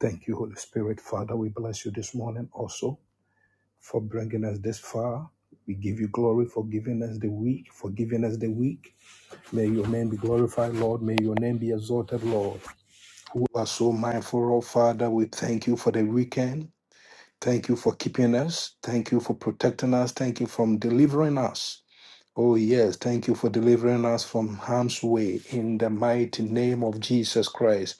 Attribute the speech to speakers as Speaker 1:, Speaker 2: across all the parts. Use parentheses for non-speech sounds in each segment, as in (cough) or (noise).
Speaker 1: Thank you, Holy Spirit. Father, we bless you this morning also for bringing us this far. We give you glory for giving us the week, for giving us the week. May your name be glorified, Lord. May your name be exalted, Lord. We are so mindful of, Father. We thank you for the weekend. Thank you for keeping us. Thank you for protecting us. Thank you for delivering us. Oh, yes. Thank you for delivering us from harm's way in the mighty name of Jesus Christ.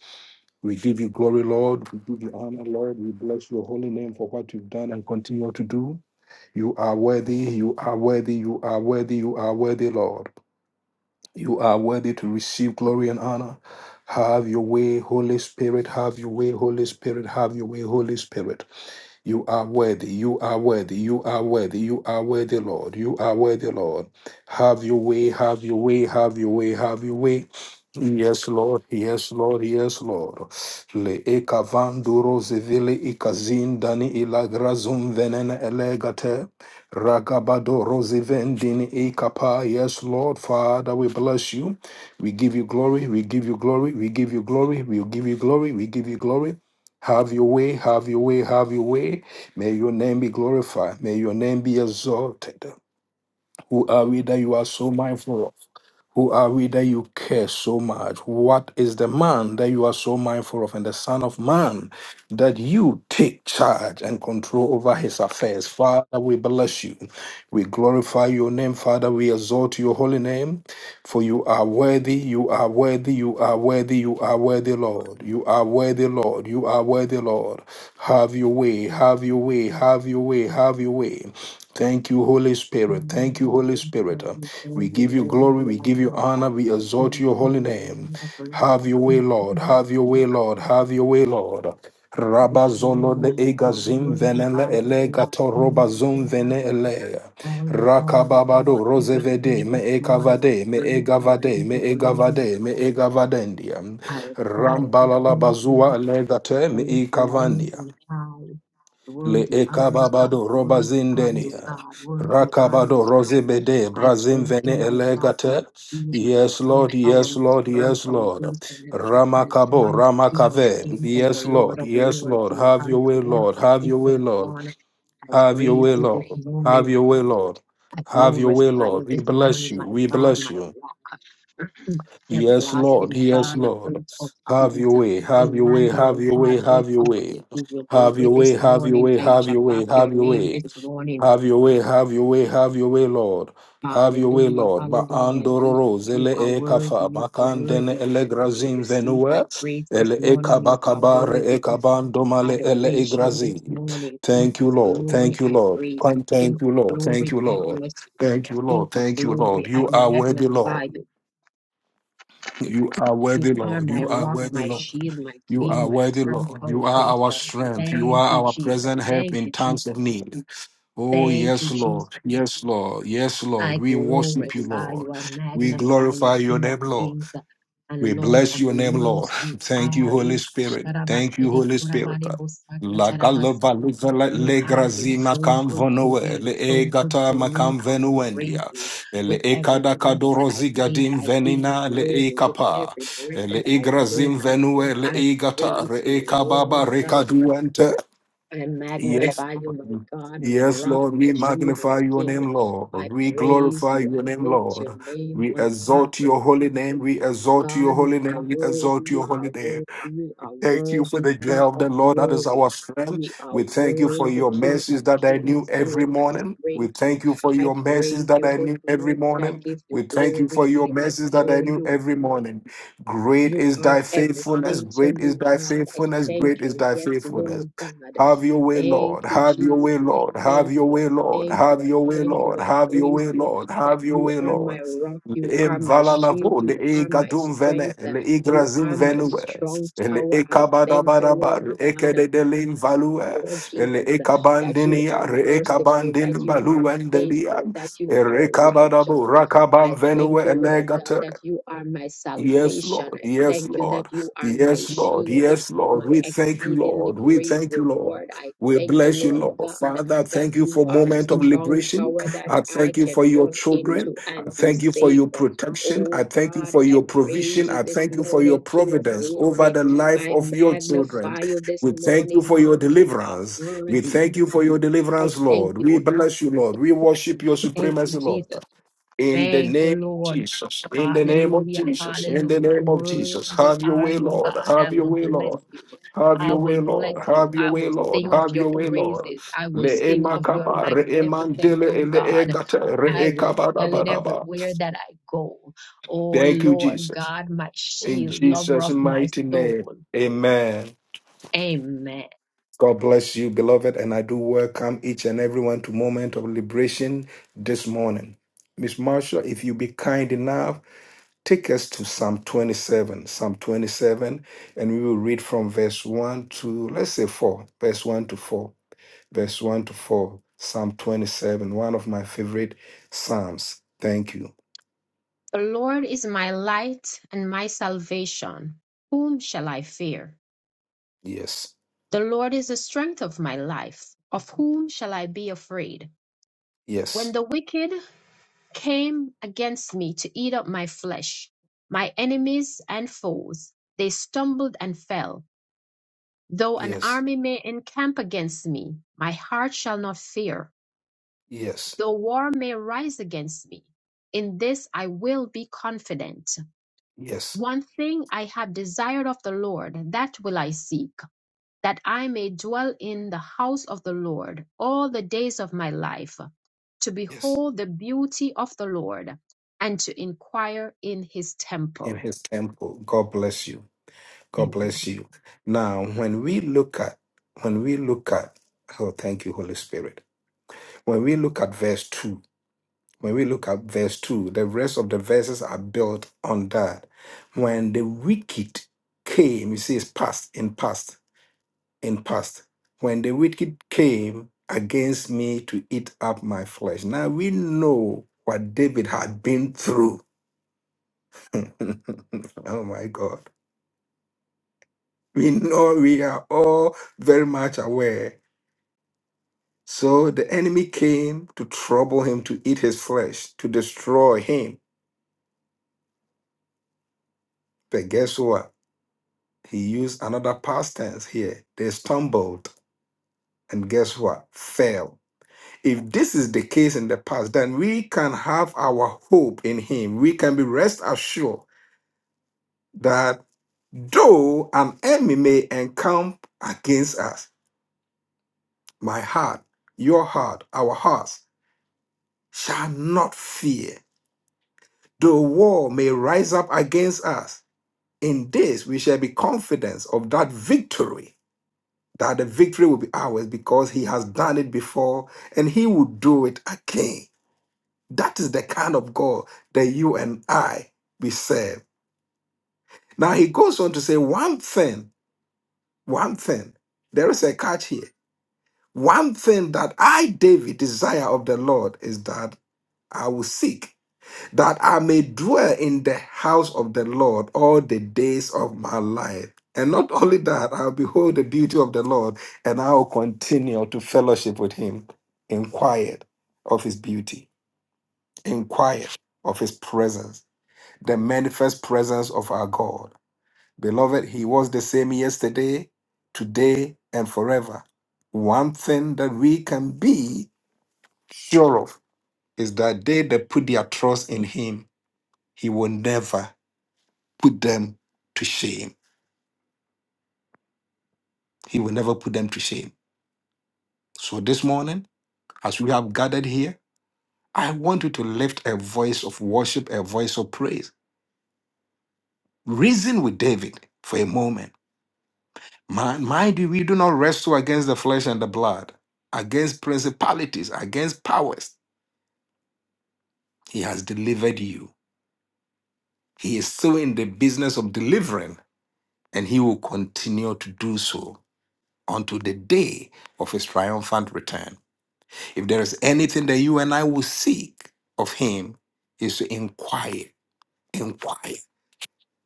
Speaker 1: We give you glory, Lord. We give you honor, Lord. We bless your holy name for what you've done and continue to do. You are worthy. You are worthy. You are worthy. You are worthy, Lord. You are worthy to receive glory and honor. Have your way, Holy Spirit. Have your way, Holy Spirit. Have your way, Holy Spirit. You are worthy. You are worthy. You are worthy. You are worthy, Lord. You are worthy, Lord. Have your way. Have your way. Have your way. Have your way. Yes, Lord. Yes, Lord. Yes, Lord. Le ekavanduro zivili ikazin dani ilagrazum venene elegate. Ragabado rozivendini ikapa. Yes, Lord. Father, we bless you. We give you glory. We give you glory. We give you glory. We give you glory. We give you glory. Have your way, have your way, have your way. May your name be glorified. May your name be exalted. Who are we that you are so mindful of? Who are we that you care so much? What is the man that you are so mindful of and the son of man that you take charge and control over his affairs? Father, we bless you. We glorify your name. Father, we exalt your holy name. For you are worthy, you are worthy, you are worthy, you are worthy, Lord. You are worthy, Lord. You are worthy, Lord. Have your way, have your way, have your way, have your way. Thank you, Holy Spirit. Thank you,
Speaker 2: Hallelujah.
Speaker 1: Holy
Speaker 2: Yes,
Speaker 1: Spirit.
Speaker 2: Lord, we
Speaker 1: We
Speaker 2: praise
Speaker 1: give
Speaker 2: you,
Speaker 1: you
Speaker 2: Lord,
Speaker 1: glory,
Speaker 2: and
Speaker 1: we give you
Speaker 2: Father,
Speaker 1: honor, we
Speaker 2: King
Speaker 1: exalt
Speaker 2: of
Speaker 1: your holy
Speaker 2: Kings, and
Speaker 1: name.
Speaker 2: Lord of Lords.
Speaker 1: Have your way, Lord. Have your way, Lord. Have your way, Lord.
Speaker 2: We honor
Speaker 1: Rabazolo de
Speaker 2: you, Lord God.
Speaker 1: egazim
Speaker 2: Worthy
Speaker 1: venele
Speaker 2: are you,
Speaker 1: ele
Speaker 2: King of
Speaker 1: gato
Speaker 2: Kings, you
Speaker 1: robazum
Speaker 2: are
Speaker 1: vene ele.
Speaker 2: all in all, you are
Speaker 1: Rakababado
Speaker 2: in
Speaker 1: rozevede
Speaker 2: everything
Speaker 1: me
Speaker 2: this morning. I
Speaker 1: ekavade me
Speaker 2: praise you, I
Speaker 1: egavade
Speaker 2: give
Speaker 1: me
Speaker 2: you glory,
Speaker 1: egavade me egavadendia.
Speaker 2: I exalt you,
Speaker 1: Rambalala
Speaker 2: King of
Speaker 1: bazua
Speaker 2: Kings.
Speaker 1: elegate
Speaker 2: I
Speaker 1: me
Speaker 2: lift your name
Speaker 1: ikavandia.
Speaker 2: on high.
Speaker 1: Le
Speaker 2: Worthy are you, God.
Speaker 1: ekababado roba
Speaker 2: Worthy are you,
Speaker 1: zindenia.
Speaker 2: God. Worthy are you,
Speaker 1: Rakabado
Speaker 2: God.
Speaker 1: rozebede
Speaker 2: I
Speaker 1: brazim
Speaker 2: thank you,
Speaker 1: vene
Speaker 2: my rock,
Speaker 1: elegate.
Speaker 2: my shield, my
Speaker 1: Yes,
Speaker 2: strong
Speaker 1: Lord,
Speaker 2: tower,
Speaker 1: yes,
Speaker 2: my
Speaker 1: Lord,
Speaker 2: firm
Speaker 1: yes, Lord.
Speaker 2: foundation. You
Speaker 1: Ramakabo,
Speaker 2: are the King of
Speaker 1: Ramakave.
Speaker 2: kings and the
Speaker 1: Yes,
Speaker 2: Lord
Speaker 1: Lord,
Speaker 2: of
Speaker 1: yes,
Speaker 2: lords.
Speaker 1: Lord.
Speaker 2: You
Speaker 1: Have
Speaker 2: are
Speaker 1: your
Speaker 2: the
Speaker 1: way, Lord. Have your way,
Speaker 2: all-sufficient
Speaker 1: Lord.
Speaker 2: one. I
Speaker 1: Have your
Speaker 2: praise
Speaker 1: way,
Speaker 2: you
Speaker 1: Lord.
Speaker 2: this
Speaker 1: Have
Speaker 2: morning.
Speaker 1: your way, Lord.
Speaker 2: I
Speaker 1: Have your way,
Speaker 2: glorify
Speaker 1: Lord.
Speaker 2: you
Speaker 1: We
Speaker 2: this
Speaker 1: bless
Speaker 2: morning,
Speaker 1: you.
Speaker 2: my
Speaker 1: We
Speaker 2: God,
Speaker 1: bless
Speaker 2: my
Speaker 1: you.
Speaker 2: rock.
Speaker 1: Yes, Lord.
Speaker 2: Everlasting
Speaker 1: Yes,
Speaker 2: Father,
Speaker 1: Lord.
Speaker 2: Prince of
Speaker 1: Have your
Speaker 2: Peace,
Speaker 1: way. Have your way. Have
Speaker 2: Emmanuel,
Speaker 1: your way.
Speaker 2: Father, we
Speaker 1: Have your
Speaker 2: come
Speaker 1: way.
Speaker 2: to give you
Speaker 1: Have
Speaker 2: glory
Speaker 1: your way.
Speaker 2: this
Speaker 1: Have your
Speaker 2: morning.
Speaker 1: way.
Speaker 2: I
Speaker 1: Have your
Speaker 2: shabak
Speaker 1: way.
Speaker 2: your
Speaker 1: Have your
Speaker 2: name
Speaker 1: way.
Speaker 2: this morning.
Speaker 1: Have your way, have your way, have your way, Lord. Have your way,
Speaker 2: Hallelujah,
Speaker 1: Lord. Ba
Speaker 2: hallelujah, Jesus.
Speaker 1: andororo
Speaker 2: You
Speaker 1: zele
Speaker 2: are
Speaker 1: e
Speaker 2: worthy,
Speaker 1: kafa
Speaker 2: you are
Speaker 1: makandene
Speaker 2: worthy
Speaker 1: ele
Speaker 2: to
Speaker 1: grazin
Speaker 2: receive my
Speaker 1: venue
Speaker 2: praise this
Speaker 1: ele e
Speaker 2: morning. You are
Speaker 1: kabakabare e
Speaker 2: worthy of the
Speaker 1: kabandomale ele e
Speaker 2: adoration this
Speaker 1: grazin.
Speaker 2: morning. King
Speaker 1: Thank
Speaker 2: of
Speaker 1: you, Lord.
Speaker 2: glory,
Speaker 1: Thank you,
Speaker 2: I
Speaker 1: Lord.
Speaker 2: praise you. King
Speaker 1: Thank you,
Speaker 2: of
Speaker 1: Lord.
Speaker 2: glory,
Speaker 1: Thank you,
Speaker 2: I
Speaker 1: Lord.
Speaker 2: bless you.
Speaker 1: Thank you,
Speaker 2: King
Speaker 1: Lord.
Speaker 2: of
Speaker 1: Thank you, Lord.
Speaker 2: glory, I
Speaker 1: You are worthy,
Speaker 2: magnify
Speaker 1: Lord.
Speaker 2: you.
Speaker 1: You are
Speaker 2: You
Speaker 1: worthy,
Speaker 2: are
Speaker 1: Lord.
Speaker 2: my
Speaker 1: You are
Speaker 2: rock,
Speaker 1: worthy,
Speaker 2: my
Speaker 1: Lord.
Speaker 2: shield, my
Speaker 1: You are
Speaker 2: king, my
Speaker 1: worthy,
Speaker 2: firm
Speaker 1: Lord. You are our
Speaker 2: foundation.
Speaker 1: strength. You
Speaker 2: Thank
Speaker 1: are
Speaker 2: you,
Speaker 1: our
Speaker 2: Jesus.
Speaker 1: present help
Speaker 2: Thank
Speaker 1: in
Speaker 2: you,
Speaker 1: times
Speaker 2: Jesus.
Speaker 1: of need. Oh,
Speaker 2: Thank you,
Speaker 1: yes, Lord.
Speaker 2: Jesus.
Speaker 1: Yes, Lord. Yes,
Speaker 2: I
Speaker 1: Lord. We worship you,
Speaker 2: glorify
Speaker 1: Lord.
Speaker 2: you. I
Speaker 1: We
Speaker 2: magnify you,
Speaker 1: glorify your
Speaker 2: King of
Speaker 1: name, Lord.
Speaker 2: kings
Speaker 1: We
Speaker 2: and Lord
Speaker 1: bless
Speaker 2: of
Speaker 1: your name, Lord. (laughs)
Speaker 2: lords. You
Speaker 1: Thank you,
Speaker 2: are.
Speaker 1: Holy Spirit. Thank you, Holy Spirit. La
Speaker 2: a
Speaker 1: galova livela
Speaker 2: you
Speaker 1: le
Speaker 2: have been
Speaker 1: grazima
Speaker 2: so
Speaker 1: cam
Speaker 2: good to
Speaker 1: venue,
Speaker 2: me,
Speaker 1: le
Speaker 2: so good
Speaker 1: egata
Speaker 2: to me.
Speaker 1: macam
Speaker 2: I will praise
Speaker 1: venuendia,
Speaker 2: you
Speaker 1: le
Speaker 2: with every
Speaker 1: ekada
Speaker 2: breath that I
Speaker 1: kadorozi
Speaker 2: take.
Speaker 1: gadim
Speaker 2: I give you
Speaker 1: venina le
Speaker 2: glory with
Speaker 1: ekapa,
Speaker 2: every breath
Speaker 1: le
Speaker 2: that I
Speaker 1: igrazim
Speaker 2: take.
Speaker 1: venue, le
Speaker 2: I
Speaker 1: egata,
Speaker 2: praise
Speaker 1: re
Speaker 2: you,
Speaker 1: ekababa
Speaker 2: Lord God.
Speaker 1: recaduente,
Speaker 2: I
Speaker 1: Yes,
Speaker 2: magnify you, my
Speaker 1: Lord.
Speaker 2: God, my
Speaker 1: Yes,
Speaker 2: rock,
Speaker 1: Lord,
Speaker 2: my
Speaker 1: we
Speaker 2: shield, my
Speaker 1: magnify your
Speaker 2: king.
Speaker 1: name, Lord.
Speaker 2: I
Speaker 1: We
Speaker 2: praise
Speaker 1: glorify
Speaker 2: you.
Speaker 1: your
Speaker 2: I
Speaker 1: name,
Speaker 2: lift your
Speaker 1: Lord.
Speaker 2: name
Speaker 1: We
Speaker 2: on
Speaker 1: exalt
Speaker 2: high.
Speaker 1: your holy name. We exalt your
Speaker 2: God, you
Speaker 1: holy
Speaker 2: are
Speaker 1: name. We
Speaker 2: worthy,
Speaker 1: exalt
Speaker 2: you
Speaker 1: your
Speaker 2: are
Speaker 1: holy name.
Speaker 2: worthy, you are
Speaker 1: Thank you for
Speaker 2: worthy,
Speaker 1: the
Speaker 2: King
Speaker 1: joy of
Speaker 2: of
Speaker 1: the Lord that is
Speaker 2: glory.
Speaker 1: our strength.
Speaker 2: You are
Speaker 1: We thank you for
Speaker 2: worthy,
Speaker 1: your
Speaker 2: King of
Speaker 1: mercies that I knew
Speaker 2: kings.
Speaker 1: every
Speaker 2: Oh, I
Speaker 1: morning. We
Speaker 2: praise you.
Speaker 1: thank you for
Speaker 2: I
Speaker 1: your mercies
Speaker 2: praise
Speaker 1: that
Speaker 2: you
Speaker 1: I
Speaker 2: this
Speaker 1: knew every
Speaker 2: morning. I
Speaker 1: morning.
Speaker 2: give
Speaker 1: We
Speaker 2: you
Speaker 1: thank you for
Speaker 2: glory.
Speaker 1: your
Speaker 2: I
Speaker 1: mercies that I
Speaker 2: adore
Speaker 1: knew
Speaker 2: you.
Speaker 1: every morning. Great
Speaker 2: You
Speaker 1: is
Speaker 2: are
Speaker 1: thy faithfulness.
Speaker 2: everything to
Speaker 1: Great is
Speaker 2: me,
Speaker 1: thy
Speaker 2: God. I
Speaker 1: faithfulness.
Speaker 2: thank
Speaker 1: Great is
Speaker 2: you.
Speaker 1: thy
Speaker 2: Yes,
Speaker 1: faithfulness.
Speaker 2: Lord God.
Speaker 1: Have your way,
Speaker 2: Thank
Speaker 1: Lord.
Speaker 2: you,
Speaker 1: Have your way,
Speaker 2: Jesus. I
Speaker 1: Lord. Have
Speaker 2: thank
Speaker 1: your
Speaker 2: you.
Speaker 1: way,
Speaker 2: I
Speaker 1: Lord.
Speaker 2: thank
Speaker 1: Have
Speaker 2: you. I
Speaker 1: your way,
Speaker 2: thank
Speaker 1: Lord.
Speaker 2: you. I
Speaker 1: Have your
Speaker 2: praise
Speaker 1: way,
Speaker 2: you
Speaker 1: Lord.
Speaker 2: that
Speaker 1: Have your
Speaker 2: you
Speaker 1: way,
Speaker 2: are
Speaker 1: Lord.
Speaker 2: my rock. You are
Speaker 1: Em
Speaker 2: my shield.
Speaker 1: Valalavo, the
Speaker 2: You are my
Speaker 1: Egadum Vene,
Speaker 2: strength.
Speaker 1: the
Speaker 2: You
Speaker 1: Igrazim
Speaker 2: are my
Speaker 1: Venue, le
Speaker 2: strong
Speaker 1: the
Speaker 2: tower. I thank you, Lord
Speaker 1: Ekabadabarabar,
Speaker 2: God.
Speaker 1: Ekedelim Value,
Speaker 2: Lord Jesus,
Speaker 1: the
Speaker 2: that you are
Speaker 1: Ekabandinia,
Speaker 2: merciful,
Speaker 1: Ekabandin
Speaker 2: that you are
Speaker 1: Balu and Delia,
Speaker 2: faithful, that you are righteous.
Speaker 1: Rekabadabo, Rakabam
Speaker 2: I thank you, Lord God,
Speaker 1: Venue,
Speaker 2: that you are my
Speaker 1: Yes,
Speaker 2: salvation.
Speaker 1: Lord.
Speaker 2: I
Speaker 1: Yes,
Speaker 2: thank you that
Speaker 1: Lord.
Speaker 2: you are my
Speaker 1: Yes, Lord.
Speaker 2: shield,
Speaker 1: Yes, Lord.
Speaker 2: my
Speaker 1: We thank you,
Speaker 2: exceedingly
Speaker 1: Lord. We
Speaker 2: great
Speaker 1: thank you, Lord.
Speaker 2: reward. I
Speaker 1: We
Speaker 2: thank you,
Speaker 1: bless you,
Speaker 2: Lord
Speaker 1: Lord.
Speaker 2: God,
Speaker 1: Father, I
Speaker 2: that
Speaker 1: thank you
Speaker 2: you
Speaker 1: for
Speaker 2: are a
Speaker 1: moment of
Speaker 2: strong
Speaker 1: liberation.
Speaker 2: tower that
Speaker 1: I
Speaker 2: I
Speaker 1: thank you
Speaker 2: can
Speaker 1: for your
Speaker 2: run
Speaker 1: children.
Speaker 2: into
Speaker 1: I
Speaker 2: and be
Speaker 1: thank you for
Speaker 2: safe.
Speaker 1: your protection. I
Speaker 2: Oh
Speaker 1: thank you
Speaker 2: God,
Speaker 1: for
Speaker 2: I
Speaker 1: your
Speaker 2: praise
Speaker 1: provision.
Speaker 2: you
Speaker 1: I
Speaker 2: this
Speaker 1: thank you for your
Speaker 2: morning, King of
Speaker 1: providence over
Speaker 2: glory.
Speaker 1: the life
Speaker 2: I
Speaker 1: of your children.
Speaker 2: magnify you this
Speaker 1: We thank you
Speaker 2: morning,
Speaker 1: for
Speaker 2: God.
Speaker 1: your
Speaker 2: You are
Speaker 1: deliverance. We
Speaker 2: worthy.
Speaker 1: thank you for your
Speaker 2: I
Speaker 1: deliverance,
Speaker 2: thank
Speaker 1: Lord. We
Speaker 2: you.
Speaker 1: bless you, Lord. We worship your
Speaker 2: Thank you,
Speaker 1: supremacy, Lord.
Speaker 2: Jesus.
Speaker 1: In the
Speaker 2: Thank you,
Speaker 1: name of
Speaker 2: Lord.
Speaker 1: Jesus, in the name of
Speaker 2: Hallelujah.
Speaker 1: Jesus, in the
Speaker 2: Hallelujah.
Speaker 1: name of Jesus,
Speaker 2: Worthy
Speaker 1: have your
Speaker 2: are
Speaker 1: way,
Speaker 2: you, God.
Speaker 1: Lord, have
Speaker 2: I
Speaker 1: your
Speaker 2: will
Speaker 1: way,
Speaker 2: bless
Speaker 1: Lord,
Speaker 2: you.
Speaker 1: have
Speaker 2: I
Speaker 1: your way,
Speaker 2: will bless
Speaker 1: Lord,
Speaker 2: you.
Speaker 1: have your
Speaker 2: I
Speaker 1: way,
Speaker 2: will
Speaker 1: Lord,
Speaker 2: sing of
Speaker 1: have
Speaker 2: your
Speaker 1: your way, Lord.
Speaker 2: praises. I will
Speaker 1: Le
Speaker 2: sing of your
Speaker 1: emakaba, re
Speaker 2: magnificence,
Speaker 1: emandele,
Speaker 2: oh
Speaker 1: ele
Speaker 2: God.
Speaker 1: egata,
Speaker 2: I
Speaker 1: re
Speaker 2: will tell it
Speaker 1: ekabadabadaba.
Speaker 2: everywhere that I go. Oh
Speaker 1: Thank you,
Speaker 2: Lord
Speaker 1: Jesus.
Speaker 2: God, my
Speaker 1: In
Speaker 2: shield, lover
Speaker 1: Jesus'
Speaker 2: of my
Speaker 1: mighty name,
Speaker 2: soul.
Speaker 1: amen.
Speaker 2: Amen.
Speaker 1: God bless you, beloved, and I do welcome each and everyone to Moment of Liberation this morning. Miss Marshall, if you be kind enough, take us to Psalm 27. Psalm 27, and we will read from verse 1 to, let's say, 4. Verse 1 to 4. Verse 1 to 4. Psalm 27, one of my favorite Psalms. Thank you.
Speaker 2: The Lord is my light and my salvation. Whom shall I fear?
Speaker 1: Yes,
Speaker 2: The Lord is the strength of my life. Of whom shall I be afraid? When
Speaker 1: yes,
Speaker 2: the wicked came against me to eat up my flesh, my enemies and foes, they stumbled and fell. Though an
Speaker 1: yes,
Speaker 2: army may encamp against me, my heart shall not fear.
Speaker 1: yes,
Speaker 2: Though war may rise against me, in this I will be confident.
Speaker 1: yes,
Speaker 2: One thing I have desired of the Lord, that will I seek, that I may dwell in the house of the Lord all the days of my life, to
Speaker 1: yes.
Speaker 2: behold the beauty of the Lord and to inquire in his
Speaker 1: In
Speaker 2: temple.
Speaker 1: his temple. God bless you. God
Speaker 2: Amen.
Speaker 1: bless you. Now, when we look at, when we look at, oh, thank you, Holy Spirit. When we look at verse 2, When we look at verse 2, the rest of the verses are built on that. When the wicked came, you see, it's past, in past, in past. When the wicked came against me to eat up my flesh. Now we know what David had been through. (laughs) oh my God. We know we are all very much aware. So the enemy came to trouble him, to eat his flesh, to destroy him. But guess what? He used another past tense here. They stumbled and guess what? Fell. If this is the case in the past, then we can have our hope in Him. We can be rest assured that though an enemy may encamp against us, my heart, your heart, our hearts shall not fear. Though war may rise up against us, in this we shall be confident of that victory that the victory will be ours because he has done it before and he will do it again. That is the kind of God that you and I we serve. Now he goes on to say one thing, one thing. There is a catch here. One thing that I, David, desire of the Lord is that I will seek. that I may dwell in the house of the Lord all the days of my life. And not (laughs) only that, I'll behold the beauty of the Lord and I'll continue to fellowship with him in quiet of his beauty, in quiet of his presence, the manifest presence of our God. Beloved, he was the same yesterday, today, and forever. One thing that we can be sure of is that they that put their trust in him, he will never put them to shame. He will never put them to shame. So this morning, as we have gathered here, I want you to lift a voice of worship, a voice of praise. Reason with David for a moment. Mind mind you, we do not wrestle against the flesh and the blood, against principalities, against powers. He has delivered you. He is still in the business of delivering, and he will continue to do so until the day of his triumphant return. If there is anything that you and I will seek of Him, is to inquire, inquire,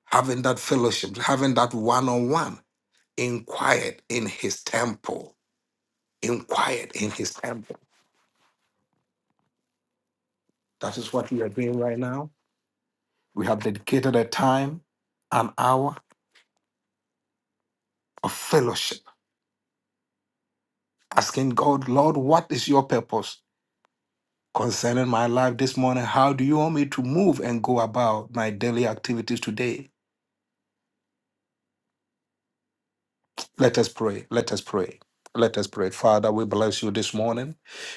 Speaker 1: having that fellowship, having that one on one, inquire in His temple, inquire in His temple. That is what we are doing right now. We have dedicated a time, an hour of fellowship, asking God, Lord, what is your purpose concerning my life this morning? How do you want me to move and go about my daily activities today? Let us pray. Let us pray. Let us pray. Father, we bless you this morning.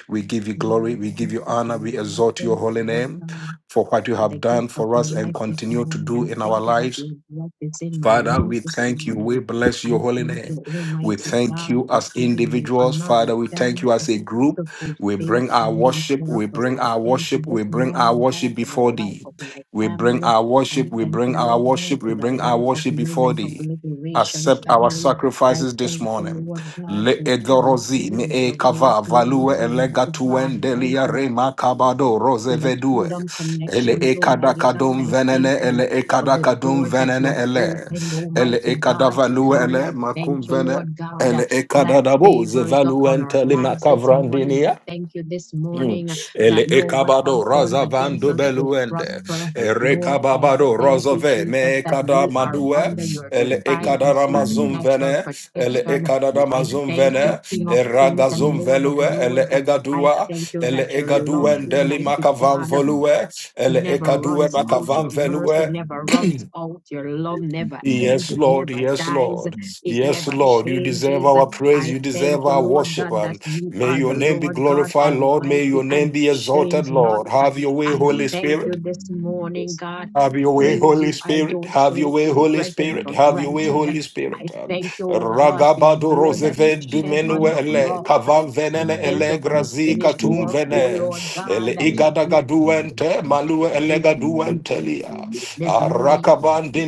Speaker 1: We
Speaker 2: Yes,
Speaker 1: give you glory.
Speaker 2: Lord, I
Speaker 1: We give
Speaker 2: give
Speaker 1: you
Speaker 2: you
Speaker 1: honor.
Speaker 2: glory.
Speaker 1: We
Speaker 2: I
Speaker 1: exalt your
Speaker 2: thank
Speaker 1: holy
Speaker 2: you, Lord
Speaker 1: name
Speaker 2: God.
Speaker 1: for what you
Speaker 2: the
Speaker 1: have
Speaker 2: gift
Speaker 1: done
Speaker 2: of
Speaker 1: for us and
Speaker 2: life this
Speaker 1: continue to
Speaker 2: morning.
Speaker 1: do
Speaker 2: I
Speaker 1: in our
Speaker 2: thank you that
Speaker 1: lives.
Speaker 2: your breath is in my
Speaker 1: Father, we
Speaker 2: lungs this
Speaker 1: thank you. We
Speaker 2: morning.
Speaker 1: bless your
Speaker 2: I
Speaker 1: holy
Speaker 2: thank you,
Speaker 1: name. We
Speaker 2: Almighty
Speaker 1: thank
Speaker 2: God,
Speaker 1: you
Speaker 2: for
Speaker 1: as
Speaker 2: giving me
Speaker 1: individuals.
Speaker 2: another
Speaker 1: Father, we thank you
Speaker 2: chance
Speaker 1: as
Speaker 2: to
Speaker 1: a group. We
Speaker 2: fulfill
Speaker 1: bring our
Speaker 2: kingdom
Speaker 1: worship. We
Speaker 2: purpose.
Speaker 1: bring
Speaker 2: I
Speaker 1: our
Speaker 2: thank you
Speaker 1: worship.
Speaker 2: this
Speaker 1: We bring our
Speaker 2: morning, God,
Speaker 1: worship
Speaker 2: for the
Speaker 1: before
Speaker 2: life
Speaker 1: thee.
Speaker 2: of my
Speaker 1: We bring
Speaker 2: family.
Speaker 1: our
Speaker 2: I
Speaker 1: worship. We
Speaker 2: thank the
Speaker 1: bring our
Speaker 2: Lord God
Speaker 1: worship. We
Speaker 2: for the
Speaker 1: bring our
Speaker 2: life of
Speaker 1: worship before
Speaker 2: Movement of
Speaker 1: thee.
Speaker 2: Liberation
Speaker 1: Accept our
Speaker 2: family. I
Speaker 1: sacrifices this
Speaker 2: thank you,
Speaker 1: morning.
Speaker 2: Lord God,
Speaker 1: Le
Speaker 2: for
Speaker 1: edorozi
Speaker 2: everything
Speaker 1: me
Speaker 2: that you
Speaker 1: e
Speaker 2: have
Speaker 1: kava
Speaker 2: blessed me
Speaker 1: value
Speaker 2: with, Almighty God. Thank
Speaker 1: elegatuendelia
Speaker 2: you
Speaker 1: rema kabado
Speaker 2: for the
Speaker 1: rosevedue.
Speaker 2: kingdom
Speaker 1: Ele
Speaker 2: connections, Almighty
Speaker 1: ekadakadum
Speaker 2: God. I
Speaker 1: venene
Speaker 2: thank
Speaker 1: ele
Speaker 2: you for the
Speaker 1: ekadakadum
Speaker 2: doors that you
Speaker 1: venene
Speaker 2: have
Speaker 1: ele
Speaker 2: opened,
Speaker 1: ele
Speaker 2: Almighty God, for
Speaker 1: ekadavalue
Speaker 2: me.
Speaker 1: ele
Speaker 2: I
Speaker 1: makum
Speaker 2: thank you,
Speaker 1: vene
Speaker 2: Lord God,
Speaker 1: ele
Speaker 2: uh, that
Speaker 1: ekadadabo
Speaker 2: favor is upon our
Speaker 1: zevaluentele
Speaker 2: lives this morning. I
Speaker 1: makavrandinia
Speaker 2: thank you this
Speaker 1: Mm.
Speaker 2: morning uh,
Speaker 1: Ele
Speaker 2: that no
Speaker 3: Thank
Speaker 2: weapon
Speaker 1: ekabado
Speaker 2: formed
Speaker 1: raza
Speaker 2: against
Speaker 1: vando
Speaker 2: us will
Speaker 1: beluende.
Speaker 2: prosper.
Speaker 1: Ere
Speaker 2: Lord, I
Speaker 1: kababado
Speaker 2: thank you,
Speaker 1: rozove
Speaker 2: Jesus,
Speaker 1: me
Speaker 2: that
Speaker 1: ekada
Speaker 2: we are
Speaker 1: madue.
Speaker 2: under your
Speaker 1: Ele
Speaker 2: divine
Speaker 1: ekada
Speaker 2: and
Speaker 1: ramazum
Speaker 2: supernatural
Speaker 1: vene. Ele
Speaker 2: protection.
Speaker 1: ekada
Speaker 2: I
Speaker 1: ramazum
Speaker 2: thank you,
Speaker 1: vene.
Speaker 2: King of Kings and
Speaker 1: Eragazum
Speaker 2: Lord of
Speaker 1: velue. Ele
Speaker 2: Lords. I
Speaker 1: egadua.
Speaker 2: thank you
Speaker 1: Ele
Speaker 2: that your love,
Speaker 1: egaduende deli
Speaker 2: Almighty
Speaker 1: makavam
Speaker 2: God,
Speaker 1: volue. Ele
Speaker 2: never
Speaker 1: ekadue
Speaker 2: runs out.
Speaker 1: makavam
Speaker 2: Your mercy
Speaker 1: velue.
Speaker 2: never runs out. Your love never ends.
Speaker 1: Yes,
Speaker 2: It
Speaker 1: Lord.
Speaker 2: never
Speaker 1: Yes,
Speaker 2: dies.
Speaker 1: Lord.
Speaker 2: It
Speaker 1: Yes,
Speaker 2: never
Speaker 1: Lord. You deserve
Speaker 2: changes.
Speaker 1: our praise.
Speaker 2: I
Speaker 1: You
Speaker 2: thank
Speaker 1: deserve
Speaker 2: you,
Speaker 1: our
Speaker 2: Lord
Speaker 1: worship.
Speaker 2: God, that
Speaker 1: Um,
Speaker 2: you
Speaker 1: may
Speaker 2: are
Speaker 1: your
Speaker 2: the
Speaker 1: name be
Speaker 2: Lord God
Speaker 1: glorified, Lord. May
Speaker 2: Almighty
Speaker 1: your
Speaker 2: and
Speaker 1: name
Speaker 2: you
Speaker 1: be exalted,
Speaker 2: change not.
Speaker 1: Lord. Have your way,
Speaker 2: I
Speaker 1: Holy
Speaker 2: thank you
Speaker 1: Spirit.
Speaker 2: this morning, God. I
Speaker 1: Have your way,
Speaker 2: praise
Speaker 1: Holy
Speaker 2: you. I
Speaker 1: Spirit.
Speaker 2: don't
Speaker 1: Have your
Speaker 2: take
Speaker 1: way,
Speaker 2: your
Speaker 1: Holy
Speaker 2: presence
Speaker 1: Spirit.
Speaker 2: for
Speaker 1: Have your way,
Speaker 2: granted.
Speaker 1: Holy Spirit.
Speaker 2: I
Speaker 1: Um,
Speaker 2: thank you, oh God, for your
Speaker 1: Ragabado
Speaker 2: blood that
Speaker 1: rozeve
Speaker 2: you shed on the
Speaker 1: dumenuele
Speaker 2: cross.
Speaker 1: kavam
Speaker 2: I
Speaker 1: venene
Speaker 2: thank
Speaker 1: ele
Speaker 2: you for the
Speaker 1: grazi
Speaker 2: finished
Speaker 1: katum
Speaker 2: work, oh
Speaker 1: vene
Speaker 2: Lord
Speaker 1: ele
Speaker 2: God, that
Speaker 1: igadagaduente malue
Speaker 2: excuse me, (clears throat)
Speaker 1: elegaduentelia
Speaker 3: you.
Speaker 2: this morning.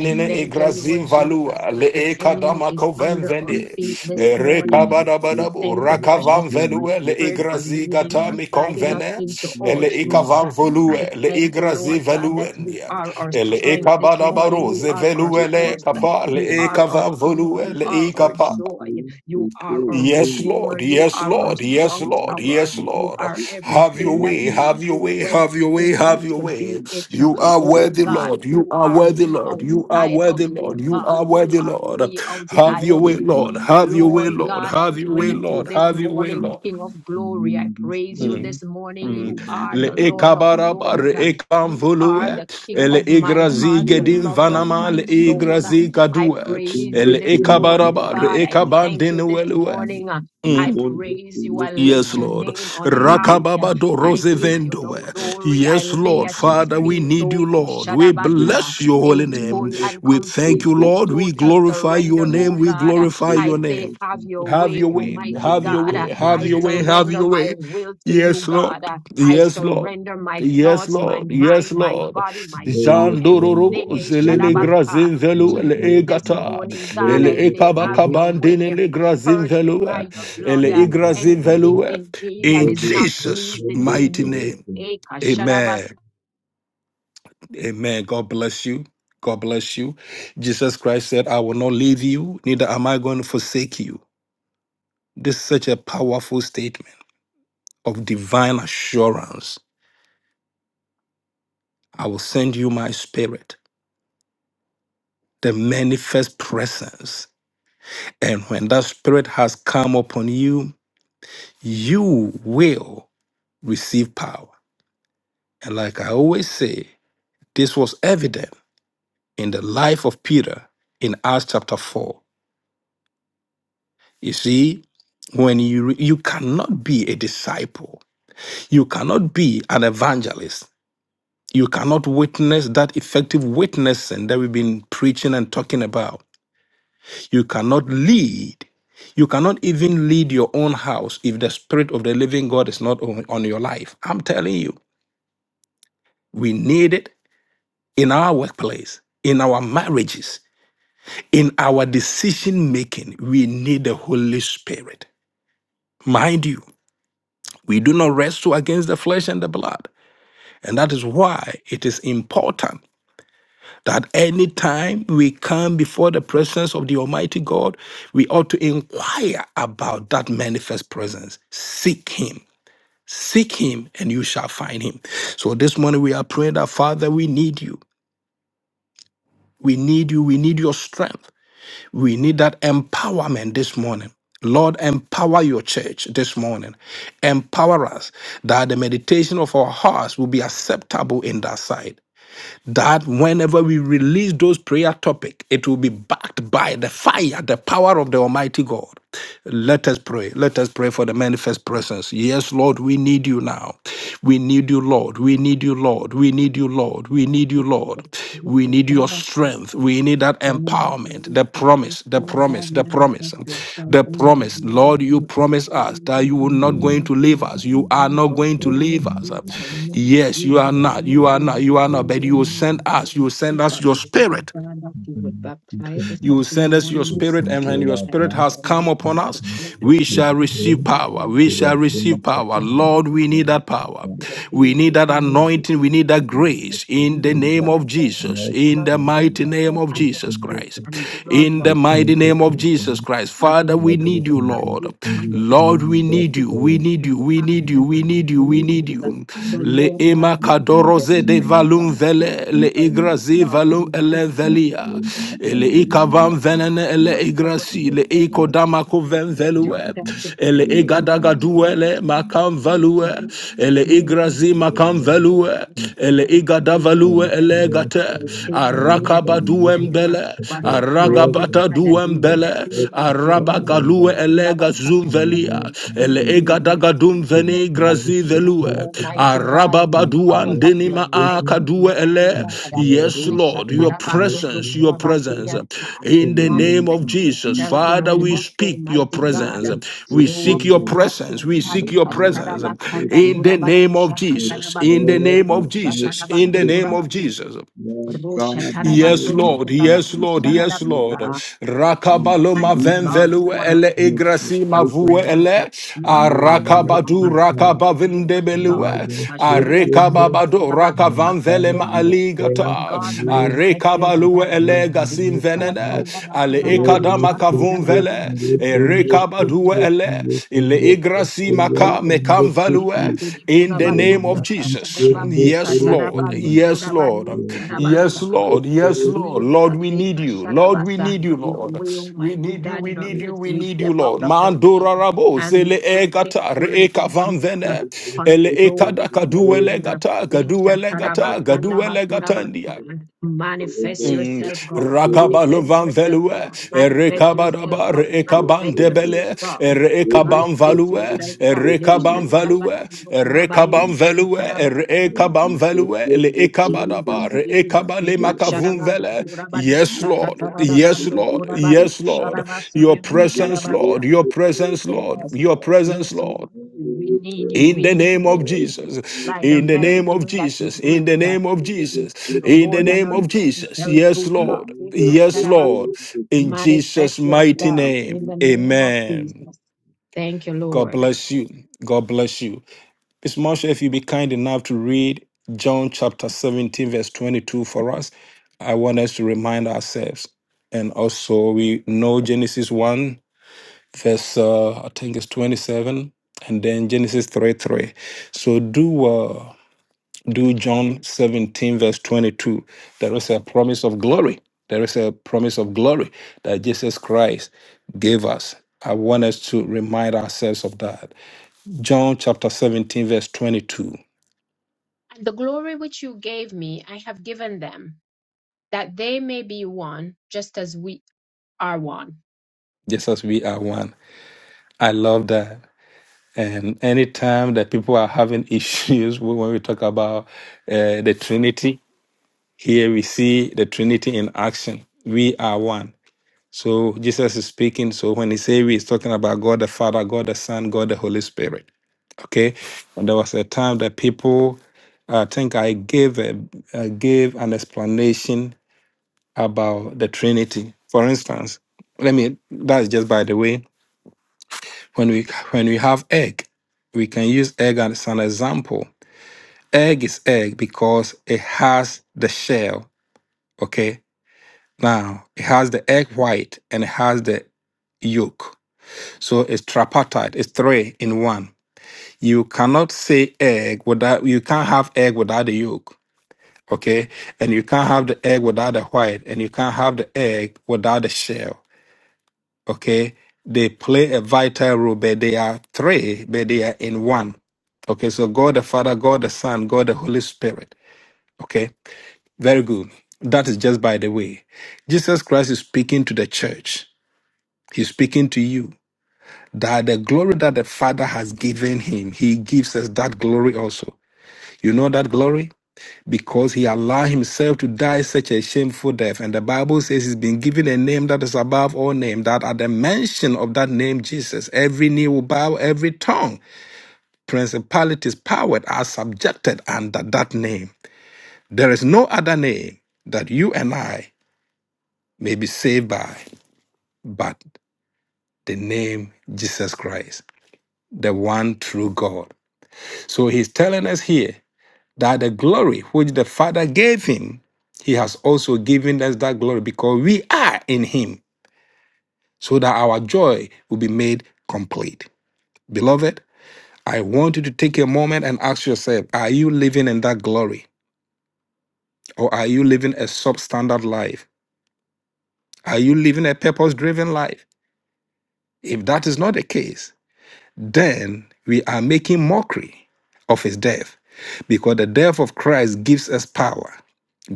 Speaker 2: I thank you,
Speaker 1: zin
Speaker 2: Lord Jesus,
Speaker 1: valua le
Speaker 2: that the
Speaker 1: e
Speaker 2: enemy
Speaker 1: kadama
Speaker 2: is
Speaker 1: koven
Speaker 2: under our
Speaker 3: Thank
Speaker 1: vene
Speaker 3: you.
Speaker 2: feet this
Speaker 1: e re
Speaker 2: morning. I
Speaker 1: badabu
Speaker 2: thank you, precious
Speaker 1: rakavan
Speaker 2: Holy
Speaker 1: velue le
Speaker 2: Spirit, for
Speaker 1: igrazi
Speaker 2: leading,
Speaker 1: gata
Speaker 2: for
Speaker 1: mi
Speaker 2: guiding us
Speaker 1: konvene
Speaker 2: into
Speaker 1: e
Speaker 2: all
Speaker 1: le
Speaker 2: truth.
Speaker 1: ikavan volue
Speaker 2: I
Speaker 1: le
Speaker 2: thank you,
Speaker 1: igrazi
Speaker 2: Lord God, that you
Speaker 1: veluendia
Speaker 2: are our
Speaker 1: e le e
Speaker 2: strength this
Speaker 1: kabada
Speaker 2: morning.
Speaker 1: baro
Speaker 2: You
Speaker 1: ze
Speaker 2: are our
Speaker 1: velue le
Speaker 2: source.
Speaker 1: kapa le
Speaker 2: You
Speaker 1: e
Speaker 2: are our
Speaker 1: kavan
Speaker 2: peace.
Speaker 1: volue
Speaker 2: You
Speaker 1: le
Speaker 2: are our
Speaker 1: ikapa
Speaker 2: joy. You are our
Speaker 1: Yes,
Speaker 2: redeemer.
Speaker 1: Lord.
Speaker 2: You
Speaker 1: Yes,
Speaker 2: are our
Speaker 1: Lord. Yes,
Speaker 2: strong
Speaker 1: Lord.
Speaker 2: tower.
Speaker 1: Yes,
Speaker 2: You
Speaker 1: Lord.
Speaker 2: are
Speaker 1: Have your
Speaker 2: everything that
Speaker 1: way.
Speaker 2: we
Speaker 1: Have your
Speaker 2: need
Speaker 1: way.
Speaker 2: when
Speaker 1: Have
Speaker 2: we
Speaker 1: your way.
Speaker 2: need
Speaker 1: Have
Speaker 2: you
Speaker 1: your
Speaker 2: to
Speaker 1: way.
Speaker 2: be it.
Speaker 1: You are
Speaker 2: Oh
Speaker 1: worthy,
Speaker 2: God,
Speaker 1: Lord. You
Speaker 2: who
Speaker 1: are
Speaker 2: are
Speaker 1: worthy,
Speaker 2: we
Speaker 1: Lord. You are
Speaker 2: outside of
Speaker 1: worthy, Lord.
Speaker 2: you,
Speaker 1: You
Speaker 2: God?
Speaker 1: are
Speaker 2: Who
Speaker 1: worthy,
Speaker 2: are
Speaker 1: Lord.
Speaker 2: we
Speaker 1: Have
Speaker 2: outside
Speaker 1: your
Speaker 2: of
Speaker 1: way,
Speaker 2: you?
Speaker 1: Lord. Have your way,
Speaker 2: Lord
Speaker 1: Lord.
Speaker 2: God, I
Speaker 1: Have your way,
Speaker 2: praise you
Speaker 1: Lord.
Speaker 2: this
Speaker 1: Have your way,
Speaker 2: morning,
Speaker 1: Lord.
Speaker 2: King of glory. I praise you
Speaker 1: Mm.
Speaker 2: this morning.
Speaker 1: Mm.
Speaker 2: You are
Speaker 1: Le
Speaker 2: the Lord of
Speaker 1: ekabaraba re
Speaker 2: lords. You are
Speaker 1: ekamvulue,
Speaker 2: the King
Speaker 1: ele
Speaker 2: of my
Speaker 1: igrazi
Speaker 2: heart, the
Speaker 1: gedin
Speaker 2: lover of
Speaker 1: vanama
Speaker 2: my
Speaker 1: le
Speaker 2: soul.
Speaker 1: igrazi
Speaker 2: I
Speaker 1: kadue,
Speaker 2: praise you
Speaker 1: ele
Speaker 2: this morning,
Speaker 1: ekabaraba
Speaker 2: God.
Speaker 1: re
Speaker 2: I thank you this
Speaker 1: ekabandinuelue.
Speaker 2: morning. I praise you. I
Speaker 1: Yes,
Speaker 2: lift your
Speaker 1: Lord.
Speaker 2: name on high.
Speaker 1: Rakababado
Speaker 2: I give you the
Speaker 1: Rosevendoe.
Speaker 2: glory. I
Speaker 1: Yes,
Speaker 2: lay
Speaker 1: Lord.
Speaker 2: at your
Speaker 1: Father, we
Speaker 2: feet,
Speaker 1: need you,
Speaker 2: O
Speaker 1: Lord. We
Speaker 2: Kushadabata,
Speaker 1: bless your holy
Speaker 2: in full
Speaker 1: name.
Speaker 2: and
Speaker 1: We thank
Speaker 2: complete
Speaker 1: you,
Speaker 2: and
Speaker 1: Lord. We
Speaker 2: total
Speaker 1: glorify your
Speaker 2: surrender, O
Speaker 1: name. We
Speaker 2: God.
Speaker 1: glorify
Speaker 2: I
Speaker 1: your name.
Speaker 2: say, have your
Speaker 1: Have
Speaker 2: way,
Speaker 1: your way.
Speaker 2: Almighty
Speaker 1: Have your
Speaker 2: God.
Speaker 1: way. Have
Speaker 2: I
Speaker 1: your way. Have
Speaker 2: surrender
Speaker 1: your
Speaker 2: my
Speaker 1: way.
Speaker 2: will to you,
Speaker 1: Yes,
Speaker 2: God.
Speaker 1: Lord.
Speaker 2: I
Speaker 1: Yes, Lord.
Speaker 2: surrender my
Speaker 1: Yes,
Speaker 2: thoughts, my
Speaker 1: Lord.
Speaker 2: mind,
Speaker 1: Yes,
Speaker 2: my
Speaker 1: Lord.
Speaker 2: body, my tongue,
Speaker 3: Glorious,
Speaker 1: Jandororobo
Speaker 2: everything,
Speaker 3: wonderful
Speaker 2: eh,
Speaker 1: zelele
Speaker 3: Savior.
Speaker 2: Shadabasa,
Speaker 1: grazin velu
Speaker 3: Lord
Speaker 2: to
Speaker 1: ele
Speaker 3: God,
Speaker 2: you
Speaker 3: we
Speaker 2: this
Speaker 3: give
Speaker 1: egata
Speaker 3: you
Speaker 2: morning, God.
Speaker 1: ele
Speaker 3: glory
Speaker 2: I
Speaker 3: this
Speaker 2: say, have
Speaker 3: morning.
Speaker 2: your
Speaker 1: ekabakabandine
Speaker 2: way.
Speaker 1: le grazin
Speaker 2: Purge me
Speaker 1: velu
Speaker 3: We
Speaker 2: by your
Speaker 3: give you
Speaker 1: ele
Speaker 2: blood
Speaker 3: honor this
Speaker 1: igrazin
Speaker 2: anything
Speaker 1: velu.
Speaker 3: morning.
Speaker 2: in me
Speaker 3: We
Speaker 2: that
Speaker 1: In
Speaker 3: will
Speaker 2: is
Speaker 3: bless
Speaker 2: not
Speaker 3: this
Speaker 1: Jesus'
Speaker 3: morning,
Speaker 2: pleasing to
Speaker 3: this
Speaker 1: mighty
Speaker 2: you.
Speaker 1: name,
Speaker 3: devotion.
Speaker 2: Eka sharabas.
Speaker 1: Amen. Amen. God bless you. God bless you. Jesus Christ said, "I will not leave you, neither am I going to forsake you." This is such a powerful statement of divine assurance. I will send you my spirit the manifest presence. And when that spirit has come upon you, you will receive power. And like I always say, this was evident in the life of Peter in Acts chapter 4. You see, when you you cannot be a disciple, you cannot be an evangelist, you cannot witness that effective witnessing that we've been preaching and talking about You cannot lead. You cannot even lead your own house if the spirit of the living God is not on, on your life. I'm telling you, we need it in our workplace, in our marriages, in our decision making. We need the Holy Spirit. Mind you, we do not wrestle against the flesh and the blood. And that is why it is important. that anytime we come before the presence of the Almighty God, we ought to inquire about that manifest presence. Seek Him. Seek Him and you shall find Him. So this morning we are praying that, Father, we need you. We need you. We need your strength. We need that empowerment this morning. Lord, empower your church this morning. Empower us that the meditation of our hearts will be acceptable in thy sight that whenever we release those prayer topic it will be backed by the fire the power of the almighty god let us pray let us pray for the manifest presence yes lord we need you now we need you lord we need you lord we need you lord we need you lord we need your strength. We need that
Speaker 2: Thank you,
Speaker 1: empowerment, the
Speaker 2: Jesus. Thank
Speaker 1: promise, the
Speaker 2: you, God,
Speaker 1: promise, the promise,
Speaker 2: manifest yourself
Speaker 1: the
Speaker 2: in life
Speaker 1: promise.
Speaker 2: and God
Speaker 1: Lord, you
Speaker 2: on earth.
Speaker 1: promise us
Speaker 2: Only
Speaker 1: that
Speaker 2: you
Speaker 1: you will
Speaker 2: can do
Speaker 1: not
Speaker 3: Thank
Speaker 1: going to leave
Speaker 2: nothing.
Speaker 3: you,
Speaker 1: us. You
Speaker 3: God,
Speaker 1: are
Speaker 2: On
Speaker 1: not
Speaker 2: earth,
Speaker 1: going to
Speaker 3: for
Speaker 2: only
Speaker 1: leave us.
Speaker 2: you are nothing.
Speaker 1: Yes,
Speaker 2: You
Speaker 1: you are
Speaker 2: can do
Speaker 1: not. You are
Speaker 2: nothing
Speaker 1: not.
Speaker 2: but
Speaker 1: You are not.
Speaker 2: sin
Speaker 1: But you will
Speaker 2: in life
Speaker 1: send
Speaker 2: and
Speaker 1: us. You will
Speaker 2: God.
Speaker 1: send us
Speaker 2: But
Speaker 1: your
Speaker 2: Lord
Speaker 1: spirit.
Speaker 2: God, that you would baptize us
Speaker 1: You will
Speaker 2: again
Speaker 1: send us your
Speaker 2: one more
Speaker 1: spirit,
Speaker 3: thank you, God, for thank you, God, for thank
Speaker 1: and
Speaker 2: time,
Speaker 3: you,
Speaker 1: when
Speaker 2: but
Speaker 1: your
Speaker 3: Lord
Speaker 2: that
Speaker 1: spirit
Speaker 2: you
Speaker 3: God.
Speaker 1: has
Speaker 2: can
Speaker 1: come
Speaker 2: lead
Speaker 1: upon
Speaker 3: Thank
Speaker 2: us
Speaker 1: us,
Speaker 3: you, God,
Speaker 2: again
Speaker 1: we
Speaker 3: for your
Speaker 2: because
Speaker 1: shall
Speaker 2: this
Speaker 1: receive
Speaker 3: declare.
Speaker 2: moment.
Speaker 1: power.
Speaker 2: You're
Speaker 1: We
Speaker 2: like
Speaker 3: You
Speaker 2: the
Speaker 3: are
Speaker 1: shall receive
Speaker 2: God.
Speaker 3: bringing the
Speaker 1: power.
Speaker 3: peace.
Speaker 2: Anoint
Speaker 1: Lord,
Speaker 2: us,
Speaker 1: we
Speaker 2: Lord
Speaker 1: need that
Speaker 3: Thank you,
Speaker 2: God,
Speaker 1: power.
Speaker 3: God.
Speaker 2: to the
Speaker 3: Lord,
Speaker 1: We
Speaker 2: day
Speaker 3: we
Speaker 1: need
Speaker 3: will
Speaker 1: that
Speaker 2: ahead,
Speaker 3: bring
Speaker 2: oh
Speaker 3: the peace.
Speaker 1: anointing. We need that
Speaker 3: thank you, Lord, about
Speaker 1: grace
Speaker 3: this
Speaker 1: in the
Speaker 2: Lord
Speaker 3: window.
Speaker 1: name of
Speaker 2: God, for
Speaker 1: Jesus,
Speaker 3: Lord,
Speaker 2: you,
Speaker 1: in
Speaker 2: Lord,
Speaker 1: the
Speaker 3: thank
Speaker 2: bless
Speaker 3: you,
Speaker 1: mighty
Speaker 2: us.
Speaker 3: Lord,
Speaker 1: name
Speaker 3: about
Speaker 1: of
Speaker 2: I
Speaker 3: this
Speaker 2: bless
Speaker 1: Jesus
Speaker 2: you
Speaker 3: window,
Speaker 1: Christ.
Speaker 3: this
Speaker 2: and
Speaker 3: window.
Speaker 2: the Lord,
Speaker 1: In the
Speaker 3: We
Speaker 1: mighty
Speaker 3: thank you,
Speaker 1: name of Jesus
Speaker 3: God,
Speaker 1: Christ. Father,
Speaker 2: against
Speaker 1: we
Speaker 3: that
Speaker 2: those
Speaker 3: you
Speaker 1: need you,
Speaker 3: can do
Speaker 1: Lord.
Speaker 2: demanding powers.
Speaker 1: Lord, we
Speaker 3: anything
Speaker 2: We
Speaker 1: need
Speaker 2: can
Speaker 1: you.
Speaker 3: that
Speaker 1: We
Speaker 2: just
Speaker 1: need
Speaker 2: and
Speaker 1: you. We
Speaker 2: high
Speaker 1: need
Speaker 3: In
Speaker 1: you.
Speaker 2: and
Speaker 3: the
Speaker 1: We
Speaker 2: look at
Speaker 1: need you. We
Speaker 3: name
Speaker 1: need
Speaker 2: places.
Speaker 3: of
Speaker 2: that
Speaker 1: you.
Speaker 2: The
Speaker 3: Jesus,
Speaker 2: Lord
Speaker 1: Ima
Speaker 2: God, we
Speaker 3: in
Speaker 2: need your
Speaker 1: kadoroze de
Speaker 2: strength. uh,
Speaker 1: valum
Speaker 2: We
Speaker 1: vele le
Speaker 2: bring our
Speaker 1: igrazi
Speaker 2: wisdom.
Speaker 1: valum
Speaker 2: We
Speaker 1: ele
Speaker 2: bring all
Speaker 1: velia.
Speaker 2: of God, your
Speaker 1: Ele ikavam
Speaker 2: insight.
Speaker 1: venene
Speaker 2: We bring
Speaker 1: ele
Speaker 2: your power
Speaker 1: igrasi
Speaker 2: and
Speaker 1: le
Speaker 2: power. We
Speaker 1: ikodama kuven
Speaker 2: confess
Speaker 1: velue.
Speaker 2: yourself in
Speaker 1: Ele
Speaker 2: the Almighty God.
Speaker 1: igadagadue
Speaker 2: We
Speaker 1: makam
Speaker 2: want to
Speaker 1: value.
Speaker 2: be
Speaker 1: Ele
Speaker 2: difference makers
Speaker 1: igrazi
Speaker 2: in the
Speaker 1: makam
Speaker 2: earth,
Speaker 1: value.
Speaker 2: Almighty
Speaker 1: Ele
Speaker 2: God. We don't
Speaker 1: igadavalue
Speaker 2: want to
Speaker 1: ele gate.
Speaker 2: hear the same way that
Speaker 1: Arakaba
Speaker 2: we came. uh,
Speaker 1: duembele.
Speaker 2: but Almighty
Speaker 1: Aragabata
Speaker 2: God, that we will
Speaker 1: duembele.
Speaker 2: este, Pamela
Speaker 1: Value
Speaker 2: Sondo
Speaker 1: Elega
Speaker 2: Kurabata, we
Speaker 1: Zumvelia,
Speaker 2: will
Speaker 1: Ele
Speaker 2: truly, we will
Speaker 1: Egadagadum
Speaker 3: the
Speaker 1: Veni
Speaker 2: experience uh,
Speaker 3: name of
Speaker 1: Grazi
Speaker 2: you,
Speaker 3: the
Speaker 1: Velue,
Speaker 2: Almighty God, and the
Speaker 3: and
Speaker 2: power
Speaker 1: Arababaduan
Speaker 3: power
Speaker 2: of
Speaker 3: and
Speaker 2: your
Speaker 1: Denima
Speaker 2: might
Speaker 3: vision
Speaker 2: this
Speaker 1: Akadue
Speaker 2: morning,
Speaker 1: Ele.
Speaker 3: and
Speaker 2: God. Uh,
Speaker 3: power
Speaker 1: Yes,
Speaker 3: and
Speaker 2: Risha
Speaker 1: Lord, your
Speaker 3: insight
Speaker 2: Karabasondo
Speaker 1: presence,
Speaker 3: and
Speaker 1: your
Speaker 3: to
Speaker 1: presence.
Speaker 3: God
Speaker 2: Kurabashiriata,
Speaker 1: In
Speaker 3: in the
Speaker 1: the name
Speaker 3: name
Speaker 1: of
Speaker 2: Manifest
Speaker 3: of
Speaker 1: Jesus,
Speaker 2: yourself
Speaker 3: Jesus
Speaker 2: in our
Speaker 1: Father, we
Speaker 3: and
Speaker 2: midst,
Speaker 1: speak your
Speaker 2: Almighty God.
Speaker 1: presence.
Speaker 2: Uh,
Speaker 3: Lord, it
Speaker 1: We
Speaker 2: Show up,
Speaker 1: seek your
Speaker 3: gives
Speaker 2: Almighty
Speaker 1: presence. We
Speaker 2: God.
Speaker 1: seek
Speaker 3: and
Speaker 1: your
Speaker 3: all of
Speaker 1: presence.
Speaker 3: your
Speaker 2: Ikashtarabasanda
Speaker 1: In
Speaker 3: person
Speaker 1: the
Speaker 2: Kurabanu
Speaker 1: name of
Speaker 3: with
Speaker 1: Jesus. In the
Speaker 2: Shakatarabasendo
Speaker 3: all
Speaker 1: name
Speaker 3: that
Speaker 1: of
Speaker 3: makes
Speaker 1: Jesus.
Speaker 3: a
Speaker 1: In the
Speaker 2: Kirishakarabasu
Speaker 1: name
Speaker 3: difference.
Speaker 1: of
Speaker 2: Kurabanu.
Speaker 1: Jesus.
Speaker 3: Lord
Speaker 2: Rosha
Speaker 3: God, we know
Speaker 1: Yes,
Speaker 2: Tarabasondo
Speaker 3: you
Speaker 1: Lord.
Speaker 3: said
Speaker 1: Yes,
Speaker 2: Kurabanu
Speaker 3: you
Speaker 1: Lord.
Speaker 3: can
Speaker 1: Yes, Lord.
Speaker 3: redeem
Speaker 2: Shakarabasa.
Speaker 3: us, not to
Speaker 1: Rakabaloma
Speaker 2: Mighty
Speaker 3: leave
Speaker 2: God,
Speaker 3: you,
Speaker 1: venvelu
Speaker 2: we want to
Speaker 1: ele
Speaker 3: not
Speaker 2: experience
Speaker 3: to
Speaker 1: igrasi
Speaker 2: your
Speaker 1: mavue
Speaker 3: forsaken us,
Speaker 2: presence, uh,
Speaker 1: ele.
Speaker 2: your
Speaker 3: nor
Speaker 2: power, your
Speaker 3: not
Speaker 1: Arakabadu
Speaker 3: to
Speaker 2: might on
Speaker 3: God.
Speaker 2: this morning,
Speaker 3: And Lord,
Speaker 2: God.
Speaker 1: rakabavindebelue.
Speaker 3: it gives
Speaker 2: Ashadiya
Speaker 3: us,
Speaker 2: Sandaba
Speaker 1: Arekababado
Speaker 3: and
Speaker 2: Kudabasa.
Speaker 1: rakavanvele
Speaker 3: God,
Speaker 1: ma
Speaker 2: Holy
Speaker 3: we
Speaker 2: Spirit of
Speaker 3: bless
Speaker 1: aligata.
Speaker 3: your
Speaker 2: God,
Speaker 3: name
Speaker 2: manifest yourself.
Speaker 3: Yes,
Speaker 1: Arekabalue
Speaker 2: uh,
Speaker 3: Lord,
Speaker 1: ele gasin
Speaker 3: Mighty
Speaker 2: Ashadiya
Speaker 1: venene.
Speaker 3: God,
Speaker 2: Sandaba
Speaker 1: Ale
Speaker 2: Kudabariyo
Speaker 3: Rebe,
Speaker 1: ekadama kavun
Speaker 3: Sete,
Speaker 2: Sakatarabani
Speaker 1: vele.
Speaker 2: Kudabariyo
Speaker 3: Rekende, Sete,
Speaker 1: Erekabadue
Speaker 2: Shakudabasi.
Speaker 1: ele. Le
Speaker 3: Rekende, Sete,
Speaker 1: igrasi maka
Speaker 2: Jesus,
Speaker 1: mekam
Speaker 3: Rekende,
Speaker 1: value
Speaker 3: Sete,
Speaker 2: Shishikudi
Speaker 1: in the
Speaker 2: Kudabariyo
Speaker 1: name of
Speaker 3: Rebe, Sete,
Speaker 1: Jesus.
Speaker 2: Sakatarabasi
Speaker 1: Yes, Lord.
Speaker 2: Katarabando
Speaker 3: Rekende,
Speaker 1: Yes, Lord.
Speaker 2: Kudabariyo
Speaker 3: Rebe, Sete, Rekende, Rebe, Sete, Rekende, Rebe,
Speaker 1: Yes,
Speaker 3: Sete,
Speaker 2: Sharabasa.
Speaker 1: Lord. Yes,
Speaker 3: Rekende,
Speaker 1: Lord.
Speaker 2: Jesus,
Speaker 1: Lord, we
Speaker 2: eh,
Speaker 1: need you. Lord, we
Speaker 2: Kasharabasa,
Speaker 1: need you,
Speaker 2: have your
Speaker 1: Lord.
Speaker 2: way,
Speaker 1: We
Speaker 2: Almighty
Speaker 1: need you.
Speaker 2: God,
Speaker 1: We
Speaker 2: in our
Speaker 3: Rebe,
Speaker 1: need you.
Speaker 3: Sete,
Speaker 2: midst.
Speaker 1: We
Speaker 2: We
Speaker 1: need you,
Speaker 3: Rekende,
Speaker 2: step
Speaker 1: Lord.
Speaker 2: out of the way
Speaker 1: Mandora rabo
Speaker 2: and
Speaker 1: zele
Speaker 2: we stay
Speaker 1: egata
Speaker 2: thankful
Speaker 1: re
Speaker 2: and
Speaker 1: ekavan
Speaker 2: complete uh,
Speaker 1: vene
Speaker 3: Rebe,
Speaker 1: ele
Speaker 3: Sete, Rekende,
Speaker 2: control
Speaker 1: ekada
Speaker 3: Rebe,
Speaker 2: this
Speaker 1: kaduele
Speaker 2: morning. uh,
Speaker 1: gata
Speaker 2: eh,
Speaker 1: gaduele gata gaduele
Speaker 2: Shatarabasandabakurabasan. Manifest
Speaker 1: Mm.
Speaker 2: yourself, God. Manifest
Speaker 1: Rakabalovan
Speaker 2: yourself,
Speaker 1: velue,
Speaker 2: God. Manifest yourself,
Speaker 1: Erekabarabar,
Speaker 2: God.
Speaker 3: Sete,
Speaker 1: Ekaban
Speaker 2: Manifest
Speaker 3: Rekende,
Speaker 2: yourself,
Speaker 1: debele,
Speaker 2: God.
Speaker 3: Thank
Speaker 1: Erekaban
Speaker 2: Manifest
Speaker 1: value,
Speaker 2: yourself, God. We Eh,
Speaker 1: Erekaban value, Erekaban
Speaker 2: Shatarabakurabasan.
Speaker 1: velue, Erekaban value, Le
Speaker 2: Jesus,
Speaker 1: Ekabarabar,
Speaker 2: Jesus,
Speaker 1: Ekabale
Speaker 2: Ika
Speaker 1: makavun
Speaker 2: Sharabando,
Speaker 1: vele.
Speaker 2: Kurabando,
Speaker 1: Yes, Lord. Yes,
Speaker 2: Sakatarabando,
Speaker 1: Lord.
Speaker 2: Kurabatu,
Speaker 1: Yes, Lord. Your
Speaker 2: Sharabasidio,
Speaker 1: presence,
Speaker 2: Sharabata.
Speaker 1: Lord. Your presence,
Speaker 2: Yes,
Speaker 1: Lord. Your
Speaker 2: yes,
Speaker 1: presence,
Speaker 2: yes,
Speaker 1: Lord.
Speaker 2: we need you,
Speaker 1: In
Speaker 2: we need
Speaker 1: the
Speaker 2: you, we need
Speaker 1: name
Speaker 2: you.
Speaker 1: of Jesus,
Speaker 2: Like the
Speaker 1: in the
Speaker 2: very
Speaker 1: name of
Speaker 2: air that we
Speaker 1: Jesus, in
Speaker 2: breathe,
Speaker 1: the name of
Speaker 2: we need
Speaker 1: Jesus,
Speaker 2: you
Speaker 1: in the
Speaker 2: more than
Speaker 1: name
Speaker 2: our
Speaker 1: of Jesus.
Speaker 2: necessary
Speaker 1: Yes,
Speaker 2: food, God.
Speaker 1: Lord.
Speaker 2: Ika
Speaker 1: Yes,
Speaker 2: Sharabas,
Speaker 1: Lord. In Jesus'
Speaker 2: manifest
Speaker 1: mighty
Speaker 2: yourself
Speaker 1: name.
Speaker 2: in the name of
Speaker 1: Amen.
Speaker 2: Jesus. Thank you,
Speaker 1: God
Speaker 2: Lord.
Speaker 1: bless you. God bless you. Miss Marsha, if you be kind enough to read John chapter 17, verse 22 for us, I want us to remind ourselves. And also, we know Genesis 1 verse uh, I think it's 27 and then Genesis 3 3. So do uh, do John 17 verse 22. There is a promise of glory. There is a promise of glory that Jesus Christ gave us. I want us to remind ourselves of that. John chapter 17 verse 22.
Speaker 2: And the glory which you gave me, I have given them that they may be one, just as we are one.
Speaker 1: Just as we are one. I love that. And anytime that people are having issues (laughs) when we talk about uh, the Trinity, Here we see the Trinity in action. We are one. So Jesus is speaking. So when he say we, he's talking about God the Father, God the Son, God the Holy Spirit. Okay. And there was a time that people, I think I gave a, I gave an explanation about the Trinity. For instance, let me. That's just by the way. When we when we have egg, we can use egg as an example. Egg is egg because it has the shell. Okay Now, it has the egg white and it has the yolk. So it's tripartite, it's three in one. You cannot say egg without, you can't have egg without the yolk, okay? And you can't have the egg without the white, and you can't have the egg without the shell, okay? They play a vital role, but they are three, but they are in one. Okay, so God the Father, God the Son, God the Holy Spirit. Okay, very good. That is just by the way. Jesus Christ is speaking to the church He's speaking to you that the glory that the Father has given him, he gives us that glory also. You know that glory? Because he allowed himself to die such a shameful death. And the Bible says he's been given a name that is above all names. that at the mention of that name, Jesus, every knee will bow, every tongue, principalities, powers are subjected under that name. There is no other name that you and I may be saved by but the name Jesus Christ, the one true God. So he's telling us here that the glory which the Father gave him, he has also given us that glory because we are in him, so that our joy will be made complete. Beloved, I want you to take a moment and ask yourself are you living in that glory? Or are you living a substandard life? Are you living a purpose driven life? If that is not the case, then we are making mockery of his death because the death of Christ gives us power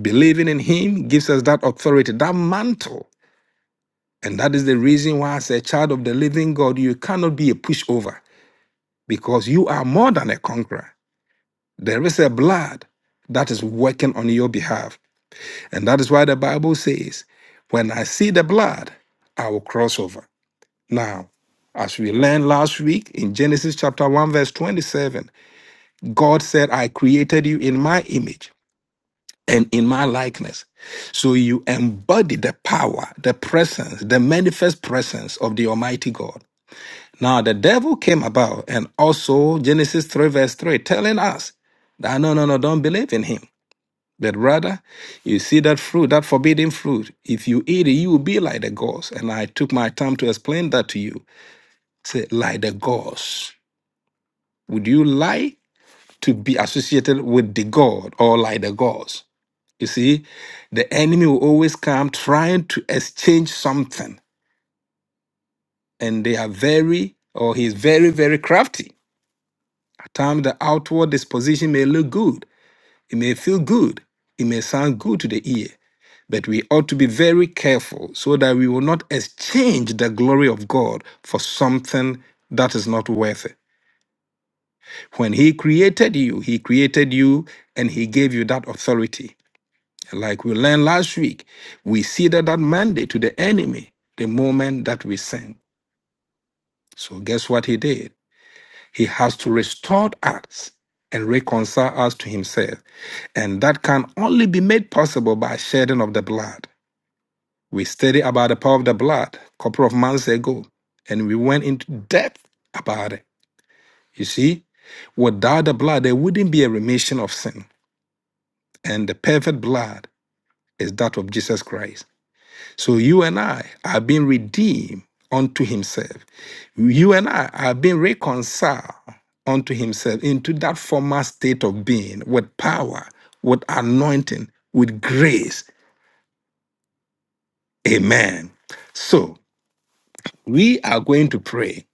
Speaker 1: Believing in him gives us that authority, that mantle. And that is the reason why, as a child of the living God, you cannot be a pushover because you are more than a conqueror. There is a blood that is working on your behalf. And that is why the Bible says, When I see the blood, I will cross over. Now, as we learned last week in Genesis chapter 1, verse 27, God said, I created you in my image. and in my likeness. So you embody the power, the presence, the manifest presence of the Almighty God. Now the devil came about and also Genesis 3 verse 3 telling us that no, no, no, don't believe in him. But rather, you see that fruit, that forbidden fruit. If you eat it, you will be like the gods. And I took my time to explain that to you. Say, like the gods. Would you like to be associated with the God or like the gods? You see, the enemy will always come trying to exchange something, and they are very, or he's very, very crafty. At times, the outward disposition may look good, it may feel good, it may sound good to the ear, but we ought to be very careful so that we will not exchange the glory of God for something that is not worth it. When he created you, he created you and he gave you that authority. Like we learned last week, we ceded that mandate to the enemy the moment that we sinned. So guess what he did? He has to restore us and reconcile us to himself. And that can only be made possible by shedding of the blood. We studied about the power of the blood a couple of months ago, and we went into depth about it. You see, without the blood, there wouldn't be a remission of sin. And the perfect blood is that of Jesus Christ. So you and I are being redeemed unto himself. You and I are being reconciled unto himself into that former state of being with power, with anointing, with grace. Amen. So we are going to pray.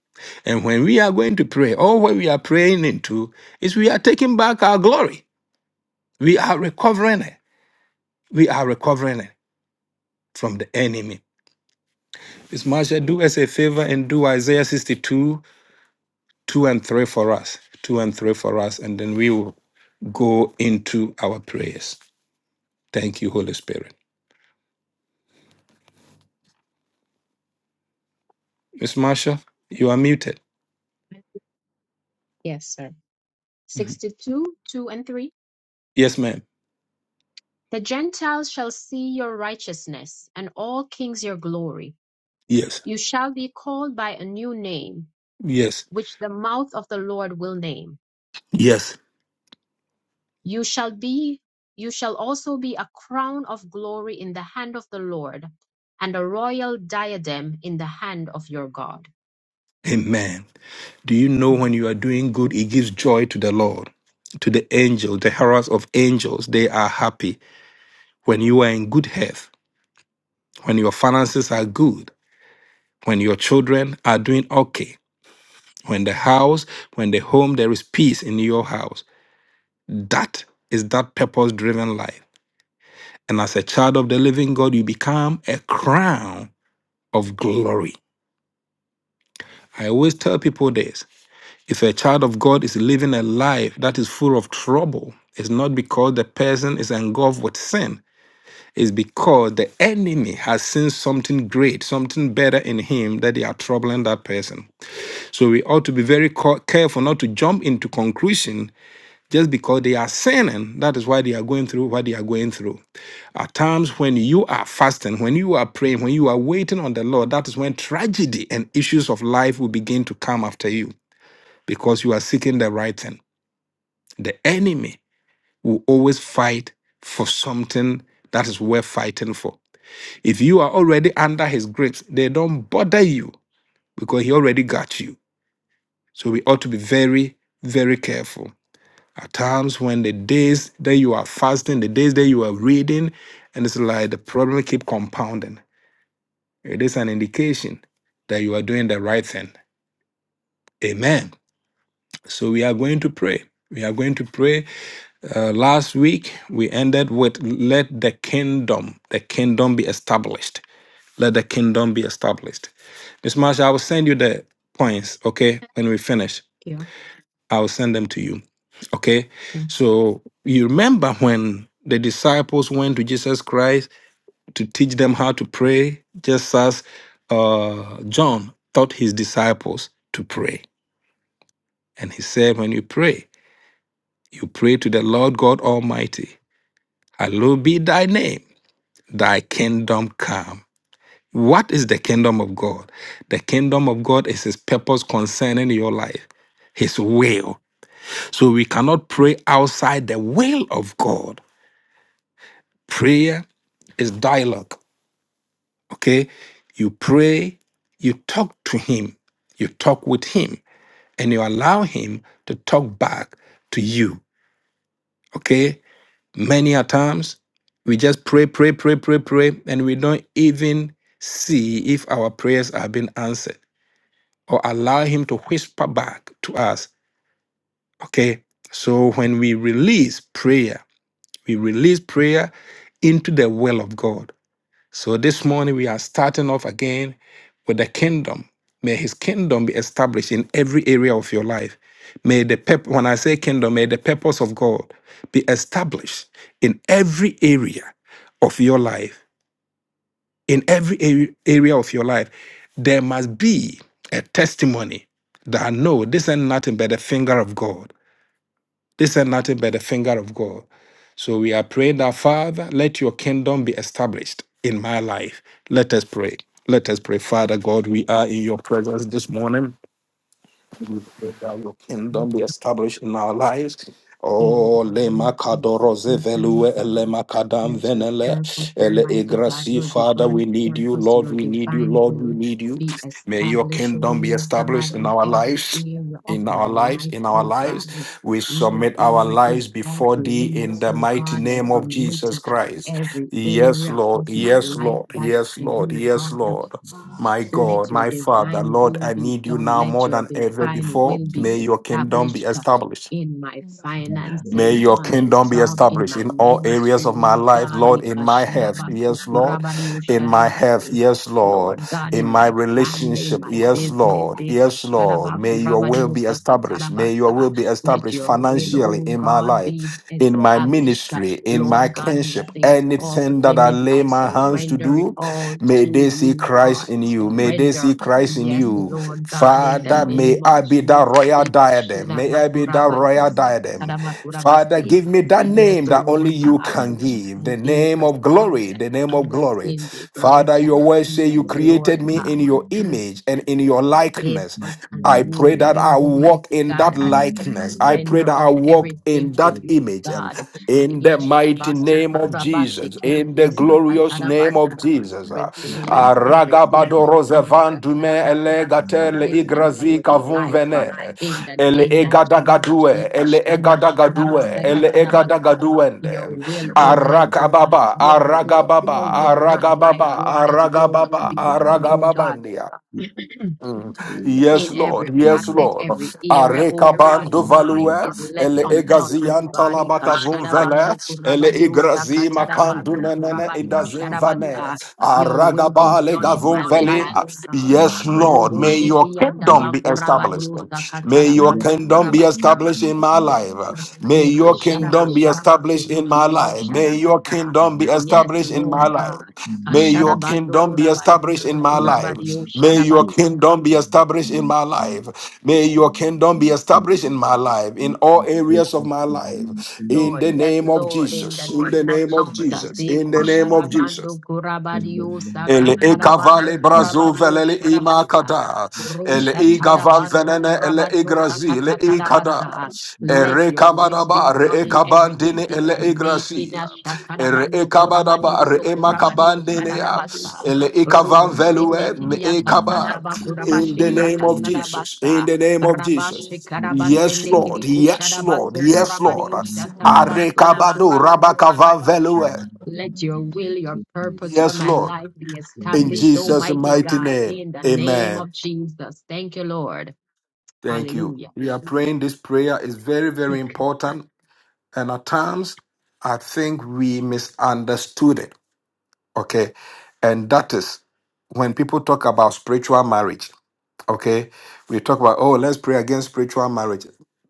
Speaker 1: And when we are going to pray, all what we are praying into is we are taking back our glory. We are recovering it. We are recovering it from the enemy. Miss Marsha, do us a favor and do Isaiah 62 two and three for us, two and three for us, and then we will go into our prayers. Thank you, Holy Spirit. Miss Marsha, you are muted.
Speaker 2: Yes, sir.
Speaker 1: Mhm.
Speaker 2: 62, 2 and 3.
Speaker 1: Yes, ma'am.
Speaker 2: The Gentiles shall see your righteousness, and all kings your glory.
Speaker 1: Yes,
Speaker 2: You shall be called by a new name,
Speaker 1: yes,
Speaker 2: which the mouth of the Lord will name.
Speaker 1: yes.
Speaker 2: You shall be, you shall also be a crown of glory in the hand of the Lord, and a royal diadem in the hand of your God.
Speaker 1: Amen. Do you know
Speaker 2: Thank
Speaker 1: when you are doing good, it gives joy to the Lord, to the angels, the heralds of angels? They are happy when you are in good health, when your finances are good, when your children are doing okay, when the house, when the home, there is peace in your house. That is that purpose driven life. And as a child of the living God, you become a crown of glory. I always tell people this if a child of God is living a life that is full of trouble, it's not because the person is engulfed with sin. It's because the enemy has seen something great, something better in him that they are troubling that person. So we ought to be very ca- careful not to jump into conclusion just because they are sinning. That is why they are going through what they are going through. At times when you are fasting, when you are praying, when you are waiting on the Lord, that is when tragedy and issues of life will begin to come after you because you are seeking the right thing. The enemy will always fight for something that is worth fighting for. If you are already under his grips, they don't bother you because he already got you. So we ought to be very, very careful. At times when the days that you are fasting, the days that you are reading, and it's like the problem keep compounding. It is an indication that you are doing the right thing. Amen. So we are going to pray. We are going to pray. Uh, last week we ended with let the kingdom, the kingdom be established. Let the kingdom be established. Miss Marsha, I will send you the points, okay? When we finish,
Speaker 2: you.
Speaker 1: I will send them to you. Okay?
Speaker 2: Thank
Speaker 1: So you remember when the disciples went to Jesus Christ to teach them how to pray, just as uh, John taught his disciples to pray. And he said, When you pray, you pray to the Lord God Almighty. Hallowed be thy name, thy kingdom come. What is the kingdom of God? The kingdom of God is his purpose concerning your life, his will. So we cannot pray outside the will of God. Prayer is dialogue Okay? You pray, you talk to him, you talk with him, and you allow him to talk back to you. Okay? Many a times we just pray, pray, pray, pray, pray, and we don't even see if our prayers are being answered or allow him to whisper back to us. Okay? So when we release prayer, we release prayer into the will of God. So this morning we are starting off again with the kingdom. May his kingdom be established in every area of your life. May the pep- when I say kingdom, may the purpose of God be established in every area of your life. In every ar- area of your life, there must be a testimony that no, this ain't nothing but the finger of God. This is nothing but the finger of God. So we are praying that, Father, let your kingdom be established in my life. Let us pray. Let us pray. Father God, we are in your presence this morning. We pray that your
Speaker 2: you.
Speaker 1: kingdom be established in our lives.
Speaker 2: In
Speaker 1: Oh,
Speaker 2: the
Speaker 1: le
Speaker 2: name of Jesus,
Speaker 1: makadoroze
Speaker 2: yes, and
Speaker 1: velue,
Speaker 2: Lord God,
Speaker 1: ele makadam
Speaker 2: let your
Speaker 1: venele,
Speaker 2: purpose,
Speaker 1: ele
Speaker 2: Almighty God,
Speaker 1: egrasi.
Speaker 2: your
Speaker 1: Father, we
Speaker 2: divine
Speaker 1: need you,
Speaker 2: purpose,
Speaker 1: Lord,
Speaker 2: your
Speaker 1: we need you,
Speaker 2: divine
Speaker 1: Lord, we
Speaker 2: will
Speaker 1: need you.
Speaker 2: be
Speaker 1: May your
Speaker 2: established, O
Speaker 1: kingdom be
Speaker 2: Lord
Speaker 1: established
Speaker 2: God,
Speaker 1: in
Speaker 2: in
Speaker 1: our
Speaker 2: every
Speaker 1: lives.
Speaker 2: area of
Speaker 1: In
Speaker 2: my
Speaker 1: our lives,
Speaker 2: life,
Speaker 1: in our
Speaker 2: O God.
Speaker 1: lives, we
Speaker 2: No
Speaker 1: submit our
Speaker 2: area
Speaker 1: lives
Speaker 2: is off
Speaker 1: before thee in
Speaker 2: limits,
Speaker 1: the
Speaker 2: O
Speaker 1: mighty
Speaker 2: God. I
Speaker 1: name of
Speaker 2: submit
Speaker 1: Jesus Christ.
Speaker 2: every
Speaker 1: Yes,
Speaker 2: area
Speaker 1: Lord.
Speaker 2: of my
Speaker 1: Yes,
Speaker 2: life
Speaker 1: Lord.
Speaker 2: back
Speaker 1: Yes,
Speaker 2: to
Speaker 1: Lord.
Speaker 2: you,
Speaker 1: Yes,
Speaker 2: God.
Speaker 1: Lord. My
Speaker 2: Let
Speaker 1: God,
Speaker 2: your
Speaker 1: my Father,
Speaker 2: divine
Speaker 1: Lord,
Speaker 2: will
Speaker 1: I
Speaker 2: be
Speaker 1: need you
Speaker 2: done.
Speaker 1: now
Speaker 2: Let
Speaker 1: more
Speaker 2: your
Speaker 1: than ever
Speaker 2: divine
Speaker 1: before.
Speaker 2: will be
Speaker 1: May your kingdom be
Speaker 2: established uh,
Speaker 1: established.
Speaker 2: in my
Speaker 1: May
Speaker 2: finances,
Speaker 1: your
Speaker 2: on the
Speaker 1: kingdom be
Speaker 2: job, in
Speaker 1: established
Speaker 2: my
Speaker 1: in all areas
Speaker 2: ministry,
Speaker 1: of my
Speaker 2: Lord
Speaker 1: life,
Speaker 2: God.
Speaker 1: Lord, in my health. Yes, Lord. In my health.
Speaker 2: Ikashadabasokorabadiosharabase.
Speaker 1: Yes, Lord.
Speaker 2: Lord God,
Speaker 1: In
Speaker 2: in
Speaker 1: my
Speaker 2: my family, in
Speaker 1: relationship.
Speaker 2: my
Speaker 1: Yes,
Speaker 2: business,
Speaker 1: Lord. Yes, Lord. May your will be established. May your will
Speaker 2: Ikashadabakorabadiosakatarabasa.
Speaker 1: be
Speaker 2: let
Speaker 1: established
Speaker 2: your will,
Speaker 1: financially
Speaker 2: oh
Speaker 1: in my
Speaker 2: God, be
Speaker 1: life, in my
Speaker 2: established.
Speaker 1: ministry, in my
Speaker 2: Lord God,
Speaker 1: kinship.
Speaker 2: nothing is off
Speaker 1: Anything that I
Speaker 2: limits.
Speaker 1: lay
Speaker 2: I
Speaker 1: my hands to
Speaker 2: surrender it
Speaker 1: do,
Speaker 2: all
Speaker 1: may
Speaker 2: to
Speaker 1: they see
Speaker 2: you,
Speaker 1: Christ
Speaker 2: God.
Speaker 1: in
Speaker 2: I
Speaker 1: you. May they see
Speaker 2: surrender.
Speaker 1: Christ in
Speaker 2: Yes,
Speaker 1: you.
Speaker 2: Lord God, in the
Speaker 1: Father, may
Speaker 2: name of
Speaker 1: I be that
Speaker 2: Jesus.
Speaker 1: royal diadem. May May I be that royal diadem. Father, give me that
Speaker 2: Yes,
Speaker 1: name that only
Speaker 2: Lord
Speaker 1: you
Speaker 2: God,
Speaker 1: can
Speaker 2: we
Speaker 1: give.
Speaker 2: shall
Speaker 1: The
Speaker 2: be
Speaker 1: name
Speaker 2: for
Speaker 1: of
Speaker 2: signs
Speaker 1: glory, the
Speaker 2: and
Speaker 1: name of
Speaker 2: wonders
Speaker 1: glory.
Speaker 2: in the earth.
Speaker 1: Father, your word say you
Speaker 2: Yes, Lord
Speaker 1: created me
Speaker 2: God.
Speaker 1: in your image and in your
Speaker 2: Give
Speaker 1: likeness.
Speaker 2: us a
Speaker 1: I
Speaker 2: new
Speaker 1: pray that
Speaker 2: name,
Speaker 1: I walk
Speaker 2: Almighty
Speaker 1: in
Speaker 2: God,
Speaker 1: that
Speaker 2: as we
Speaker 1: likeness. I pray
Speaker 2: surrender
Speaker 1: that I
Speaker 2: all
Speaker 3: you.
Speaker 1: walk
Speaker 2: everything
Speaker 1: in
Speaker 2: to
Speaker 1: that
Speaker 3: Thank you.
Speaker 2: you,
Speaker 1: image. um,
Speaker 2: God.
Speaker 1: In the mighty name of Jesus. Jesus, in the glorious name of
Speaker 2: Ishabasukurabashikirukusakatarabasa.
Speaker 1: Jesus.
Speaker 2: Replace every era,
Speaker 1: Aragabadorodzevandume
Speaker 2: Ushakarabakurabasa,
Speaker 1: elegatele
Speaker 2: dead era
Speaker 1: igrazi
Speaker 2: with life uh,
Speaker 1: kavumvene.
Speaker 2: in the
Speaker 1: Ele
Speaker 2: name of Jesus.
Speaker 1: egadagadue, ele egadagadue, ele
Speaker 2: Ikashandabakurabasakatarabasa.
Speaker 1: egadagaduende.
Speaker 2: Your will, Almighty God,
Speaker 1: Arakababa,
Speaker 2: your will,
Speaker 1: aragababa,
Speaker 2: your will, not my
Speaker 1: aragababa,
Speaker 2: will, but your will
Speaker 1: aragababa,
Speaker 2: be done, oh God
Speaker 1: aragababandia. Mm. Yes,
Speaker 2: in every
Speaker 1: Lord. Yes,
Speaker 2: facet,
Speaker 1: Lord.
Speaker 2: every area, oh God,
Speaker 1: Arekabando value,
Speaker 2: nothing is left
Speaker 1: ele
Speaker 2: untouched, oh
Speaker 1: egazian
Speaker 2: God.
Speaker 1: talamaka vumvele,
Speaker 2: Ikashadabando
Speaker 1: ele
Speaker 2: kurabadio
Speaker 1: igrazi makandu
Speaker 2: sakatadabando
Speaker 1: menene
Speaker 2: kurabadio
Speaker 1: idazim vane,
Speaker 2: shadabasa. Your will be
Speaker 1: aragaba
Speaker 2: done
Speaker 1: lega
Speaker 2: in my
Speaker 1: vumvele.
Speaker 2: life, oh God.
Speaker 1: Yes, Lord.
Speaker 2: Robo
Speaker 1: May your
Speaker 2: sheki
Speaker 1: kingdom
Speaker 2: andaba
Speaker 1: be established.
Speaker 2: kurabadio
Speaker 1: May your
Speaker 2: sakatadabando
Speaker 1: kingdom be
Speaker 2: kurabasi.
Speaker 1: established in my
Speaker 2: Yes, God.
Speaker 1: life. May your
Speaker 2: Ikashadaba
Speaker 1: kingdom be established
Speaker 2: kurabasende
Speaker 1: in my
Speaker 2: kidio
Speaker 1: life. May your
Speaker 2: shadabasa.
Speaker 1: kingdom be
Speaker 2: Yes,
Speaker 1: established in my
Speaker 2: Lord God.
Speaker 1: life. May your
Speaker 2: Kashadabando
Speaker 1: kingdom be
Speaker 2: kurabadio
Speaker 1: established in
Speaker 2: so
Speaker 1: my
Speaker 3: Thank
Speaker 1: life.
Speaker 2: kurabadio
Speaker 1: May your
Speaker 2: shadabasa.
Speaker 1: kingdom be established in my life. May your kingdom be established in my life, in all areas of my life. In
Speaker 2: Lord.
Speaker 1: the
Speaker 2: Yes,
Speaker 1: name of
Speaker 2: Lord, in the
Speaker 1: Jesus. In the
Speaker 2: name of
Speaker 1: name of
Speaker 2: Jesus.
Speaker 1: Jesus. In the
Speaker 2: Eku
Speaker 1: name of Jesus.
Speaker 2: sharabando kurabadio
Speaker 1: Ele ekavale
Speaker 2: sakatarabando
Speaker 1: brazo
Speaker 2: kurabadio
Speaker 1: velele
Speaker 2: sharabasa.
Speaker 1: imakada. Ele igavan
Speaker 2: Roshatadabando
Speaker 1: venene ele
Speaker 2: kurabadio
Speaker 1: igrazi ele ikada.
Speaker 2: sakatatarabasa. Let
Speaker 1: Ere
Speaker 2: your will be
Speaker 1: kamadaba re
Speaker 2: done in every
Speaker 1: ekabandine ele
Speaker 2: decision making.
Speaker 1: igrazi. Ere
Speaker 2: Shatarabando kurabadio
Speaker 1: ekamadaba re
Speaker 2: sokurabadio
Speaker 1: emakabandine ya.
Speaker 4: Amen.
Speaker 2: shadabasa.
Speaker 1: Ele ikavan
Speaker 2: Rubo
Speaker 1: velue me
Speaker 2: shendikidia
Speaker 1: ekaba.
Speaker 2: kasandaba
Speaker 1: In the
Speaker 2: kurabashidia
Speaker 1: name of Jesus. In
Speaker 2: kasadabasa.
Speaker 1: the name of
Speaker 2: Rabashi
Speaker 1: Jesus. Yes,
Speaker 2: Karabasende
Speaker 1: Lord.
Speaker 2: Kiriku
Speaker 1: Yes, Lord.
Speaker 2: Shadabaso
Speaker 1: Yes, Lord.
Speaker 2: Kurabadio
Speaker 1: Are
Speaker 2: Shatadabasundu
Speaker 1: kabado
Speaker 2: Kurabadio
Speaker 1: rabakava
Speaker 2: Shadabas.
Speaker 1: velue.
Speaker 2: Let your will, your purpose for
Speaker 1: Yes,
Speaker 2: my
Speaker 1: Lord.
Speaker 2: life be
Speaker 1: In
Speaker 2: established,
Speaker 1: Jesus'
Speaker 2: Almighty
Speaker 1: mighty
Speaker 2: God,
Speaker 1: name,
Speaker 2: in the name
Speaker 1: amen.
Speaker 2: of Jesus. Thank you, Lord.
Speaker 1: Thank you.
Speaker 2: Hallelujah.
Speaker 1: We are praying this prayer is very, very important. And at times, I think we misunderstood it. Okay. And that is when people talk about spiritual marriage. Okay. We talk about, oh, let's pray against spiritual marriage.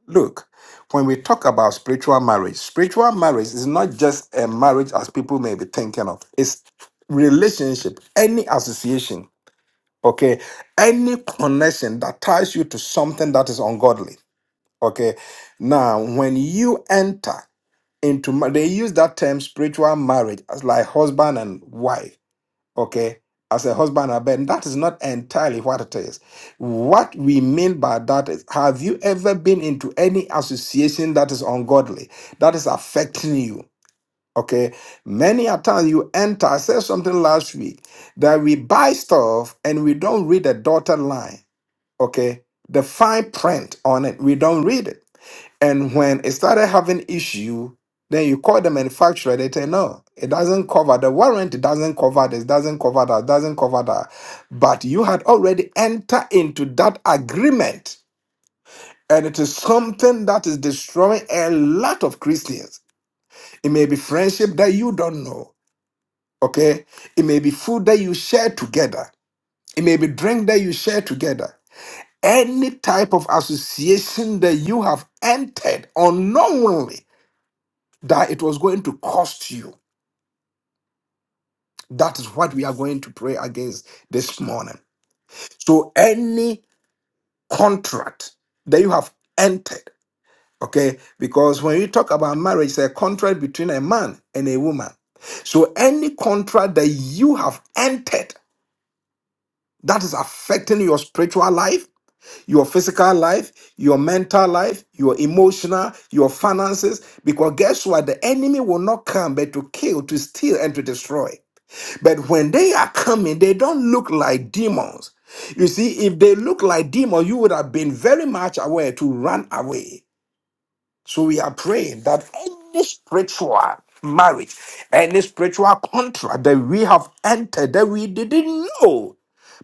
Speaker 1: Look, when we talk about spiritual marriage, spiritual marriage is not just a marriage as people may be thinking of, it's relationship, any association Okay. Any connection that ties you to something that is ungodly. Okay. Now, when you enter into, ma- they use that term spiritual marriage as like husband and wife. Okay. As a husband and wife, that is not entirely what it is. What we mean by that is, have you ever been into any association that is ungodly, that is affecting you? Okay. Many a times you enter, I said something last week that we buy stuff and we don't read the dotted line. Okay. The fine print on it, we don't read it. And when it started having issue, then you call the manufacturer, they say, no, it doesn't cover the warranty, doesn't cover this, doesn't cover that, doesn't cover that. But you had already entered into that agreement. And it is something that is destroying a lot of Christians. It may be friendship that you don't know. Okay? It may be food that you share together, it may be drink that you share together. Any type of association that you have entered unknowingly that it was going to cost you. That is what we are going to pray against this morning. So, any contract that you have entered, okay, because when you talk about marriage, it's a contract between a man and a woman. So, any contract that you have entered that is affecting your spiritual life your physical life, your mental life, your emotional, your finances. Because guess what? The enemy will not come but to kill, to steal, and to destroy. But when they are coming, they don't look like demons. You see, if they look like demons, you would have been very much aware to run away. So we are praying that any spiritual marriage, any spiritual contract that we have entered that we didn't know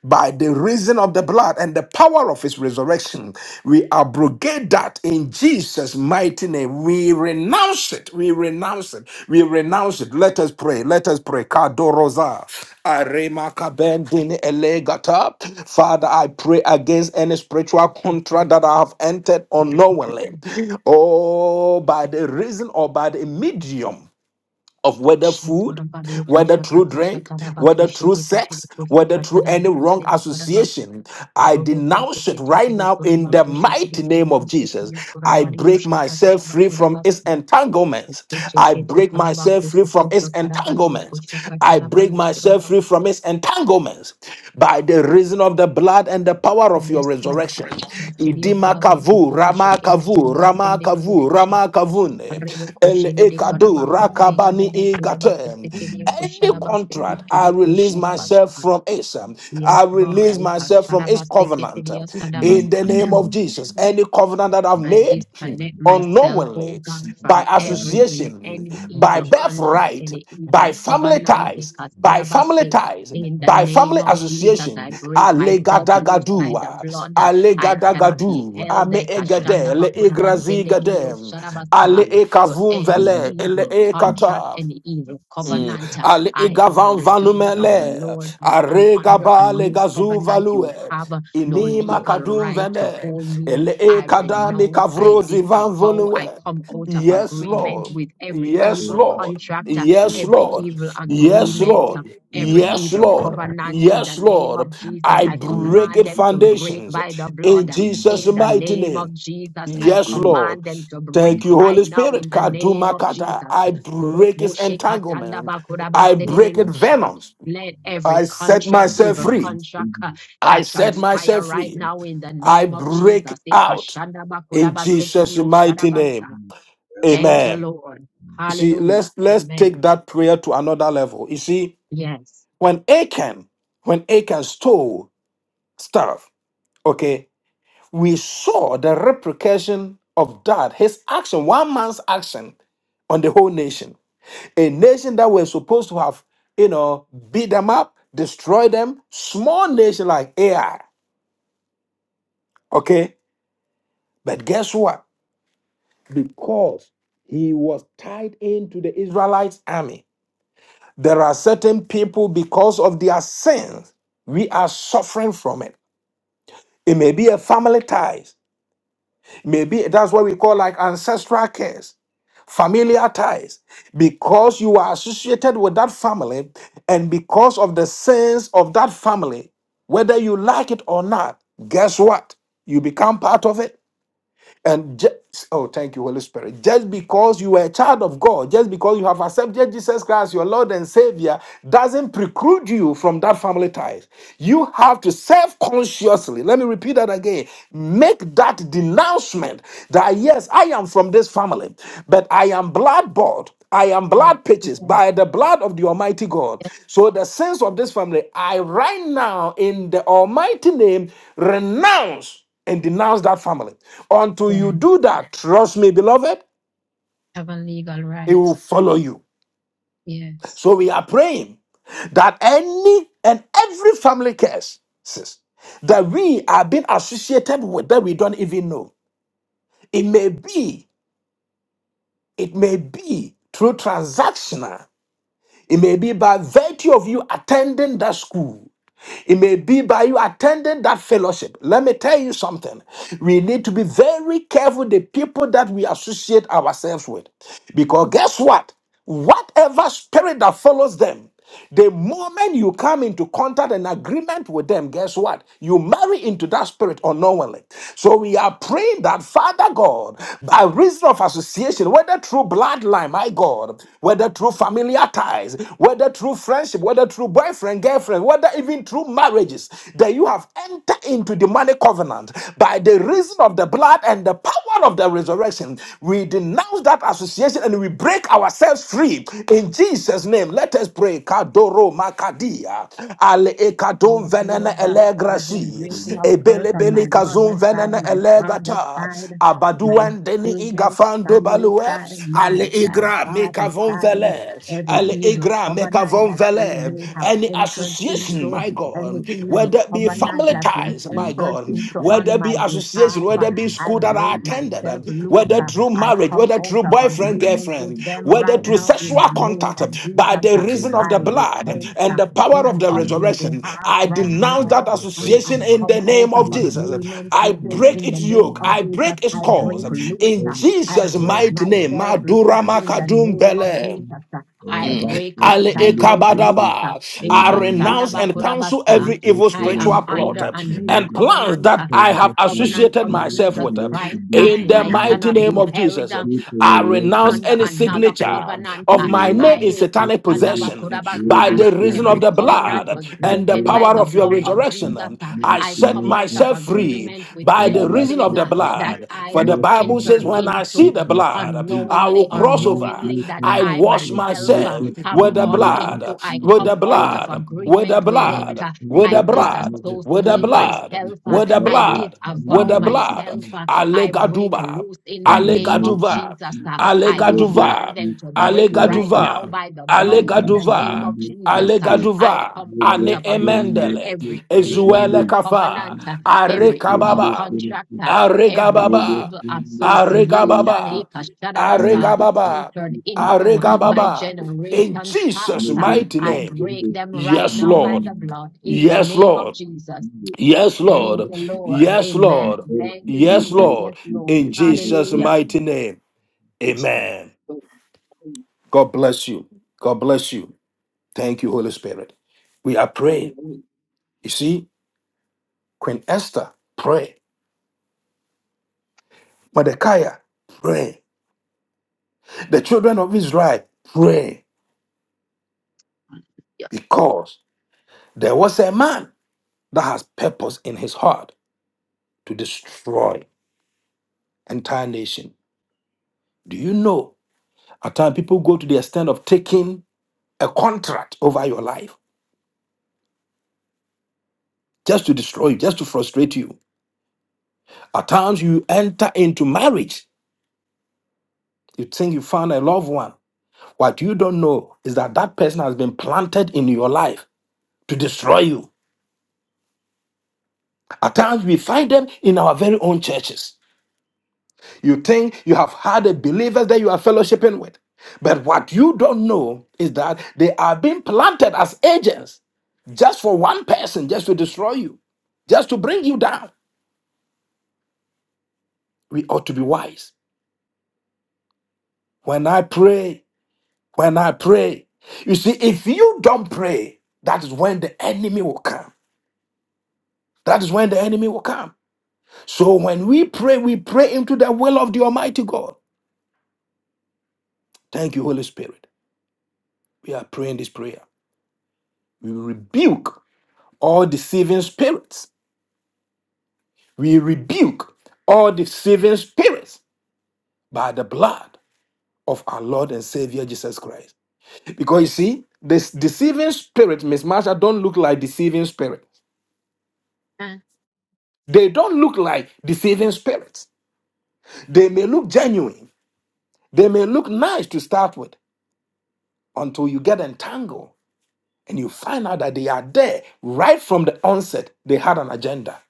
Speaker 1: by the reason of the blood and the power of his resurrection. We abrogate that in Jesus' mighty name. We renounce it. We renounce it. We renounce it. Let us pray. Let us pray. Kadoroza. Arema kabendini elegata. Father, I pray against any spiritual contract that I have entered unknowingly. Oh, by the reason or by the medium of whether food,
Speaker 2: Shikurabadio
Speaker 1: whether through drink, whether through
Speaker 2: Kushakatatabakushikitikurabas.
Speaker 1: sex, whether through any wrong
Speaker 2: Robokushikitikurabas. Kurabas.
Speaker 1: association. I
Speaker 2: Roboku
Speaker 1: denounce it
Speaker 2: Shikiti
Speaker 1: right now in the
Speaker 2: Kurabaku
Speaker 1: mighty
Speaker 2: Shikiti
Speaker 1: name of Jesus. I break
Speaker 2: Kurabas.
Speaker 1: myself free from its
Speaker 2: Kurabas.
Speaker 1: entanglements. I
Speaker 2: Kushikete
Speaker 1: break myself
Speaker 2: karabaku
Speaker 1: free from its
Speaker 2: sukuta karabanyo
Speaker 1: entanglements.
Speaker 2: kushaka
Speaker 1: I break
Speaker 2: tarabando
Speaker 1: myself free
Speaker 2: kurabaku
Speaker 1: from its
Speaker 2: sukuta.
Speaker 1: entanglements by the reason of the blood and the power of your
Speaker 2: Yes, God.
Speaker 1: resurrection.
Speaker 2: Masirio
Speaker 1: Idima
Speaker 2: kurabaku
Speaker 1: kavu,
Speaker 2: sukete
Speaker 1: rama
Speaker 2: kiri
Speaker 1: kavu, rama
Speaker 2: kurabasende kiri
Speaker 1: kavu,
Speaker 2: kusha.
Speaker 1: rama
Speaker 2: Rebo
Speaker 1: kavune, el
Speaker 2: kushiri de
Speaker 1: ekadu,
Speaker 2: karabaku triya
Speaker 1: rakabani
Speaker 2: deba
Speaker 1: any
Speaker 2: kurabaku sekiri kusharabaste
Speaker 1: contract, I
Speaker 2: kiri
Speaker 1: release myself from it.
Speaker 2: Yes,
Speaker 1: I
Speaker 2: God.
Speaker 1: release myself from its
Speaker 2: Ikasharabaste
Speaker 1: covenant um,
Speaker 2: kete
Speaker 1: in the name of Jesus. Any covenant that I've
Speaker 2: I
Speaker 1: made hmm,
Speaker 2: disconnect myself, oh
Speaker 1: unknowingly,
Speaker 2: God, from
Speaker 1: by
Speaker 2: every
Speaker 3: you.
Speaker 2: n-
Speaker 1: association,
Speaker 2: any
Speaker 3: Thank you.
Speaker 1: by
Speaker 2: evil contract,
Speaker 1: birthright,
Speaker 2: any evil
Speaker 1: by family
Speaker 2: covenant. eh,
Speaker 1: ties, by family
Speaker 2: Kasanabase.
Speaker 1: ties,
Speaker 2: In the
Speaker 1: by
Speaker 2: name
Speaker 1: family
Speaker 2: of Jesus,
Speaker 1: association,
Speaker 2: I break myself loose by the
Speaker 1: Alegadagaduwa,
Speaker 2: blood. I cannot be
Speaker 1: Alegadagadu,
Speaker 2: held
Speaker 1: Ame
Speaker 2: eh,
Speaker 1: Egade, Le Igrazigade, Ale
Speaker 2: Kashandabakunabasendekidioshadabasa, to
Speaker 1: Ekavum
Speaker 2: any
Speaker 1: Vele, Ele
Speaker 2: evil contract,
Speaker 1: Ekata.
Speaker 2: any evil
Speaker 1: Mm.
Speaker 2: covenant.
Speaker 1: Al
Speaker 2: I am the
Speaker 1: igavan
Speaker 2: redeemed of the
Speaker 1: vanumele,
Speaker 2: Lord. I am under a
Speaker 1: aregaba le
Speaker 2: new
Speaker 1: gazu
Speaker 2: covenant. You
Speaker 1: value,
Speaker 2: have no
Speaker 1: inima
Speaker 2: legal
Speaker 1: kadum
Speaker 2: right to
Speaker 1: vene,
Speaker 2: hold me
Speaker 1: ele e
Speaker 2: I
Speaker 1: kadami
Speaker 2: renounce, I
Speaker 1: kavrozi van
Speaker 2: disavow, I
Speaker 1: volue.
Speaker 2: come out of
Speaker 1: Yes,
Speaker 2: agreement
Speaker 1: Lord.
Speaker 2: with every
Speaker 1: Yes,
Speaker 2: evil
Speaker 1: Lord.
Speaker 2: contract, uh,
Speaker 1: Yes,
Speaker 2: every
Speaker 1: Lord.
Speaker 2: evil
Speaker 1: Yes,
Speaker 2: agreement, uh,
Speaker 1: Lord.
Speaker 2: every
Speaker 1: Yes,
Speaker 2: evil
Speaker 1: Lord.
Speaker 2: covenant in
Speaker 1: Yes,
Speaker 2: the name of
Speaker 1: Lord.
Speaker 2: Jesus.
Speaker 1: I
Speaker 2: I
Speaker 1: break
Speaker 2: command
Speaker 1: it
Speaker 2: them to break
Speaker 1: foundations
Speaker 2: by the
Speaker 1: in
Speaker 2: blood. uh,
Speaker 1: Jesus'
Speaker 2: In the
Speaker 1: mighty
Speaker 2: name
Speaker 1: name.
Speaker 2: of Jesus, I
Speaker 1: Yes, Lord.
Speaker 2: command them to break
Speaker 1: Thank you, Holy
Speaker 2: right now
Speaker 1: Spirit.
Speaker 2: in the name
Speaker 1: Kaduma
Speaker 2: of
Speaker 1: kata.
Speaker 2: Jesus.
Speaker 1: I break his entanglement. I break it venoms.
Speaker 2: Let every
Speaker 1: I set
Speaker 2: contract,
Speaker 1: myself
Speaker 2: evil
Speaker 1: free.
Speaker 2: contract, uh,
Speaker 1: I
Speaker 2: catch on
Speaker 1: set
Speaker 2: fire
Speaker 1: myself
Speaker 2: right
Speaker 1: free.
Speaker 2: now in the
Speaker 1: I
Speaker 2: name of
Speaker 1: break
Speaker 2: Jesus.
Speaker 1: out in Jesus' mighty
Speaker 2: Ikashandabakudabasekidiyoshadabasa.
Speaker 1: name.
Speaker 3: That's
Speaker 2: Thank
Speaker 3: why.
Speaker 2: you,
Speaker 1: Amen.
Speaker 2: Lord.
Speaker 1: You see,
Speaker 2: Hallelujah.
Speaker 1: let's let's take
Speaker 2: Amen.
Speaker 1: that prayer to another level. You see,
Speaker 2: Yes.
Speaker 1: when Achan, when Achan stole stuff, okay, we saw the repercussion of that, his action, one man's action on the whole nation. A nation that was supposed to have, you know, beat them up, destroy them, small nation like AI. Okay? But guess what? Because he was tied into the Israelites' army. There are certain people, because of their sins, we are suffering from it. It may be a family ties. Maybe that's what we call like ancestral curse. familiar ties, because you are associated with that family, and because of the sins of that family, whether you like it or not, guess what? You become part of it. And just, oh, thank you, Holy Spirit. Just because you are a child of God, just because you have accepted Jesus Christ, your Lord and Savior, doesn't preclude you from that family ties. You have to self consciously, let me repeat that again, make that denouncement that yes, I am from this family, but I am blood bought. I am
Speaker 2: Yes.
Speaker 1: blood purchased
Speaker 2: Yes.
Speaker 1: by the blood of the Almighty God.
Speaker 2: Yes.
Speaker 1: So, the sins of this family, I right now, in the Almighty name, renounce and denounce that family. Until you do
Speaker 2: yes.
Speaker 1: that, trust me, beloved,
Speaker 2: Have a legal
Speaker 1: it
Speaker 2: right.
Speaker 1: will follow you.
Speaker 2: Yes.
Speaker 1: So we are praying that any and every family curse sis, that we are being associated with that we don't even know. It may be, it may be through transactional. It may be by virtue of you attending that school. It may be by you attending that fellowship. Let me tell you something. We need to be very careful the people that we associate ourselves with. Because guess what? Whatever spirit that follows them, the moment you come into contact and agreement with them, guess what? You marry into that spirit unknowingly. So we are praying that Father God, by reason of association, whether through bloodline, my God, whether through familiar ties, whether through friendship, whether through boyfriend, girlfriend, whether even through marriages, that you have entered into the money covenant by the reason of the blood and the power power of the resurrection. We denounce that association and we break ourselves free in Jesus' name. Let us pray. Kadoro makadia ale ekadon
Speaker 2: Yes,
Speaker 1: venene
Speaker 2: Lord God, every
Speaker 1: elegrashi
Speaker 2: generational curse
Speaker 1: ebele
Speaker 2: on my
Speaker 1: bele kazon
Speaker 2: mother's side,
Speaker 1: venene
Speaker 2: my father's
Speaker 1: elegata
Speaker 2: side, my
Speaker 1: abaduan deni
Speaker 2: children's
Speaker 1: igafando
Speaker 2: family
Speaker 1: balue
Speaker 2: side,
Speaker 1: ale
Speaker 2: mother's
Speaker 3: I
Speaker 2: side,
Speaker 1: igra
Speaker 2: father's
Speaker 1: mekavon
Speaker 2: side,
Speaker 3: Thank
Speaker 1: vele
Speaker 2: every
Speaker 1: ale
Speaker 2: evil
Speaker 1: igra
Speaker 2: covenant
Speaker 1: mekavon
Speaker 2: that they
Speaker 1: vele
Speaker 2: may have
Speaker 1: any
Speaker 2: entered
Speaker 1: association,
Speaker 2: into,
Speaker 1: my
Speaker 2: any
Speaker 1: God
Speaker 2: evil
Speaker 1: whether it be
Speaker 2: covenant
Speaker 1: family
Speaker 2: that was
Speaker 1: ties, my
Speaker 2: entered
Speaker 1: God,
Speaker 2: into
Speaker 1: whether
Speaker 2: on
Speaker 1: it
Speaker 2: my
Speaker 1: be association,
Speaker 2: behalf, uh,
Speaker 1: whether it be
Speaker 2: I
Speaker 1: school that I
Speaker 2: break
Speaker 1: attended,
Speaker 2: myself
Speaker 1: um,
Speaker 2: loose.
Speaker 1: whether
Speaker 2: uh,
Speaker 1: through
Speaker 2: I
Speaker 1: marriage,
Speaker 2: come
Speaker 1: whether
Speaker 2: out
Speaker 1: through
Speaker 2: of
Speaker 1: boyfriend,
Speaker 2: agreement
Speaker 1: girlfriend,
Speaker 2: with them
Speaker 1: whether
Speaker 2: right
Speaker 1: through
Speaker 2: now in
Speaker 1: sexual
Speaker 2: the name
Speaker 1: contact, um,
Speaker 2: of
Speaker 1: by
Speaker 2: Jesus.
Speaker 1: the
Speaker 2: uh,
Speaker 1: reason of
Speaker 2: I
Speaker 1: the blood um,
Speaker 2: repent
Speaker 1: and the power of
Speaker 2: even
Speaker 1: the
Speaker 2: on their
Speaker 1: resurrection,
Speaker 2: behalf
Speaker 1: I
Speaker 2: right
Speaker 1: denounce that
Speaker 2: now. And I
Speaker 1: association
Speaker 3: you.
Speaker 1: in
Speaker 2: come
Speaker 1: the
Speaker 2: out
Speaker 1: name
Speaker 3: Oh
Speaker 2: of
Speaker 1: of Jesus. Um,
Speaker 2: agreement
Speaker 1: I
Speaker 2: with
Speaker 3: my
Speaker 2: it
Speaker 3: God,
Speaker 1: break
Speaker 2: in the
Speaker 1: its
Speaker 3: Father, thank
Speaker 2: name
Speaker 1: yoke,
Speaker 2: of
Speaker 1: I
Speaker 2: Jesus.
Speaker 1: break its
Speaker 3: you
Speaker 2: I
Speaker 3: for
Speaker 1: cause
Speaker 2: break
Speaker 1: um,
Speaker 3: being
Speaker 2: loose.
Speaker 1: in
Speaker 2: uh,
Speaker 3: first.
Speaker 2: I
Speaker 1: Jesus'
Speaker 3: Oh
Speaker 2: break
Speaker 3: my
Speaker 1: mighty name.
Speaker 3: God,
Speaker 2: myself
Speaker 3: we thank you
Speaker 2: loose
Speaker 1: Madura
Speaker 2: in the
Speaker 3: for
Speaker 1: Makadum
Speaker 2: name of
Speaker 1: Bele.
Speaker 3: this.
Speaker 2: Jesus. uh, I
Speaker 3: Rabba
Speaker 2: break
Speaker 1: Ale
Speaker 2: out. I
Speaker 3: Sekunde
Speaker 2: break loose.
Speaker 3: Kutu,
Speaker 2: uh,
Speaker 1: ekabadaba. I
Speaker 3: Rabba
Speaker 1: renounce and
Speaker 3: Kutu,
Speaker 2: Ekasandabakurabasa,
Speaker 1: cancel
Speaker 3: that
Speaker 2: uh,
Speaker 1: every
Speaker 3: which
Speaker 1: evil
Speaker 2: I
Speaker 3: will
Speaker 2: am
Speaker 1: spiritual plot
Speaker 2: under
Speaker 1: uh,
Speaker 3: unfold
Speaker 2: a
Speaker 3: to
Speaker 2: new
Speaker 3: me,
Speaker 1: and plans
Speaker 3: the
Speaker 2: covenant,
Speaker 1: that
Speaker 2: uh,
Speaker 3: cause
Speaker 1: I
Speaker 2: the
Speaker 1: have
Speaker 3: of Father,
Speaker 2: covenant
Speaker 1: associated
Speaker 2: of
Speaker 3: God, you
Speaker 1: myself
Speaker 2: Jesus
Speaker 1: with. uh,
Speaker 3: want to
Speaker 2: Christ.
Speaker 3: be
Speaker 2: uh,
Speaker 1: In
Speaker 3: the
Speaker 1: the
Speaker 2: I
Speaker 3: Lord,
Speaker 1: mighty
Speaker 2: cannot
Speaker 1: name
Speaker 3: Father.
Speaker 2: be
Speaker 1: of
Speaker 2: held
Speaker 1: Jesus, uh,
Speaker 3: With the
Speaker 1: I renounce
Speaker 2: under
Speaker 1: any
Speaker 3: that
Speaker 2: another
Speaker 3: will
Speaker 1: signature
Speaker 2: covenant.
Speaker 1: of
Speaker 2: uh,
Speaker 1: my
Speaker 3: you
Speaker 1: name in
Speaker 3: love us
Speaker 2: Ae
Speaker 3: with
Speaker 1: satanic
Speaker 2: katanda
Speaker 3: really,
Speaker 1: possession by
Speaker 2: bakurabasa.
Speaker 3: really
Speaker 1: the reason
Speaker 3: send
Speaker 1: of
Speaker 2: Every
Speaker 3: us
Speaker 1: the
Speaker 2: covenant
Speaker 1: blood
Speaker 2: was
Speaker 3: The
Speaker 1: and the
Speaker 2: broken
Speaker 3: break
Speaker 2: by
Speaker 1: power
Speaker 2: the
Speaker 3: of
Speaker 1: of your
Speaker 2: blood of
Speaker 3: news in
Speaker 1: resurrection.
Speaker 2: Jesus.
Speaker 3: the
Speaker 1: um,
Speaker 2: uh,
Speaker 1: I
Speaker 3: mighty
Speaker 2: I
Speaker 1: set
Speaker 2: come
Speaker 3: name
Speaker 2: out
Speaker 3: of
Speaker 2: of
Speaker 1: myself
Speaker 3: Jesus.
Speaker 1: free
Speaker 2: agreement with
Speaker 1: by the
Speaker 3: Love us
Speaker 1: reason of
Speaker 2: anything
Speaker 3: with
Speaker 1: the
Speaker 2: uh, that
Speaker 3: you.
Speaker 1: blood.
Speaker 2: I
Speaker 1: For the
Speaker 2: was
Speaker 3: Yes,
Speaker 1: Bible
Speaker 3: my
Speaker 1: says,
Speaker 2: entered
Speaker 3: God,
Speaker 1: When I see
Speaker 3: set
Speaker 2: into.
Speaker 1: the
Speaker 3: us
Speaker 1: blood,
Speaker 3: up
Speaker 1: blood.
Speaker 3: free.
Speaker 1: I
Speaker 2: Unknowingly
Speaker 1: will
Speaker 3: The
Speaker 2: or
Speaker 1: cross
Speaker 3: break
Speaker 1: over.
Speaker 2: knowingly
Speaker 3: is
Speaker 2: that
Speaker 1: I
Speaker 3: in
Speaker 2: I
Speaker 1: wash
Speaker 3: the
Speaker 2: myself
Speaker 3: break
Speaker 2: uh,
Speaker 1: myself
Speaker 3: it in
Speaker 2: have
Speaker 1: with
Speaker 3: the
Speaker 1: the
Speaker 2: gone
Speaker 3: name of
Speaker 2: into,
Speaker 1: blood,
Speaker 2: I
Speaker 1: with
Speaker 3: Jesus
Speaker 1: the
Speaker 2: come out
Speaker 3: Christ.
Speaker 2: of
Speaker 1: blood, with the
Speaker 2: agreement with it.
Speaker 1: blood,
Speaker 2: uh,
Speaker 3: Lord, God,
Speaker 1: with
Speaker 2: I
Speaker 1: the
Speaker 3: let the
Speaker 1: blood,
Speaker 3: blood of
Speaker 1: with the
Speaker 2: disassociate
Speaker 3: Jesus
Speaker 1: blood,
Speaker 3: Christ
Speaker 2: myself.
Speaker 3: be
Speaker 2: uh,
Speaker 1: with the
Speaker 3: all
Speaker 2: I
Speaker 3: over
Speaker 1: blood, with
Speaker 2: disavow
Speaker 1: the
Speaker 3: mighty
Speaker 1: blood.
Speaker 3: God.
Speaker 2: myself. uh, I break
Speaker 1: Allegaduba,
Speaker 2: loose in the
Speaker 3: The
Speaker 2: name of
Speaker 3: night is
Speaker 1: Allegaduva,
Speaker 2: Jesus. Uh,
Speaker 3: cold. The
Speaker 2: I
Speaker 3: road
Speaker 2: command
Speaker 1: Allegaduva,
Speaker 2: them
Speaker 3: is
Speaker 2: to
Speaker 3: cold.
Speaker 2: break
Speaker 3: Cold,
Speaker 2: right
Speaker 3: cold,
Speaker 2: now
Speaker 1: Allegaduva,
Speaker 3: cold.
Speaker 2: by the blood
Speaker 3: The
Speaker 2: in the
Speaker 3: last
Speaker 2: name
Speaker 1: Allegaduva,
Speaker 2: of
Speaker 3: night is
Speaker 2: Jesus. Uh,
Speaker 3: cold.
Speaker 2: I
Speaker 1: Allegaduva.
Speaker 3: The
Speaker 2: come
Speaker 3: road
Speaker 2: out
Speaker 1: Ane
Speaker 3: is
Speaker 2: of agreement
Speaker 3: cold.
Speaker 1: emendele,
Speaker 2: every
Speaker 3: Cold,
Speaker 2: e-
Speaker 3: cold,
Speaker 1: ezuele
Speaker 2: evil
Speaker 3: cold. The
Speaker 1: kafa,
Speaker 2: covenant,
Speaker 3: night
Speaker 2: uh,
Speaker 3: is
Speaker 2: every
Speaker 3: cold.
Speaker 2: evil
Speaker 3: Cold,
Speaker 1: arekababa,
Speaker 3: cold,
Speaker 2: contract,
Speaker 3: cold.
Speaker 2: uh,
Speaker 3: The
Speaker 2: every
Speaker 3: road is
Speaker 1: aregababa,
Speaker 2: evil
Speaker 3: cold. Cold, cold,
Speaker 2: association.
Speaker 3: cold.
Speaker 1: aregababa,
Speaker 3: The night
Speaker 2: Ekashadabasa,
Speaker 3: is cold.
Speaker 1: Aregababa.
Speaker 2: Entered
Speaker 3: Cold, cold,
Speaker 2: into by
Speaker 1: Aregababa.
Speaker 3: cold.
Speaker 1: In
Speaker 2: generations
Speaker 3: The
Speaker 1: Jesus'
Speaker 2: past.
Speaker 3: road
Speaker 2: Uh,
Speaker 1: mighty
Speaker 2: I
Speaker 1: name.
Speaker 2: break them right
Speaker 1: Yes,
Speaker 2: now by
Speaker 1: Lord.
Speaker 2: the blood in the
Speaker 1: Yes,
Speaker 2: name of
Speaker 1: Lord.
Speaker 2: Jesus.
Speaker 1: Yes,
Speaker 2: Thank
Speaker 1: Lord.
Speaker 2: you, Lord.
Speaker 1: Yes,
Speaker 2: Amen.
Speaker 1: Lord.
Speaker 3: is
Speaker 2: Thank you,
Speaker 3: cold.
Speaker 1: Yes,
Speaker 2: Jesus.
Speaker 1: Lord.
Speaker 2: Yes, Lord.
Speaker 1: In
Speaker 3: Cold,
Speaker 1: Jesus'
Speaker 2: Hallelujah.
Speaker 1: mighty
Speaker 3: cold,
Speaker 1: name.
Speaker 3: cold.
Speaker 1: Amen. God bless you. God bless you. Thank you, Holy Spirit. We are praying.
Speaker 2: Hallelujah.
Speaker 1: You see, Queen Esther, pray. Mordecai, pray. The children of Israel, pray. Because there was a man that has purpose in his heart. to destroy entire nation. Do you know at times people go to the extent of taking a contract over your life just to destroy you, just to frustrate you? At times you enter into marriage. You think you found a loved one. What you don't know is that that person has been planted in your life to destroy you. At times we find them in our very own churches. You think you have had a believer that you are fellowshipping with. But what you don't know is that they are being planted as agents just for one person, just to destroy you, just to bring you down. We ought to be wise. When I pray, when I pray, you see, if you don't pray, that is when the enemy will come. That is when the enemy will come. So when we pray, we pray into the will of the Almighty God. Thank you, Holy Spirit. We are praying this prayer. We rebuke all deceiving spirits. We rebuke all deceiving spirits by the blood of our Lord and Savior Jesus Christ. Because you see, this deceiving spirit, Miss Marsha, don't look like deceiving spirit.
Speaker 2: Hallelujah.
Speaker 1: They don't look like deceiving spirits. They may look genuine. They may look nice to start with until you get entangled and you find out that they are there right from the onset. They had an agenda.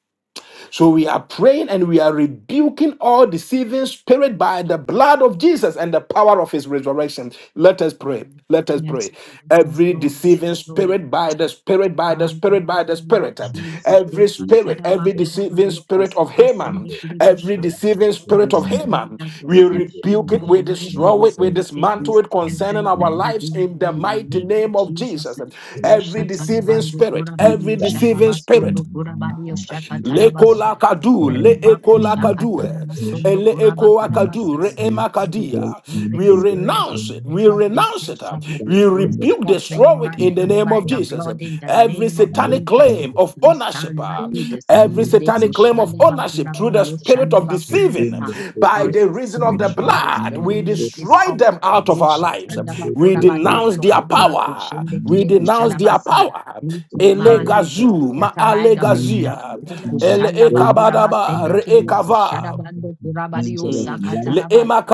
Speaker 1: So we are praying and we are rebuking all deceiving spirit by the blood of Jesus and the power of his resurrection. Let us pray.
Speaker 2: Amen.
Speaker 1: Let us pray.
Speaker 2: Yes, Lord. yes,
Speaker 1: Every
Speaker 2: Lord.
Speaker 1: deceiving
Speaker 2: Yes, Lord.
Speaker 1: spirit by the spirit, by the
Speaker 2: Father, in
Speaker 1: spirit,
Speaker 2: the
Speaker 1: by the
Speaker 2: name of
Speaker 1: spirit.
Speaker 3: and
Speaker 2: Jesus,
Speaker 3: the
Speaker 2: take
Speaker 1: Every
Speaker 2: a
Speaker 3: season,
Speaker 1: spirit,
Speaker 2: shadaba
Speaker 1: every
Speaker 3: the
Speaker 1: deceiving
Speaker 2: kurabario
Speaker 1: spirit of
Speaker 2: kusaba
Speaker 3: person
Speaker 1: Haman,
Speaker 2: sende
Speaker 3: that
Speaker 1: every
Speaker 3: they
Speaker 2: kiribusha.
Speaker 3: are not
Speaker 1: deceiving spirit
Speaker 2: Every
Speaker 1: of
Speaker 3: taking the
Speaker 2: spirit
Speaker 1: Haman,
Speaker 2: of
Speaker 1: we
Speaker 3: every
Speaker 2: deception
Speaker 1: rebuke it,
Speaker 2: right
Speaker 3: decision,
Speaker 1: we
Speaker 2: now, we
Speaker 3: and
Speaker 1: destroy it, we
Speaker 2: rebuke it, we
Speaker 1: dismantle it
Speaker 2: scatter
Speaker 1: concerning
Speaker 2: it
Speaker 1: our
Speaker 2: by the
Speaker 1: lives
Speaker 2: wind
Speaker 1: in the
Speaker 2: in the
Speaker 1: mighty
Speaker 2: name
Speaker 1: name
Speaker 2: of
Speaker 1: of
Speaker 2: Jesus.
Speaker 1: Jesus. Every deceiving
Speaker 2: Ushatanabangu
Speaker 1: spirit,
Speaker 2: kurabario
Speaker 1: every
Speaker 3: Yes, Father,
Speaker 1: deceiving spirit,
Speaker 2: shatabasondo kurabario
Speaker 3: burn it now in the name of Jesus
Speaker 1: Le
Speaker 3: Christ.
Speaker 1: kola
Speaker 2: shakatarabaso.
Speaker 1: kadu,
Speaker 3: All
Speaker 1: le
Speaker 3: the
Speaker 2: Reba
Speaker 1: ekola
Speaker 3: seasons,
Speaker 1: kadu,
Speaker 3: the earth,
Speaker 1: eh,
Speaker 2: kushakatarabasondo
Speaker 1: le ekoa
Speaker 3: and the
Speaker 1: kadu,
Speaker 2: kurabakarabasa.
Speaker 1: re
Speaker 3: sea, the
Speaker 2: Every
Speaker 3: soul,
Speaker 1: emakadia.
Speaker 3: and
Speaker 2: deceiving
Speaker 1: We
Speaker 3: the
Speaker 2: spirit, every
Speaker 1: renounce it. We
Speaker 2: spirit of
Speaker 1: renounce it.
Speaker 3: destroy,
Speaker 1: uh,
Speaker 3: the
Speaker 2: deception,
Speaker 1: We
Speaker 3: God
Speaker 2: we
Speaker 3: of the
Speaker 1: rebuke,
Speaker 2: scatter you
Speaker 1: destroy it
Speaker 2: right
Speaker 1: in the
Speaker 2: now
Speaker 3: Jesus
Speaker 1: name
Speaker 2: by
Speaker 1: of
Speaker 2: the
Speaker 1: Jesus.
Speaker 2: blood
Speaker 3: Christ,
Speaker 2: in the
Speaker 1: Every
Speaker 2: name of
Speaker 3: Yes,
Speaker 1: satanic
Speaker 3: by
Speaker 2: Jesus.
Speaker 1: claim
Speaker 3: the
Speaker 1: of
Speaker 2: We
Speaker 1: ownership,
Speaker 2: shall not
Speaker 1: ah,
Speaker 3: Father,
Speaker 2: be
Speaker 1: every
Speaker 3: now,
Speaker 2: deceived. They
Speaker 1: satanic
Speaker 2: could
Speaker 1: claim
Speaker 2: shun
Speaker 1: of
Speaker 3: and
Speaker 2: the back of the
Speaker 1: ownership through
Speaker 2: body,
Speaker 1: the
Speaker 2: you
Speaker 1: spirit
Speaker 2: shun the
Speaker 1: of
Speaker 2: back of the
Speaker 1: deceiving,
Speaker 3: Mitindo
Speaker 2: son.
Speaker 1: by
Speaker 3: tete,
Speaker 2: Our
Speaker 1: the reason of the
Speaker 2: spiritual
Speaker 1: blood,
Speaker 3: mitindo
Speaker 1: we
Speaker 2: discernment
Speaker 3: tete,
Speaker 2: is
Speaker 1: destroy
Speaker 2: up.
Speaker 1: them out of
Speaker 2: We
Speaker 1: our
Speaker 2: shall
Speaker 1: lives.
Speaker 2: turn the
Speaker 3: mitindo
Speaker 2: back of
Speaker 1: We
Speaker 2: the body,
Speaker 3: tete,
Speaker 1: denounce
Speaker 2: so
Speaker 1: their
Speaker 2: come
Speaker 3: tete,
Speaker 2: back, we
Speaker 1: power.
Speaker 2: shun the kid,
Speaker 1: We
Speaker 2: they do
Speaker 3: mitindo
Speaker 2: shun
Speaker 1: denounce their power
Speaker 2: We
Speaker 3: the
Speaker 2: command
Speaker 3: power
Speaker 2: you to
Speaker 1: Elegazu,
Speaker 3: of
Speaker 1: ma
Speaker 2: scatter
Speaker 3: the
Speaker 2: by the
Speaker 3: enemies
Speaker 2: blood.
Speaker 1: alegazia,
Speaker 2: They could
Speaker 3: receiving
Speaker 1: ele
Speaker 2: shun the back
Speaker 3: faith
Speaker 2: of the body, send
Speaker 1: ekabadaba,
Speaker 2: the
Speaker 3: and
Speaker 1: re
Speaker 2: kid,
Speaker 3: they
Speaker 2: you
Speaker 3: don't
Speaker 2: could shun the
Speaker 1: ekava.
Speaker 3: become
Speaker 2: back
Speaker 3: like
Speaker 2: of
Speaker 3: an
Speaker 2: the
Speaker 3: angel of
Speaker 1: Mm.
Speaker 3: light
Speaker 1: Le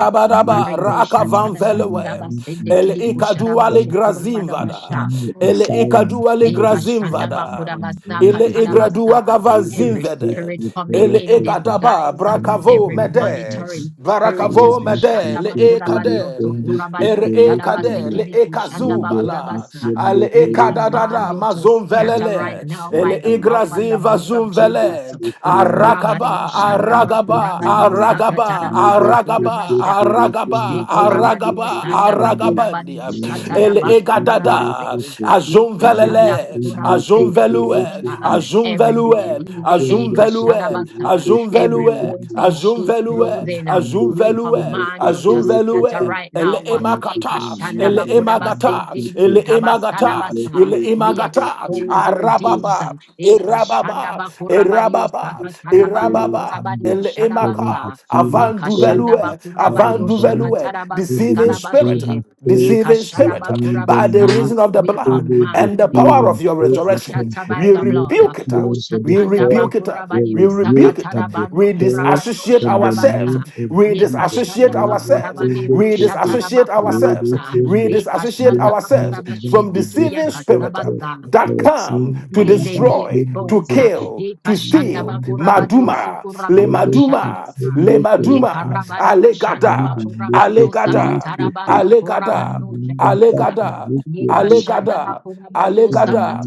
Speaker 3: that mighty
Speaker 2: Arribo
Speaker 1: raka
Speaker 3: God
Speaker 1: van
Speaker 2: shatada
Speaker 3: in the
Speaker 2: bakura
Speaker 1: velewe.
Speaker 3: name
Speaker 2: basende
Speaker 3: of
Speaker 1: El
Speaker 2: kidi
Speaker 3: Jesus
Speaker 2: kushara
Speaker 1: ikadua le
Speaker 2: basu
Speaker 3: Christ.
Speaker 2: kurabada
Speaker 3: We
Speaker 1: grazimvada.
Speaker 3: come with the
Speaker 1: El
Speaker 3: power and
Speaker 1: ikadua le
Speaker 3: authority of God has
Speaker 1: grazimvada.
Speaker 3: been
Speaker 1: El
Speaker 3: granted
Speaker 1: igradua
Speaker 2: Ekashandabakurabasakatanabasa.
Speaker 3: Thank
Speaker 2: Every
Speaker 1: gavazimvede
Speaker 2: spirit coming
Speaker 1: El
Speaker 2: in
Speaker 1: egadaba
Speaker 2: disguise, uh,
Speaker 1: brakavo
Speaker 2: every
Speaker 1: mede.
Speaker 2: monitoring spirit,
Speaker 1: Barakavo mede le ekade. Er ekade le ekazubala
Speaker 2: Kushandabakurabadiosokurabadioshadabasekidikushandabakurabasa.
Speaker 1: al
Speaker 2: we command
Speaker 1: ekadadada
Speaker 2: you to
Speaker 1: mazum
Speaker 2: scatter right
Speaker 1: velele
Speaker 2: now
Speaker 1: el
Speaker 2: by the power and
Speaker 1: igrazi
Speaker 2: the blood of
Speaker 1: vazum vele
Speaker 2: Jesus.
Speaker 1: aragaba aragaba aragaba aragaba
Speaker 2: Ukurabariosandabakurabadiosakatarabandekuramasha.
Speaker 1: aragaba aragaba aragabandia el egadada
Speaker 2: Shikurabariosandabakurabadioshatarabandokurabasehe.
Speaker 1: azum velele azum velue
Speaker 2: Ikashandabakurabasendekidebosha.
Speaker 3: you.
Speaker 1: azum
Speaker 2: Every
Speaker 3: Every
Speaker 1: velue
Speaker 3: deceiving
Speaker 2: deceiving,
Speaker 1: azum velue
Speaker 2: Ikashadabasa,
Speaker 1: azum
Speaker 2: every
Speaker 3: spirit
Speaker 1: velue
Speaker 2: wolf in
Speaker 1: azum
Speaker 2: sheep
Speaker 1: velue
Speaker 2: clothing, uh,
Speaker 1: azum
Speaker 2: we
Speaker 1: velue
Speaker 2: command you to
Speaker 1: azum
Speaker 2: scatter
Speaker 1: velue
Speaker 2: right
Speaker 1: ele
Speaker 2: now. uh,
Speaker 1: emakata, ele emagata, ele emagata,
Speaker 2: Ikashandabakurabasentidiutabasadabasa.
Speaker 1: ele
Speaker 2: We
Speaker 1: emagata,
Speaker 2: expose your deeds. uh,
Speaker 1: arababa, erababa, erababa, erababa, ele emaka,
Speaker 2: Ikashandabakurabadiosakatanabandokurabadioshadabasa.
Speaker 1: avant du
Speaker 3: be
Speaker 1: veloue,
Speaker 3: shut
Speaker 1: avant du
Speaker 3: down
Speaker 1: veloue,
Speaker 3: Every
Speaker 1: deceiving spirit,
Speaker 2: Ikashandabakurabadioshakatarabasekarabashe.
Speaker 3: deceiving spirit,
Speaker 1: deceiving
Speaker 3: we
Speaker 1: spirit,
Speaker 3: bind
Speaker 1: by
Speaker 3: them
Speaker 1: the
Speaker 2: Ikashadabakurabasa.
Speaker 3: now.
Speaker 1: reason of the
Speaker 2: We
Speaker 1: blood
Speaker 3: Every
Speaker 1: and
Speaker 2: command
Speaker 1: the power
Speaker 2: you
Speaker 3: deceiving
Speaker 1: of your
Speaker 3: spirit
Speaker 2: to
Speaker 3: that
Speaker 1: resurrection,
Speaker 3: comes
Speaker 2: scatter
Speaker 3: to
Speaker 2: by
Speaker 1: we
Speaker 2: the
Speaker 3: steal, to
Speaker 2: blood.
Speaker 1: rebuke
Speaker 3: kill,
Speaker 2: O
Speaker 1: it
Speaker 3: and to
Speaker 1: we
Speaker 2: Shatanda
Speaker 3: destroy,
Speaker 1: rebuke it up.
Speaker 3: we
Speaker 1: We
Speaker 2: Bakurabanio
Speaker 3: rebuke
Speaker 1: rebuke it
Speaker 3: and
Speaker 2: Sakatana
Speaker 1: up.
Speaker 2: Bando
Speaker 1: We
Speaker 3: destroy
Speaker 2: Kurabanio
Speaker 1: disassociate
Speaker 3: in the
Speaker 1: ourselves.
Speaker 3: name
Speaker 2: Shadabata.
Speaker 3: of
Speaker 1: We
Speaker 2: Ye
Speaker 3: Jesus.
Speaker 2: Kashanda
Speaker 1: disassociate
Speaker 3: Lord, I
Speaker 1: ourselves.
Speaker 3: send
Speaker 2: Bakurabani
Speaker 3: it
Speaker 1: We
Speaker 3: to you.
Speaker 2: Pushatana
Speaker 1: disassociate
Speaker 3: Lord,
Speaker 1: ourselves.
Speaker 3: I
Speaker 2: Bakurabasa.
Speaker 3: send
Speaker 1: We
Speaker 3: it.
Speaker 2: E
Speaker 1: disassociate
Speaker 3: Yes,
Speaker 2: Kashanda
Speaker 1: ourselves
Speaker 3: mighty God,
Speaker 1: from
Speaker 3: the
Speaker 2: Bakurabashende Kidia
Speaker 1: deceiving spirit uh,
Speaker 3: disrespectful
Speaker 2: Kasabasa.
Speaker 1: that
Speaker 3: our
Speaker 1: come
Speaker 3: sin.
Speaker 1: to
Speaker 2: May
Speaker 3: Lord,
Speaker 2: they
Speaker 3: I
Speaker 2: be
Speaker 1: destroy,
Speaker 3: send it
Speaker 1: to
Speaker 2: exposed.
Speaker 3: to
Speaker 2: uh,
Speaker 3: you.
Speaker 1: kill, to
Speaker 3: Lord,
Speaker 1: steal.
Speaker 3: I send it to
Speaker 2: Ikashandabakurabadiyo
Speaker 3: you.
Speaker 1: Maduma, le
Speaker 3: Lord,
Speaker 2: sukurabadiyo
Speaker 3: I
Speaker 1: maduma,
Speaker 2: sharabasa.
Speaker 3: send
Speaker 1: le
Speaker 3: it to
Speaker 1: maduma,
Speaker 3: you.
Speaker 2: Yekarabadiyo
Speaker 3: In the
Speaker 1: alegada,
Speaker 3: name of
Speaker 2: shandabakurabadiyo
Speaker 3: Jesus, in
Speaker 1: alegada,
Speaker 2: sakatarabando
Speaker 1: alegada,
Speaker 3: the
Speaker 2: kurabadiyo
Speaker 3: name of
Speaker 2: sharabasa.
Speaker 1: alegada,
Speaker 3: Jesus,
Speaker 1: alegada,
Speaker 2: Yekashandabakurabadiyo
Speaker 3: in
Speaker 1: alegada.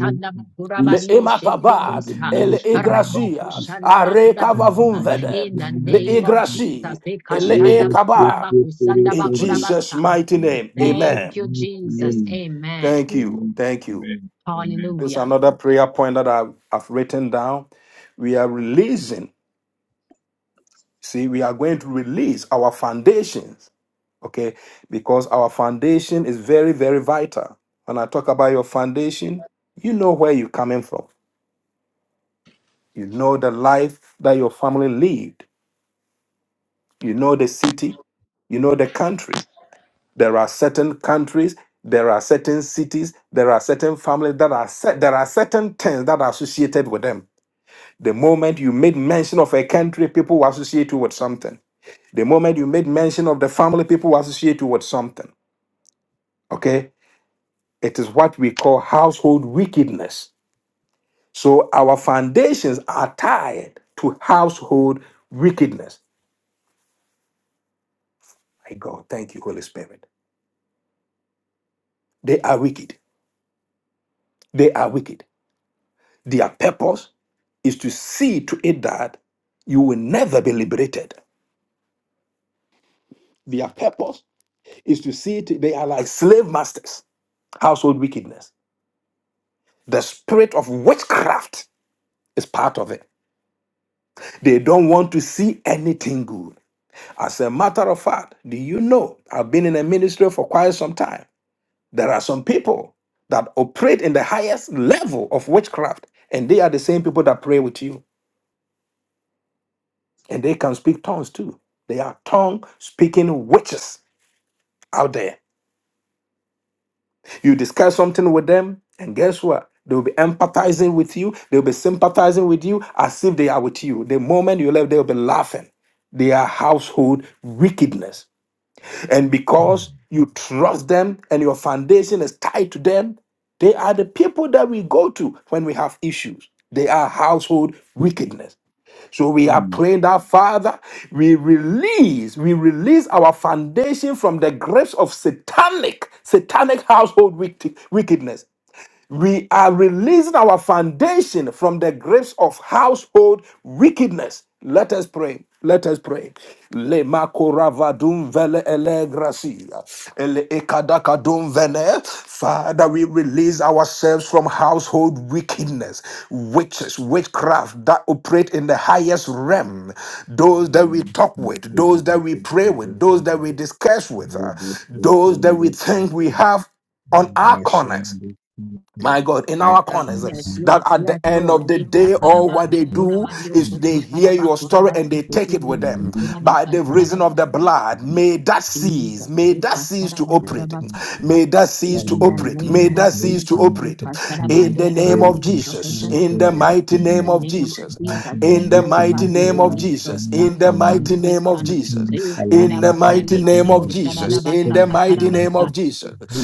Speaker 1: Le emakaba,
Speaker 3: the
Speaker 2: shedebosa.
Speaker 1: ele
Speaker 3: name
Speaker 1: igracia, are
Speaker 2: Rebokushandabakurabasa.
Speaker 1: kavavumvede,
Speaker 2: In the
Speaker 1: le
Speaker 2: name
Speaker 3: of
Speaker 2: of
Speaker 3: Jesus,
Speaker 1: igraci,
Speaker 2: Jesus,
Speaker 1: ele
Speaker 3: Lord, take
Speaker 1: ekaba.
Speaker 3: it to the
Speaker 1: In
Speaker 3: Father.
Speaker 1: Jesus'
Speaker 2: Ikashandabakurabasa.
Speaker 1: mighty
Speaker 3: In
Speaker 2: we
Speaker 1: name,
Speaker 3: Jesus'
Speaker 2: thank
Speaker 1: amen.
Speaker 2: you,
Speaker 3: mighty
Speaker 2: Jesus.
Speaker 3: name,
Speaker 2: Amen.
Speaker 1: Thank you,
Speaker 3: amen,
Speaker 1: thank you.
Speaker 3: amen, amen.
Speaker 1: This is
Speaker 2: Hallelujah.
Speaker 1: another prayer point that I have written down. We are releasing, see, we are going to release our foundations, okay, because our foundation is very, very vital. When I talk about your foundation, you know where you're coming from, you know the life that your family lived you know the city, you know the country. There are certain countries, there are certain cities, there are certain families that are set, there are certain things that are associated with them. The moment you made mention of a country, people will associate you with something. The moment you made mention of the family, people will associate you with something. Okay? It is what we call household wickedness. So our foundations are tied to household wickedness. My God, thank you, Holy Spirit. They are wicked. They are wicked. Their purpose is to see to it that you will never be liberated. Their purpose is to see to they are like slave masters, household wickedness. The spirit of witchcraft is part of it. They don't want to see anything good. As a matter of fact, do you know I've been in a ministry for quite some time? There are some people that operate in the highest level of witchcraft, and they are the same people that pray with you. and they can speak tongues too. They are tongue speaking witches out there. You discuss something with them, and guess what? They'll be empathizing with you, they'll be sympathizing with you as if they are with you. The moment you left, they'll be laughing. They are household wickedness. And because you trust them and your foundation is tied to them, they are the people that we go to when we have issues. They are household wickedness. So we are
Speaker 3: Amen.
Speaker 1: praying that, Father, we release, we release our foundation from the grasp of satanic, satanic household wicked- wickedness we are releasing our foundation from the grips of household wickedness. Let us pray. Let us pray. Le makoravadum vele ele gracia. Ele ekadakadum vele. Father, we release ourselves from household wickedness, witches, witchcraft that operate in the highest realm. Those that
Speaker 3: Amen.
Speaker 1: we talk with, those that we pray with,
Speaker 3: Amen.
Speaker 1: those that we discuss with, uh, those that we think we have on
Speaker 3: Amen. Amen.
Speaker 1: our corners
Speaker 3: Amen.
Speaker 1: my God, in our
Speaker 2: God.
Speaker 1: corners, eh,
Speaker 3: Amen.
Speaker 2: Yes,
Speaker 1: that
Speaker 2: yes,
Speaker 1: at
Speaker 2: yes,
Speaker 1: the end
Speaker 2: Lord.
Speaker 1: of the
Speaker 2: Nika
Speaker 1: day, all what
Speaker 2: tarabando
Speaker 1: they do
Speaker 2: kurabadio
Speaker 1: is they
Speaker 2: soku
Speaker 1: hear
Speaker 2: taraba
Speaker 1: your story
Speaker 2: kuraba
Speaker 1: and they take it with
Speaker 2: sikitibio
Speaker 1: them.
Speaker 2: kuraba
Speaker 1: By the
Speaker 2: kasharaba
Speaker 1: reason of the blood, may that cease.
Speaker 2: Jesus.
Speaker 1: May that
Speaker 2: Nika
Speaker 1: cease to
Speaker 2: taraba
Speaker 1: operate.
Speaker 2: kuraba
Speaker 1: May that cease
Speaker 2: in
Speaker 1: to
Speaker 2: the
Speaker 3: And
Speaker 1: operate. May
Speaker 2: name
Speaker 3: and
Speaker 2: of
Speaker 1: that cease to
Speaker 2: Jesus.
Speaker 3: and
Speaker 1: operate.
Speaker 3: the
Speaker 2: Nika
Speaker 3: the the
Speaker 1: In
Speaker 2: tarabando
Speaker 1: the
Speaker 3: the the
Speaker 1: name of
Speaker 2: kurabadio soku
Speaker 1: Jesus. In the
Speaker 2: tarabasa.
Speaker 3: the
Speaker 1: mighty
Speaker 2: In
Speaker 1: name
Speaker 2: the
Speaker 1: of
Speaker 2: name of
Speaker 1: Jesus.
Speaker 2: Jesus, yes,
Speaker 1: In
Speaker 3: be
Speaker 1: the
Speaker 2: Lord
Speaker 3: to
Speaker 1: mighty
Speaker 2: God, we
Speaker 3: to
Speaker 1: name of
Speaker 3: us
Speaker 2: release
Speaker 1: Jesus. Jesus,
Speaker 3: now
Speaker 1: in the
Speaker 2: ourselves
Speaker 3: and
Speaker 1: mighty
Speaker 2: from
Speaker 3: making
Speaker 1: name of
Speaker 2: Satan.
Speaker 1: Jesus,
Speaker 2: Nika
Speaker 3: a
Speaker 1: in the
Speaker 3: learning from
Speaker 1: mighty
Speaker 3: the
Speaker 2: tarabasende
Speaker 1: name of
Speaker 2: kedebo
Speaker 3: government,
Speaker 1: Jesus, in
Speaker 2: tarabasa
Speaker 1: the
Speaker 2: indekebo
Speaker 3: listening to
Speaker 1: mighty name
Speaker 2: shadabasa
Speaker 1: of Jesus.
Speaker 3: the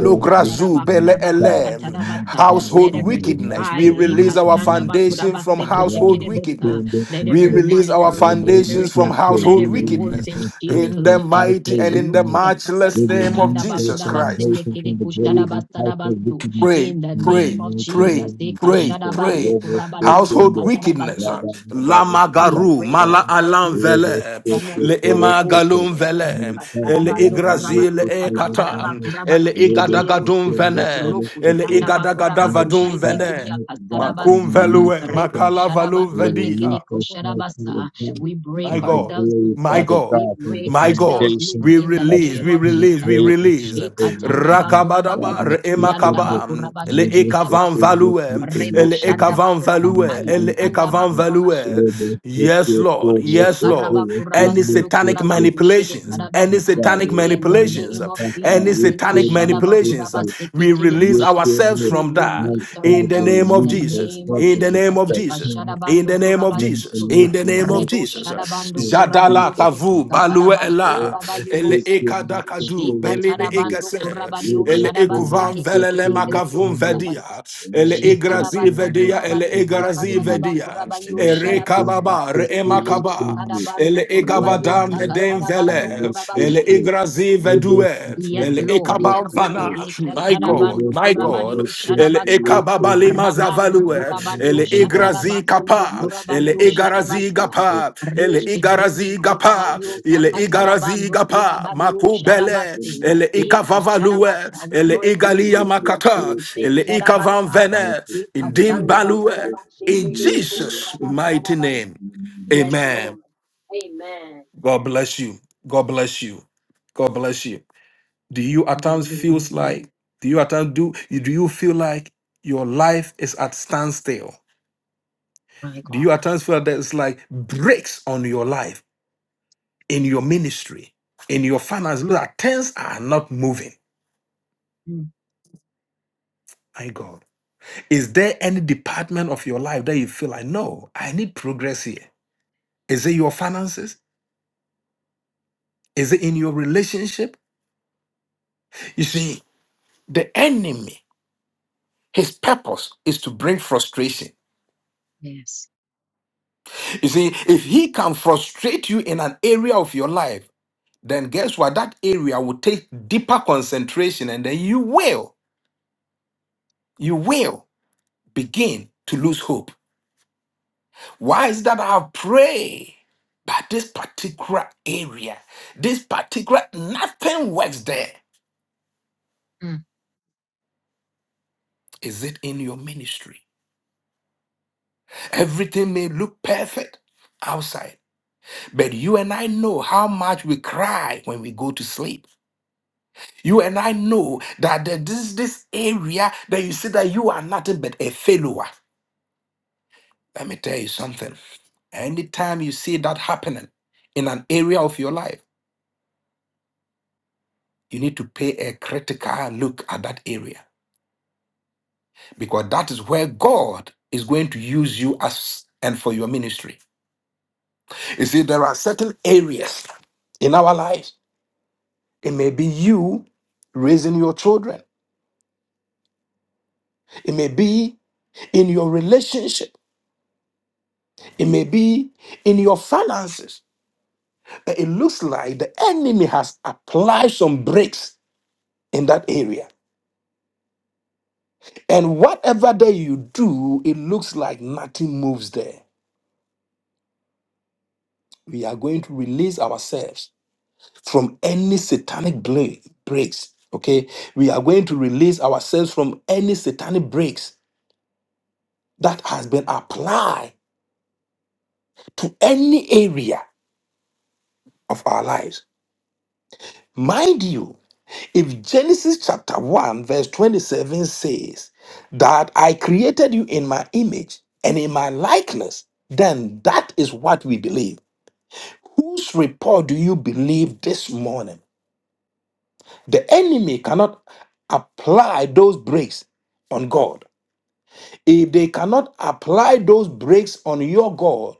Speaker 3: old this new
Speaker 1: bele
Speaker 3: God,
Speaker 1: elem,
Speaker 3: new God
Speaker 2: Let
Speaker 1: household
Speaker 3: in
Speaker 2: every
Speaker 3: the life
Speaker 1: wickedness.
Speaker 2: spy,
Speaker 1: We
Speaker 3: of
Speaker 2: eh,
Speaker 1: release our foundation from household
Speaker 2: kashandabakurabasikitikiribusa.
Speaker 1: wickedness.
Speaker 2: let
Speaker 1: We
Speaker 2: every
Speaker 1: release our
Speaker 2: monitoring
Speaker 1: foundations
Speaker 2: spirit,
Speaker 1: from
Speaker 2: uh, let
Speaker 1: household
Speaker 2: every wolf
Speaker 1: wickedness
Speaker 2: in sheep
Speaker 1: in the
Speaker 2: clothing
Speaker 1: mighty
Speaker 2: take
Speaker 1: and in
Speaker 3: Thank
Speaker 1: the
Speaker 3: you.
Speaker 2: loose. Eh, eh,
Speaker 3: They
Speaker 1: matchless
Speaker 3: will
Speaker 1: name of
Speaker 3: lead forth
Speaker 1: Jesus
Speaker 3: from the
Speaker 1: Christ
Speaker 3: grave and from the grave and house of
Speaker 2: kashandabakurabasindikirikushadabasadabasu.
Speaker 3: wickedness
Speaker 1: pray,
Speaker 2: In the
Speaker 3: in the
Speaker 1: pray,
Speaker 2: name of
Speaker 3: mighty
Speaker 1: pray,
Speaker 2: Jesus, eh,
Speaker 3: name of
Speaker 1: pray,
Speaker 3: Jesus.
Speaker 1: pray.
Speaker 3: Robo
Speaker 1: Household
Speaker 3: Sekende.
Speaker 1: wickedness.
Speaker 2: kashadabandukurabadiusakatarabasa.
Speaker 1: uh,
Speaker 3: Rabba, rabba, rabba,
Speaker 1: Lama
Speaker 2: We
Speaker 3: rabba,
Speaker 1: garu,
Speaker 2: break
Speaker 1: mala
Speaker 3: rabba.
Speaker 2: ourselves
Speaker 1: alam
Speaker 2: loose
Speaker 3: Robo
Speaker 1: vele,
Speaker 2: from
Speaker 3: Sekende,
Speaker 1: le
Speaker 2: every
Speaker 3: Robo
Speaker 1: ema
Speaker 2: household
Speaker 3: Sekende.
Speaker 1: galum
Speaker 2: wickedness.
Speaker 3: My
Speaker 1: vele,
Speaker 3: God,
Speaker 1: ele
Speaker 2: Kasharabando
Speaker 3: Rabba, Robo
Speaker 1: igrazil
Speaker 2: kurabadiota
Speaker 1: e kata,
Speaker 2: kataraba
Speaker 3: Sekende.
Speaker 2: kuraba
Speaker 1: ele
Speaker 3: Robo
Speaker 2: sekete
Speaker 1: igadagadum
Speaker 2: debosa.
Speaker 3: Sekende,
Speaker 1: vene,
Speaker 3: Robo
Speaker 2: Roku
Speaker 1: ele
Speaker 3: Sekende.
Speaker 2: shandaba kuraba
Speaker 3: Mighty
Speaker 1: igadagadavadum
Speaker 2: kushende
Speaker 3: God,
Speaker 1: vene.
Speaker 2: kidia
Speaker 3: mighty God, we
Speaker 1: Makum
Speaker 2: kasarabasu.
Speaker 3: will
Speaker 1: velue,
Speaker 3: lead
Speaker 2: Rebo
Speaker 3: forth.
Speaker 1: makala valu
Speaker 2: sharaba
Speaker 3: We
Speaker 2: sende
Speaker 1: vedi.
Speaker 3: release
Speaker 2: kide
Speaker 3: ourselves to the
Speaker 2: kusharabasa.
Speaker 3: God
Speaker 2: We
Speaker 1: My
Speaker 3: of
Speaker 2: break
Speaker 3: the
Speaker 1: God,
Speaker 2: ourselves loose.
Speaker 3: glory,
Speaker 1: my
Speaker 3: Father
Speaker 1: God,
Speaker 2: We
Speaker 3: God, from the
Speaker 2: break
Speaker 1: my God.
Speaker 2: ourselves loose
Speaker 3: foundation
Speaker 1: We
Speaker 2: in the
Speaker 3: of
Speaker 1: release,
Speaker 2: name
Speaker 1: we
Speaker 2: of
Speaker 3: satanic
Speaker 1: release, we
Speaker 2: Jesus.
Speaker 3: grave and
Speaker 1: release.
Speaker 3: for
Speaker 2: Shekatanda
Speaker 3: wickedness,
Speaker 2: bakuraba
Speaker 1: Rakabadaba,
Speaker 3: Rabbi
Speaker 1: re-
Speaker 2: kusekianda
Speaker 3: Sikhinder,
Speaker 1: emakaba,
Speaker 2: bakuraba
Speaker 1: le
Speaker 2: shede
Speaker 3: Rabbi
Speaker 1: ekavan
Speaker 2: kirabasu.
Speaker 1: value,
Speaker 3: Sikhinder, Sikhinder,
Speaker 2: Rebo
Speaker 1: le
Speaker 2: shanda
Speaker 3: Sikhinder,
Speaker 1: ekavan
Speaker 2: bakuraba
Speaker 1: value,
Speaker 2: aya
Speaker 3: Rabbi
Speaker 1: le
Speaker 2: sanda
Speaker 1: ekavan
Speaker 3: Sikhinder,
Speaker 1: value.
Speaker 3: Rabbi
Speaker 1: Yes, Lord,
Speaker 3: Sikhinder,
Speaker 1: yes, Lord. Any
Speaker 3: Sikhinder,
Speaker 1: satanic
Speaker 3: Sikhinder,
Speaker 1: manipulations,
Speaker 3: Mighty
Speaker 1: any
Speaker 2: Shekarabakurabastudokurabkushedekarabasa.
Speaker 3: God,
Speaker 1: satanic
Speaker 2: In
Speaker 3: Rabbi
Speaker 2: the
Speaker 1: manipulations,
Speaker 2: name of
Speaker 1: any
Speaker 2: Jesus, the
Speaker 3: Sikhinder,
Speaker 1: satanic manipulations,
Speaker 3: Sikhinder, Sikhinder,
Speaker 1: we release
Speaker 2: Sekashadabakurabaseketedekusha.
Speaker 1: ourselves
Speaker 3: Sikhinder,
Speaker 2: we
Speaker 1: from
Speaker 3: my
Speaker 1: that
Speaker 2: release
Speaker 3: God,
Speaker 1: in the
Speaker 2: ourselves
Speaker 1: name
Speaker 2: in
Speaker 1: of
Speaker 2: the
Speaker 3: release
Speaker 1: Jesus,
Speaker 2: name
Speaker 3: ourselves
Speaker 2: of
Speaker 1: in
Speaker 3: from
Speaker 1: the
Speaker 3: the
Speaker 1: name
Speaker 2: Jesus.
Speaker 1: of
Speaker 2: the
Speaker 1: Jesus.
Speaker 3: satanic
Speaker 1: In the
Speaker 2: kashadabando
Speaker 1: name of Jesus.
Speaker 2: kurabadioso.
Speaker 1: In the
Speaker 3: manipulation
Speaker 1: name of
Speaker 3: by
Speaker 2: Rebo
Speaker 1: Jesus.
Speaker 3: God in
Speaker 1: Jadala
Speaker 3: Jesus'
Speaker 2: Sekashadabandokurabadioso. Reboshadabandokurabadioso.
Speaker 3: name.
Speaker 1: kavu balue
Speaker 3: Let
Speaker 1: ela
Speaker 3: us
Speaker 1: ele
Speaker 3: take
Speaker 2: Kutakarabandokurabadibosa.
Speaker 3: your mission
Speaker 1: ekadakadu
Speaker 3: away from
Speaker 1: belile
Speaker 3: me.
Speaker 1: egase
Speaker 3: Let
Speaker 1: ele
Speaker 3: us take your
Speaker 1: ekuvan
Speaker 3: mission
Speaker 1: velele
Speaker 3: away from
Speaker 1: makavum
Speaker 3: me.
Speaker 2: Shekatarabandokurabadioshadabaseketekedekerediosa.
Speaker 1: vedia
Speaker 3: Let
Speaker 1: ele
Speaker 3: us take your
Speaker 1: egrazi
Speaker 2: Shekarabando
Speaker 1: vedia
Speaker 3: mission
Speaker 1: ele
Speaker 2: Kurabadio
Speaker 3: away from
Speaker 1: egrazi
Speaker 3: me.
Speaker 2: Sakataraba
Speaker 1: vedia
Speaker 2: Kurabadio
Speaker 3: Let
Speaker 1: ere
Speaker 3: us take your
Speaker 2: Shadabasu.
Speaker 1: kababa re
Speaker 3: mission away from
Speaker 1: emakaba
Speaker 3: me.
Speaker 2: Yeshatarabando
Speaker 1: ele
Speaker 2: Kurabadio
Speaker 1: egavadan meden
Speaker 2: Sakatarabando
Speaker 1: vele ele
Speaker 2: Kurabashi.
Speaker 1: egrazi vedue
Speaker 2: Yes,
Speaker 1: Ele
Speaker 2: Lord. Yes, Lord.
Speaker 1: Kabavana, my God,
Speaker 2: Ishakarabandu
Speaker 1: my God,
Speaker 2: kurabadiu
Speaker 1: El
Speaker 2: shadabasa.
Speaker 1: Ekababali
Speaker 2: Rabando
Speaker 1: Mazavalue,
Speaker 2: kurabadiu
Speaker 1: El Igrazi
Speaker 2: shatarabasundu
Speaker 1: Kapa, El
Speaker 2: kurabadiu
Speaker 1: Igarazi
Speaker 2: shadabasa.
Speaker 3: Rabbi
Speaker 1: Gapa, El
Speaker 3: Yes,
Speaker 2: Reshitende
Speaker 1: Igarazi
Speaker 3: yes, yes,
Speaker 1: Gapa,
Speaker 2: kurabadiu
Speaker 3: yes,
Speaker 1: El
Speaker 3: yes, yes,
Speaker 1: Igarazi
Speaker 2: sapatarabandu
Speaker 1: Gapa,
Speaker 3: yes, yes.
Speaker 2: kurabadiu
Speaker 3: Yes, yes,
Speaker 1: Makubele,
Speaker 2: shadabasi.
Speaker 3: yes, yes,
Speaker 1: El
Speaker 3: yes,
Speaker 2: Eka
Speaker 1: Ikavavalue,
Speaker 2: shadabasa. We
Speaker 1: El
Speaker 2: break loose.
Speaker 1: Igalia
Speaker 2: We break
Speaker 1: Makata,
Speaker 2: loose. Eh,
Speaker 1: El
Speaker 3: yes.
Speaker 1: Ikavan
Speaker 2: shadabasa.
Speaker 3: Yes,
Speaker 1: Vene,
Speaker 3: yes,
Speaker 2: Eka
Speaker 3: yes,
Speaker 1: Indim
Speaker 2: shandaba
Speaker 3: yes, yes, yes, yes, yes. Yes, yes, yes, yes,
Speaker 1: Balue,
Speaker 3: yes,
Speaker 2: kurabashe
Speaker 1: in
Speaker 2: pedebu
Speaker 3: yes, yes,
Speaker 1: Jesus'
Speaker 3: yes, yes.
Speaker 1: mighty
Speaker 2: kurabasa.
Speaker 1: name.
Speaker 3: Mm,
Speaker 2: Yes,
Speaker 1: Amen.
Speaker 2: Lord. Amen.
Speaker 1: God bless you. God bless you. God bless you. Do you at times
Speaker 2: Hallelujah.
Speaker 1: feels like do you at times do do you feel like your life is at standstill?
Speaker 2: My
Speaker 1: Do you
Speaker 2: God.
Speaker 1: at times feel that it's like breaks on your life, in your ministry, in your finance? Look, at things are not moving.
Speaker 2: Mm,
Speaker 1: My God. Is there any department of your life that you feel like, no, I need progress here? Is it your finances? Is it in your relationship? You see, the enemy, his purpose is to bring frustration
Speaker 2: Yes.
Speaker 1: You see, if he can frustrate you in an area of your life, then guess what? That area will take deeper concentration, and then you will, you will begin to lose hope. Why is that I have prayed? But this particular area, this particular nothing works there.
Speaker 2: Mm.
Speaker 1: Is it in your ministry? Everything may look perfect outside, but you and I know how much we cry when we go to sleep. You and I know that the- this this area that you see that you are nothing but a failure. Let me tell you something. Anytime you see that happening in an area of your life, you need to pay a critical look at that area because that is where God is going to use you as and for your ministry. You see, there are certain areas in our lives. It may be you raising your children, it may be in your relationship, it may be in your finances. it looks like the enemy has applied some brakes in that area. And whatever that you do, it looks like nothing moves there. We are going to release ourselves from any satanic bla- brakes. Okay. We are going to release ourselves from any satanic brakes that has been applied to any area of our lives. Mind you, If Genesis chapter 1, verse 27 says that I created you in my image and in my likeness, then that is what we believe. Whose report do you believe this morning? The enemy cannot apply those breaks on God. If they cannot apply those breaks on your God,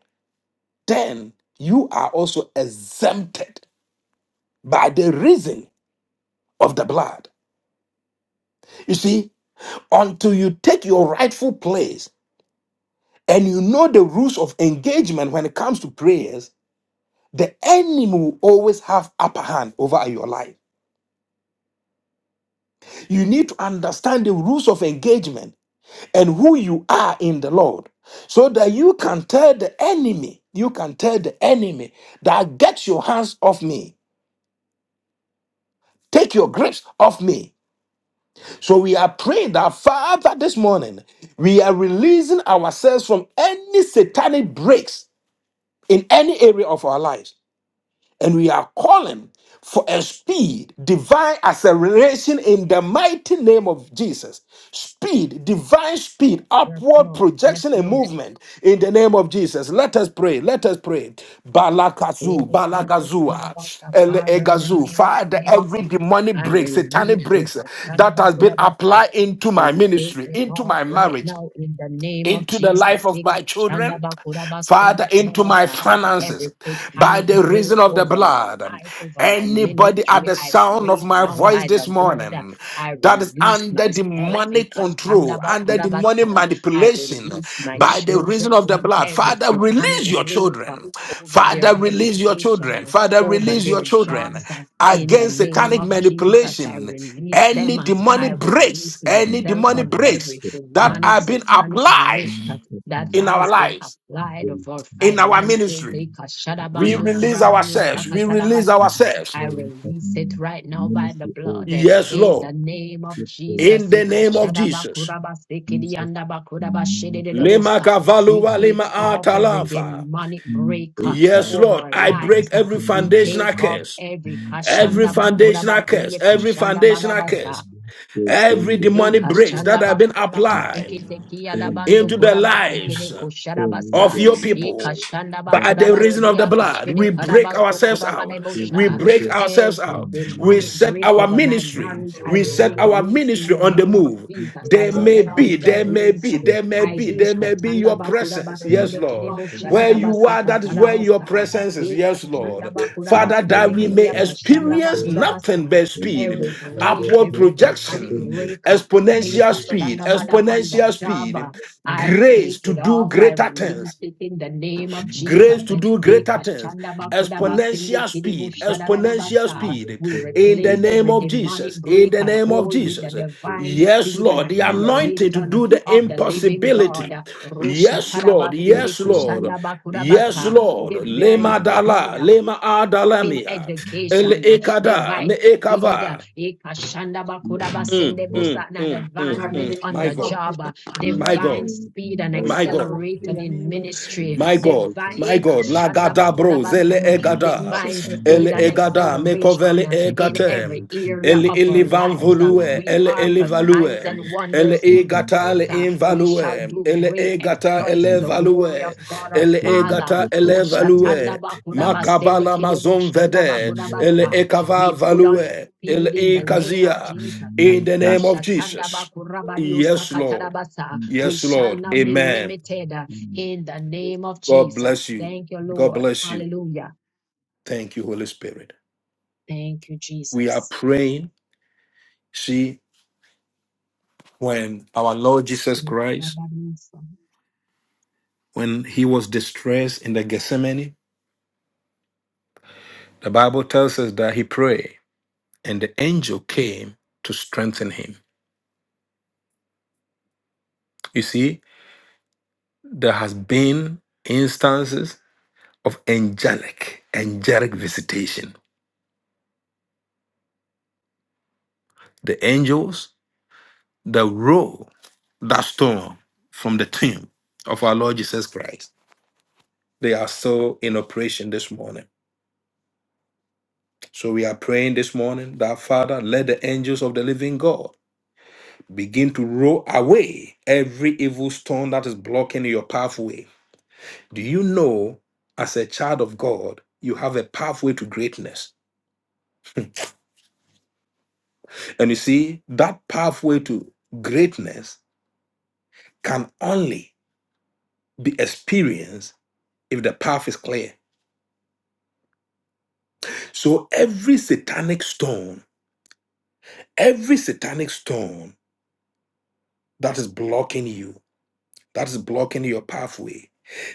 Speaker 1: then you are also exempted by the reason of the blood. You see, until you take your rightful place, and you know the rules of engagement when it comes to prayers, the enemy will always have upper hand over your life. You need to understand the rules of engagement and who you are in the Lord so that you can tell the enemy, you can tell the enemy that get your hands off me, take your grips off me. So we are praying that Father this morning, we are releasing ourselves from any satanic breaks in any area of our lives. and we are calling for a speed, divine acceleration in the mighty name of Jesus. Speed, divine
Speaker 2: Lord.
Speaker 1: speed,
Speaker 2: Yes,
Speaker 1: upward
Speaker 2: Lord. Yes,
Speaker 1: projection and
Speaker 2: Lord.
Speaker 1: movement in the name of Jesus. Let us pray. Let us pray.
Speaker 2: Pray
Speaker 1: Balakazu,
Speaker 2: the Bandu
Speaker 1: balagazua,
Speaker 2: Kurabata, Father, in the
Speaker 1: elegazu.
Speaker 2: name of
Speaker 1: Father,
Speaker 2: Jesus.
Speaker 1: every demonic
Speaker 2: I
Speaker 1: break,
Speaker 2: release
Speaker 1: satanic
Speaker 2: the
Speaker 1: breaks that
Speaker 2: Kasaraba
Speaker 1: has been
Speaker 2: Kurabasi.
Speaker 1: applied into my
Speaker 2: We take
Speaker 1: ministry,
Speaker 2: them
Speaker 1: into
Speaker 2: off
Speaker 1: my
Speaker 2: right
Speaker 1: marriage,
Speaker 2: now in the name of
Speaker 1: into the life
Speaker 2: Jesus.
Speaker 1: of
Speaker 2: Eh,
Speaker 1: my children.
Speaker 2: Kashandaba
Speaker 1: Father,
Speaker 2: Kurabasundo
Speaker 1: into my
Speaker 2: Kurabasa. Every
Speaker 1: finances by
Speaker 2: satanic
Speaker 1: the
Speaker 2: break
Speaker 1: reason of the
Speaker 2: over my
Speaker 1: blood.
Speaker 2: life, over my
Speaker 1: Anybody at
Speaker 2: ministry,
Speaker 1: the
Speaker 2: I
Speaker 1: sound of
Speaker 2: break
Speaker 1: my
Speaker 2: now
Speaker 1: voice
Speaker 2: by the
Speaker 1: this
Speaker 2: blood.
Speaker 1: morning
Speaker 2: I
Speaker 1: that is
Speaker 2: release
Speaker 1: under the
Speaker 2: myself. Eh,
Speaker 1: money control,
Speaker 2: Kashandaba
Speaker 1: under the money
Speaker 2: Kurabasa. I
Speaker 1: manipulation
Speaker 2: release my
Speaker 1: by the reason
Speaker 2: children
Speaker 1: of the
Speaker 2: from
Speaker 1: blood,
Speaker 2: every
Speaker 1: Father,
Speaker 2: satanic
Speaker 1: release your
Speaker 2: break
Speaker 1: children.
Speaker 2: over their
Speaker 1: Father, release your
Speaker 2: education,
Speaker 1: children.
Speaker 2: uh,
Speaker 1: Father,
Speaker 2: over
Speaker 3: yes,
Speaker 1: release your
Speaker 2: their
Speaker 1: children
Speaker 2: jobs. uh, In the
Speaker 1: against
Speaker 2: name
Speaker 1: satanic
Speaker 2: of Jesus, I
Speaker 1: manipulation.
Speaker 2: release
Speaker 1: Any
Speaker 2: them. uh, I
Speaker 1: demonic breaks,
Speaker 2: release
Speaker 1: any
Speaker 2: myself
Speaker 1: demonic
Speaker 2: from
Speaker 1: breaks
Speaker 2: every
Speaker 3: yes,
Speaker 1: that
Speaker 3: yes,
Speaker 2: demonic,
Speaker 1: have been
Speaker 2: satanic
Speaker 1: applied
Speaker 2: grip uh,
Speaker 3: yes, yes,
Speaker 2: that
Speaker 1: in
Speaker 3: yes.
Speaker 1: our
Speaker 2: has been
Speaker 1: lives
Speaker 3: Thank
Speaker 2: applied
Speaker 3: you. Thank you for this day.
Speaker 2: over
Speaker 1: in
Speaker 3: My
Speaker 1: our
Speaker 3: God,
Speaker 2: finances.
Speaker 1: ministry. We
Speaker 2: Ikashadabando
Speaker 3: any
Speaker 1: release
Speaker 3: time
Speaker 2: kurabadio
Speaker 3: of
Speaker 1: ourselves. We
Speaker 3: my life,
Speaker 1: release
Speaker 2: sakatadabasa.
Speaker 3: any
Speaker 1: ourselves.
Speaker 2: I
Speaker 3: story of
Speaker 2: release it
Speaker 3: mine,
Speaker 2: right now by the
Speaker 3: Ministry of
Speaker 2: blood. eh,
Speaker 1: Yes,
Speaker 2: In the
Speaker 1: Lord.
Speaker 2: name of
Speaker 3: gift of
Speaker 1: In
Speaker 2: Jesus.
Speaker 1: the name of Jesus.
Speaker 3: Jesus, and now, Father,
Speaker 1: Lema
Speaker 2: Ikashadabakurabasikidiandabakudabashidididobosa. We
Speaker 1: kavalua
Speaker 3: Yes,
Speaker 2: take
Speaker 1: lema
Speaker 3: that
Speaker 2: off
Speaker 3: was
Speaker 2: every
Speaker 3: The
Speaker 1: atalafa.
Speaker 2: demonic
Speaker 3: theme
Speaker 2: break uh,
Speaker 3: of
Speaker 1: Yes,
Speaker 3: God
Speaker 2: over
Speaker 1: Lord.
Speaker 2: our
Speaker 1: I
Speaker 3: is
Speaker 1: break
Speaker 2: lives. uh,
Speaker 1: every
Speaker 2: We
Speaker 3: coming
Speaker 1: foundational
Speaker 2: take
Speaker 3: in
Speaker 2: off
Speaker 1: curse.
Speaker 3: God
Speaker 2: every
Speaker 3: in the mighty
Speaker 1: Every
Speaker 2: kashanda
Speaker 3: name
Speaker 2: bakura
Speaker 1: foundational curse.
Speaker 2: basidia
Speaker 3: of
Speaker 1: Every foundational
Speaker 2: kushanda
Speaker 1: curse.
Speaker 3: the first
Speaker 1: Every
Speaker 3: is of
Speaker 1: demonic
Speaker 3: Jesus,
Speaker 1: breaks that
Speaker 2: Ekashanda
Speaker 1: have been
Speaker 2: bakura
Speaker 1: applied
Speaker 2: bakusekete kia
Speaker 3: the
Speaker 2: dabando
Speaker 1: into
Speaker 3: name
Speaker 1: the
Speaker 2: kuraba
Speaker 1: lives
Speaker 2: sekere
Speaker 1: of
Speaker 2: kosharabasa.
Speaker 1: your people.
Speaker 2: Ekashanda
Speaker 1: By
Speaker 2: bakura
Speaker 1: the reason of the
Speaker 2: basiria
Speaker 1: blood,
Speaker 2: kashede
Speaker 1: we break
Speaker 2: karabaso
Speaker 1: ourselves
Speaker 2: kuraba
Speaker 1: out. We
Speaker 2: nebosha.
Speaker 1: break ourselves
Speaker 2: Every
Speaker 1: out. We
Speaker 2: demonic
Speaker 1: set
Speaker 2: break
Speaker 1: our
Speaker 2: over my
Speaker 1: ministry.
Speaker 2: marriage, I
Speaker 1: We set
Speaker 2: break
Speaker 3: of
Speaker 1: our
Speaker 2: loose in
Speaker 1: ministry
Speaker 2: the
Speaker 1: on the
Speaker 2: name of
Speaker 1: move.
Speaker 2: Jesus.
Speaker 3: Jesus
Speaker 2: I
Speaker 1: There
Speaker 3: Christ
Speaker 1: may
Speaker 2: set
Speaker 3: is
Speaker 1: be, there
Speaker 2: myself
Speaker 3: coming
Speaker 1: may
Speaker 2: loose.
Speaker 1: be,
Speaker 3: first
Speaker 1: there may
Speaker 2: I
Speaker 3: and
Speaker 1: be,
Speaker 2: hear
Speaker 1: there may be
Speaker 3: second.
Speaker 2: Shatanda
Speaker 1: your
Speaker 3: They
Speaker 2: bakura
Speaker 1: presence. Yes,
Speaker 2: basende
Speaker 1: Lord.
Speaker 2: kerebo
Speaker 1: Where you
Speaker 2: sharadabasa
Speaker 1: are, that is where your
Speaker 2: katarabasa.
Speaker 1: presence is. Yes,
Speaker 2: Ekashanda
Speaker 1: Lord.
Speaker 2: bakura
Speaker 1: Father, that
Speaker 2: basende
Speaker 4: I
Speaker 1: we
Speaker 4: break
Speaker 1: may
Speaker 2: kiria kashanda
Speaker 1: experience
Speaker 3: Thank
Speaker 2: bakura
Speaker 3: you.
Speaker 1: nothing
Speaker 2: basa
Speaker 1: but
Speaker 3: You are
Speaker 1: speed,
Speaker 2: every
Speaker 3: very
Speaker 4: every form
Speaker 2: break,
Speaker 3: inventive
Speaker 1: upward
Speaker 2: every
Speaker 4: of
Speaker 2: satanic
Speaker 1: projection,
Speaker 3: victims.
Speaker 2: break.
Speaker 1: exponential speed,
Speaker 2: Ekashandamada Anda
Speaker 1: exponential
Speaker 2: Jaba.
Speaker 1: speed,
Speaker 2: I
Speaker 1: grace
Speaker 2: take
Speaker 1: to
Speaker 2: it
Speaker 1: do
Speaker 2: off. I
Speaker 1: greater
Speaker 2: release
Speaker 1: things
Speaker 2: it in the name of Jesus.
Speaker 1: grace to do greater things,
Speaker 2: Ekashandabakudaba
Speaker 1: exponential
Speaker 2: Sindikidibu
Speaker 1: speed, exponential
Speaker 2: Shadadadabata.
Speaker 1: speed
Speaker 2: We
Speaker 1: in the
Speaker 2: replace
Speaker 1: name
Speaker 2: every
Speaker 1: of
Speaker 2: demonic
Speaker 1: Jesus, in
Speaker 2: break
Speaker 1: the
Speaker 2: and
Speaker 1: name of
Speaker 2: hold with the
Speaker 1: Jesus.
Speaker 2: divine
Speaker 1: Yes,
Speaker 2: speed and
Speaker 1: Lord, the anointing to do
Speaker 2: acceleration
Speaker 1: the
Speaker 2: of the living
Speaker 1: impossibility.
Speaker 2: God.
Speaker 1: Yes,
Speaker 2: Roshatadaba
Speaker 1: Lord, yes, Lord, yes,
Speaker 2: Sindikushandabakudabasa.
Speaker 1: Lord.
Speaker 2: Divine
Speaker 1: Lema dala,
Speaker 2: speed
Speaker 1: lema
Speaker 2: in
Speaker 1: adalamia, el
Speaker 2: education, uh,
Speaker 1: ekada,
Speaker 2: divide
Speaker 1: me
Speaker 2: speed, uh,
Speaker 1: ekava.
Speaker 2: ikashanda bakuda
Speaker 1: Mm,
Speaker 2: basende
Speaker 1: mm,
Speaker 2: bosa, and an
Speaker 1: mm, mm,
Speaker 2: advancement
Speaker 1: mm.
Speaker 2: on
Speaker 1: My
Speaker 2: the
Speaker 1: God,
Speaker 2: job, uh,
Speaker 1: my
Speaker 4: shackles
Speaker 2: divine
Speaker 1: God,
Speaker 2: speed and
Speaker 4: over
Speaker 1: my
Speaker 4: my
Speaker 1: God.
Speaker 4: life in
Speaker 2: acceleration
Speaker 4: the
Speaker 2: in
Speaker 4: name of
Speaker 3: And
Speaker 2: ministry,
Speaker 1: My
Speaker 4: Jesus.
Speaker 1: God,
Speaker 2: divine,
Speaker 1: my God, la
Speaker 2: ikashanda
Speaker 1: gada
Speaker 2: bakuda
Speaker 1: bro,
Speaker 2: basa,
Speaker 1: zele
Speaker 2: uh,
Speaker 4: Thank you,
Speaker 3: magnificent
Speaker 1: egada,
Speaker 2: divine
Speaker 4: Jesus. I break
Speaker 2: speed
Speaker 1: ele
Speaker 2: and
Speaker 4: every
Speaker 3: and
Speaker 1: egada,
Speaker 4: form of
Speaker 2: acceleration
Speaker 1: mekovele
Speaker 2: uh,
Speaker 4: shackles.
Speaker 3: Thank
Speaker 2: in
Speaker 3: Jesus.
Speaker 2: every
Speaker 1: egate,
Speaker 2: area
Speaker 1: el
Speaker 2: of our
Speaker 1: ilivan
Speaker 2: lives. uh,
Speaker 1: volue,
Speaker 2: We
Speaker 1: ele
Speaker 2: are for signs and
Speaker 1: elivalue, ele
Speaker 2: wonders in the
Speaker 1: egata le
Speaker 2: earth. uh, We shall
Speaker 1: invalue,
Speaker 2: do
Speaker 1: ele
Speaker 2: great
Speaker 1: egata
Speaker 2: exploits to
Speaker 1: ele
Speaker 2: the glory of
Speaker 1: value,
Speaker 2: God our
Speaker 1: ele
Speaker 2: Father.
Speaker 1: egata ele
Speaker 2: Ushatanda
Speaker 1: value,
Speaker 2: bakuraba sende
Speaker 1: makabala
Speaker 2: kerebo
Speaker 1: mazon
Speaker 2: shanda
Speaker 1: vede,
Speaker 2: bakuraba
Speaker 1: el
Speaker 2: sa. We
Speaker 1: ekava
Speaker 2: put on
Speaker 1: value, ele
Speaker 2: speed in the name of
Speaker 1: ekazia,
Speaker 2: Jesus.
Speaker 1: in the name of
Speaker 2: Ushatanda
Speaker 1: Jesus.
Speaker 2: bakuraba dio
Speaker 1: Yes, Lord.
Speaker 2: sakataraba sa. We
Speaker 1: Yes,
Speaker 2: shall
Speaker 1: Lord.
Speaker 2: not be
Speaker 1: Amen.
Speaker 2: limited uh,
Speaker 3: Mm, mm,
Speaker 2: in the
Speaker 3: yes,
Speaker 2: name of
Speaker 1: God bless
Speaker 2: Jesus.
Speaker 1: you.
Speaker 2: Thank you,
Speaker 1: God
Speaker 2: Lord.
Speaker 1: bless you.
Speaker 2: Hallelujah.
Speaker 1: Thank you, Holy Spirit.
Speaker 2: Thank you,
Speaker 1: We are
Speaker 2: Jesus. (laughs)
Speaker 1: praying. See, when our Lord Jesus Christ,
Speaker 2: Kuraba dio sa-
Speaker 1: when he was distressed in the Gethsemane, the Bible tells us that he prayed and the angel came to strengthen him. You see, there has been instances of angelic, angelic visitation. The angels that roll that stone from the tomb of our Lord Jesus Christ They are still in operation this morning. So we are praying this morning that Father, let the angels of the living God begin to roll away every evil stone that is blocking your pathway. Do you know, as a child of God, you have a pathway to greatness? And you see, that pathway to greatness can only be experienced if the path is clear. So every satanic stone, every satanic stone that is blocking you, that's blocking your pathway.